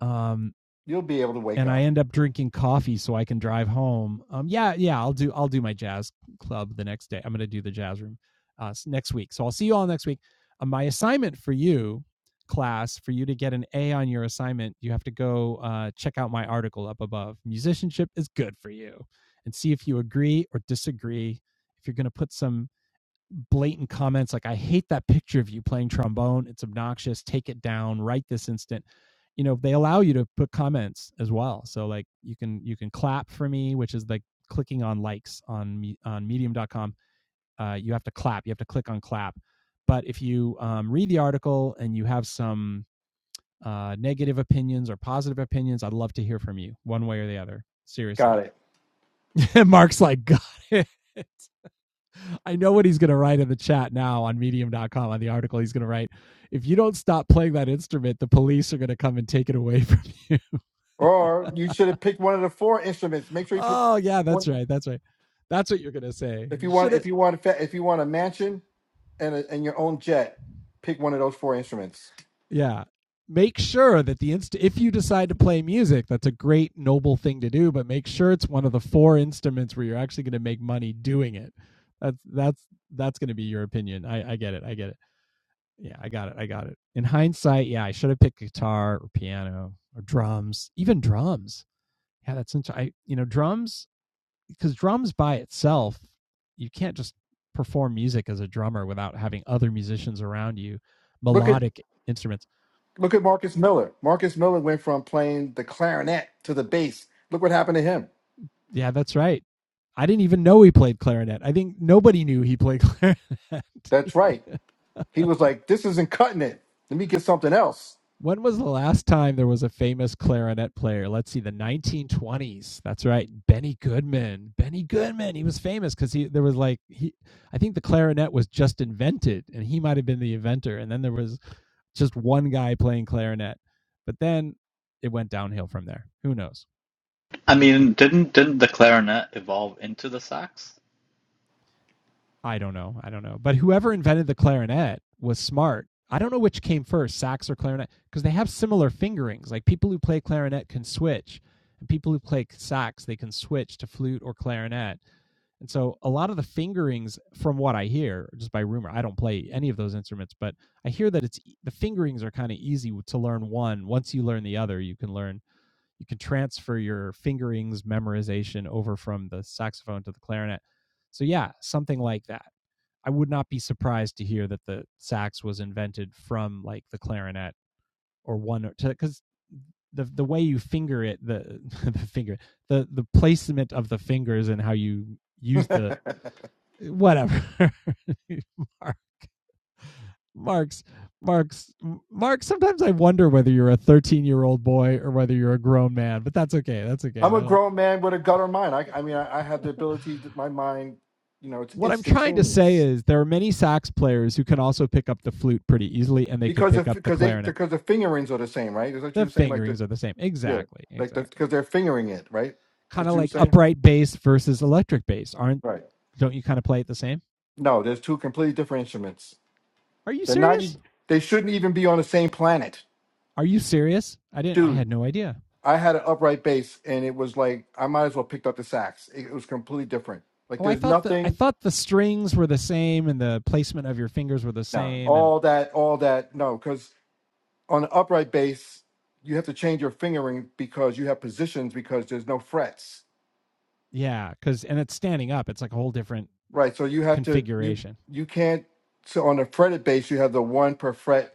um You'll be able to wake and I up. end up drinking coffee so I can drive home. Um, yeah, yeah, I'll do I'll do my jazz club the next day. I'm going to do the jazz room uh, next week. So I'll see you all next week. Uh, my assignment for you, class, for you to get an A on your assignment, you have to go uh, check out my article up above. Musicianship is good for you, and see if you agree or disagree. If you're going to put some blatant comments like, I hate that picture of you playing trombone. It's obnoxious. Take it down right this instant. You know, they allow you to put comments as well. So like you can you can clap for me, which is like clicking on likes on me on medium.com. Uh, you have to clap. You have to click on clap. But if you um, read the article and you have some uh, negative opinions or positive opinions, I'd love to hear from you one way or the other. Got Seriously. it. <laughs> Mark's like, got it. I know what he's going to write in the chat now on medium.com on the article he's going to write. If you don't stop playing that instrument, the police are going to come and take it away from you. Or you should have picked one of the four instruments. Make <laughs> sure you pick oh, yeah, one that's right. That's right. That's what you're going to say. if you You should want have, if you want a fa- if you want a mansion and a, and your own jet, pick one of those four instruments. yeah. Make sure that the inst if you decide to play music, that's a great noble thing to do, but make sure it's one of the four instruments where you're actually going to make money doing it. That's that's that's going to be your opinion. I I get it. I get it. yeah, I got it. I got it. In hindsight, yeah, I should have picked guitar or piano or drums, even drums. Yeah, that's interesting. I you know drums because drums by itself, you can't just perform music as a drummer without having other musicians around you, Look at melodic instruments. look at Marcus Miller. Marcus Miller went from playing the clarinet to the bass. Look what happened to him. Yeah, that's right. I didn't even know he played clarinet. I think nobody knew he played clarinet. That's <laughs> right. He was like, "This isn't cutting it. Let me get something else." When was the last time there was a famous clarinet player? Let's see, the 1920s. That's right, Benny Goodman. Benny Goodman. He was famous because he there was like he. I think the clarinet was just invented, and he might have been the inventor. And then there was just one guy playing clarinet, but then it went downhill from there. Who knows? I Benny mean, didn't didn't the clarinet evolve into the sax? I don't know. I don't know. But whoever invented the clarinet was smart. I don't know which came first, sax or clarinet, because they have similar fingerings. Like people who play clarinet can switch, and people who play sax they can switch to flute or clarinet. And so a lot of the fingerings, from what I hear, just by rumor, I don't play any of those instruments, but I hear that it's e- the fingerings are kind of easy to learn one. Once you learn the other, you can learn, you can transfer your fingerings memorization over from the saxophone to the clarinet. So yeah, something like that. I would not be surprised to hear that the sax was invented from like the clarinet or one because the the way you finger it the <laughs> the finger the the placement of the fingers and how you use the eh, whatever <laughs> Mark, marks marks mark sometimes i wonder whether you're a 13 year old boy or whether you're a grown man but that's okay that's okay I'm a that'll grown man with a gutter mind. I, I mean, I, I have the ability that my mind, you know, it's what i'm trying to say instantaneous is there are many sax players who can also pick up the flute pretty easily and they could because pick if up the because they clarinet because the fingerings are the same, right? Is that what you The were saying? Like the fingerings are the same. yeah, Exactly. like the Exactly. because they're fingering it, right? Kind That's what of you were like saying, upright bass versus electric bass. Aren't right? don't you kind of play it the same? No, there's two completely different instruments. Are you They're not. e- serious? They shouldn't even be on the same planet, Are you serious? I didn't I had dude. no idea. I had an upright bass, and it was like I might as well picked up the sax. It, it was completely different. Like Oh, I there's thought the I nothing. thought the strings were the same and the placement of your fingers were the No, same and all that, all that. No, on the upright bass, you have to change your fingering because you have positions because there's no frets, yeah, cuz and it's standing up. It's like a whole different right? So uh, you have to you configuration. you can't. So on the fretted bass, you have the one per fret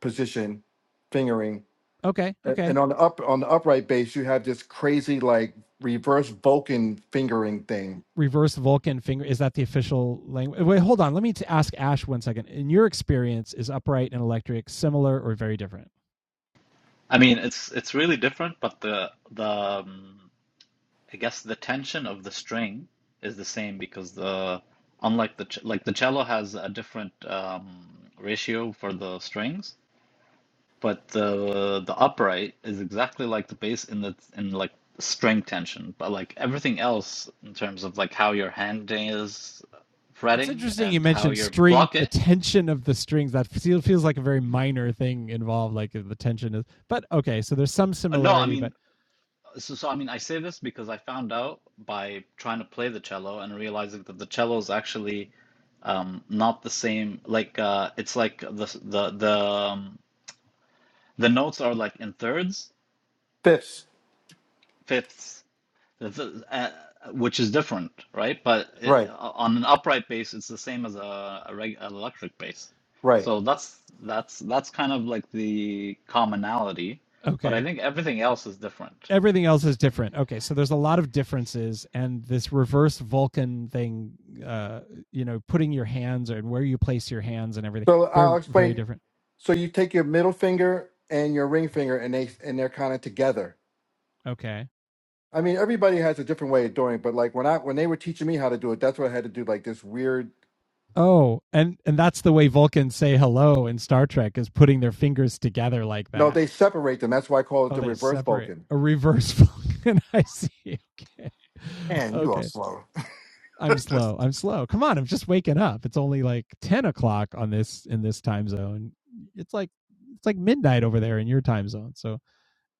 position fingering, Okay, and and okay. on the up on the upright bass, you have this crazy like reverse Vulcan fingering thing. Reverse Vulcan finger is that the official language? Wait, hold on. Let me t- ask Ash one second. In your experience, is upright and electric similar or very different? I mean, it's it's really different, but the the um, I guess the tension of the string is the same because the unlike the ch- like the cello has a different um, ratio for the strings, but the the upright is exactly like the bass in the in like string tension, but like everything else in terms of like how your hand is it's fretting interesting you and how mentioned your string pluck the it. tension of the strings that feels like a very minor thing involved like the tension is but okay so there's some Uh, No, I similarity but mean, so, so I mean, I say this because I found out by trying to play the cello and realizing that the cello is actually um, not the same. Like, uh, it's like the s- the the um, the notes are like in thirds, Fifths, fifths, the, the, uh, which is different, right? But it, right, on an upright bass, it's the same as a, a reg, an electric bass. right. So that's that's that's kind of like the commonality. But I okay think everything else is different. everything else is different okay so there's a lot of differences and this reverse vulcan thing uh you know putting your hands and where you place your hands and everything So very I'll very explain. different So you take your middle finger and your ring finger, and they and they're kind of together okay I mean, everybody has a different way of doing it, but like when I when they were teaching me how to do it, that's what I had to do. Like this weird. oh and and that's the way vulcans say hello in star trek is putting their fingers together like No, that they separate them. That's why I call it Oh, the they reverse separate Vulcan. a reverse Vulcan. <laughs> I see. Okay. Man, you are Okay. slow. I'm slow. I'm slow. Come on. I'm just waking up. It's only like 10 o'clock on this in this time zone. It's like, it's like midnight over there in your time zone. So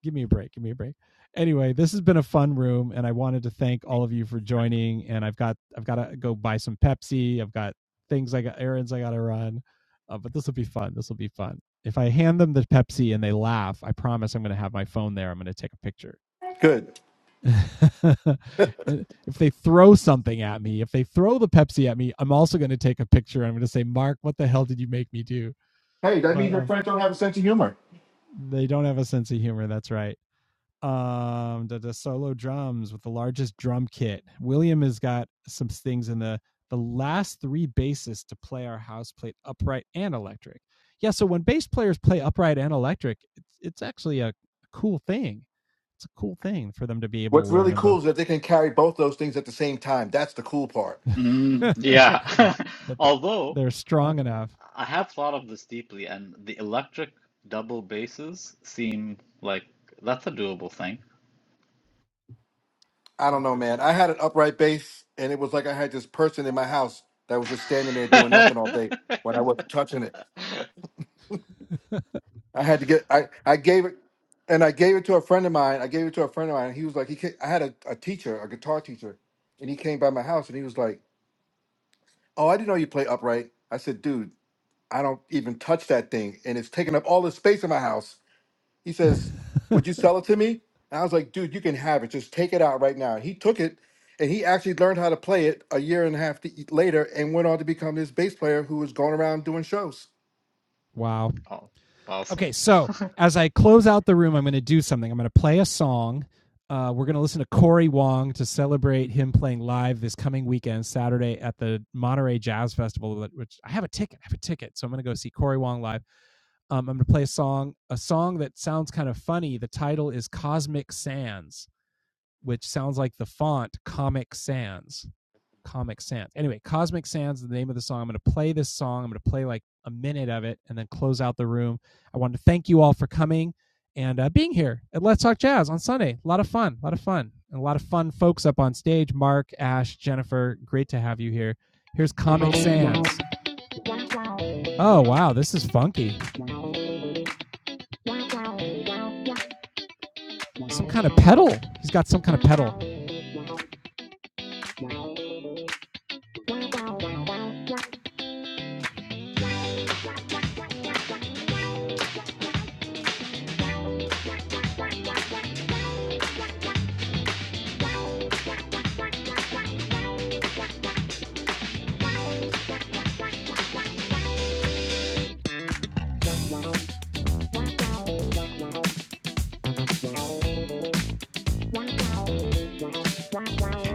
give me a break. Give me a break. Anyway, this has been a fun room, and I wanted to thank all of you for joining. And I've got I've got to go buy some Pepsi. I've got things I got errands I got to run, uh, but this will be fun. This will be fun. If I hand them the Pepsi and they laugh, I promise I'm going to have my phone there. I'm going to take a picture. Good. <laughs> And if they throw something at me, if they throw the Pepsi at me, I'm also going to take a picture. I'm going to say, Mark, what the hell did you make me do? Hey, that But means your um, friends don't have a sense of humor. they don't have a sense of humor. That's right um the, the solo drums with the largest drum kit william has got some things in the the last three basses to play our house played upright and electric yeah so when bass players play upright and electric it's, it's actually a cool thing it's a cool thing for them to be able to What's learn really them cool both is that they can carry both those things at the same time. That's the cool part. <laughs> Mm, yeah. <laughs> that, that Although they're strong enough I have thought of this deeply, and the electric double basses seem like that's a doable thing. I don't know, man. interesting I had an upright bass, and it was like I had this person in my house that was just standing there doing nothing <laughs> all day when I wasn't touching it. I had to get I I gave it and I gave it to a friend of mine. I gave it to a friend of mine. And he was like, he ca I had a, a teacher, a guitar teacher, and he came by my house and he was like, "Oh, I didn't know you play upright." I said, "Dude, I don't even touch that thing, and it's taking up all the space in my house." He says, <laughs> "Would you sell it to me?" And I was like, "Dude, you can have it. Just take it out right now." And he took it, and he actually learned how to play it a year and a half t- later, and went on to become this bass player who was going around doing shows. wow. Oh, awesome. Okay, so as I close out the room, I'm going to do something. I'm going to play a song. Uh, we're going to listen to Corey Wong to celebrate him playing live this coming weekend, Saturday at the Monterey Jazz Festival, which I have a ticket. I have a ticket, so I'm going to go see Corey Wong live. Um, I'm going to play a song, a song that sounds kind of funny. The title is Cosmic Sands, which sounds like the font Comic Sans. Comic Sans. Anyway, Cosmic Sands is the name of the song. I'm going to play this song. I'm going to play like a minute of it and then close out the room. I wanted to thank you all for coming and uh, being here at Let's Talk Jazz on Sunday. A lot of fun, a lot of fun, and a lot of fun folks up on stage. Mark, Ash, Jennifer, great to have you here. Here's Comic Sans. Oh, wow, this is funky. Some kind of pedal. He's got some kind of pedal.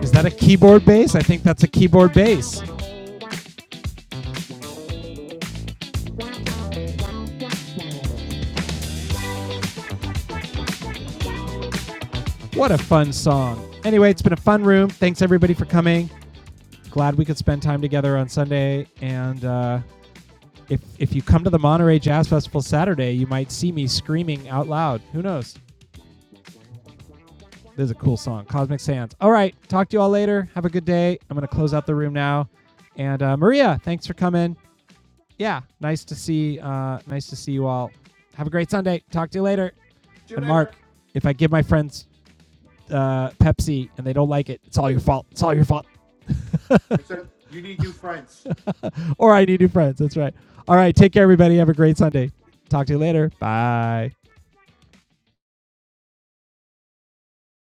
Is that a keyboard bass? I think that's a keyboard bass. What a fun song. Anyway, it's been a fun room. Thanks everybody for coming. Glad we could spend time together on Sunday. And uh, if if you come to the Monterey Jazz Festival Saturday, you might see me screaming out loud. Who knows? This is a cool song, Cosmic Sands. All right, talk to you all later. Have a good day. I'm gonna close out the room now. And uh, Maria, thanks for coming. yeah, nice to see. Uh, nice to see you all. Have a great Sunday. Talk to you later. And Mark, if I give my friends uh, Pepsi and they don't like it, it's all your fault. It's all your fault. <laughs> Or I need new friends. That's right. All right. Take care, everybody. Have a great Sunday. Talk to you later. Bye.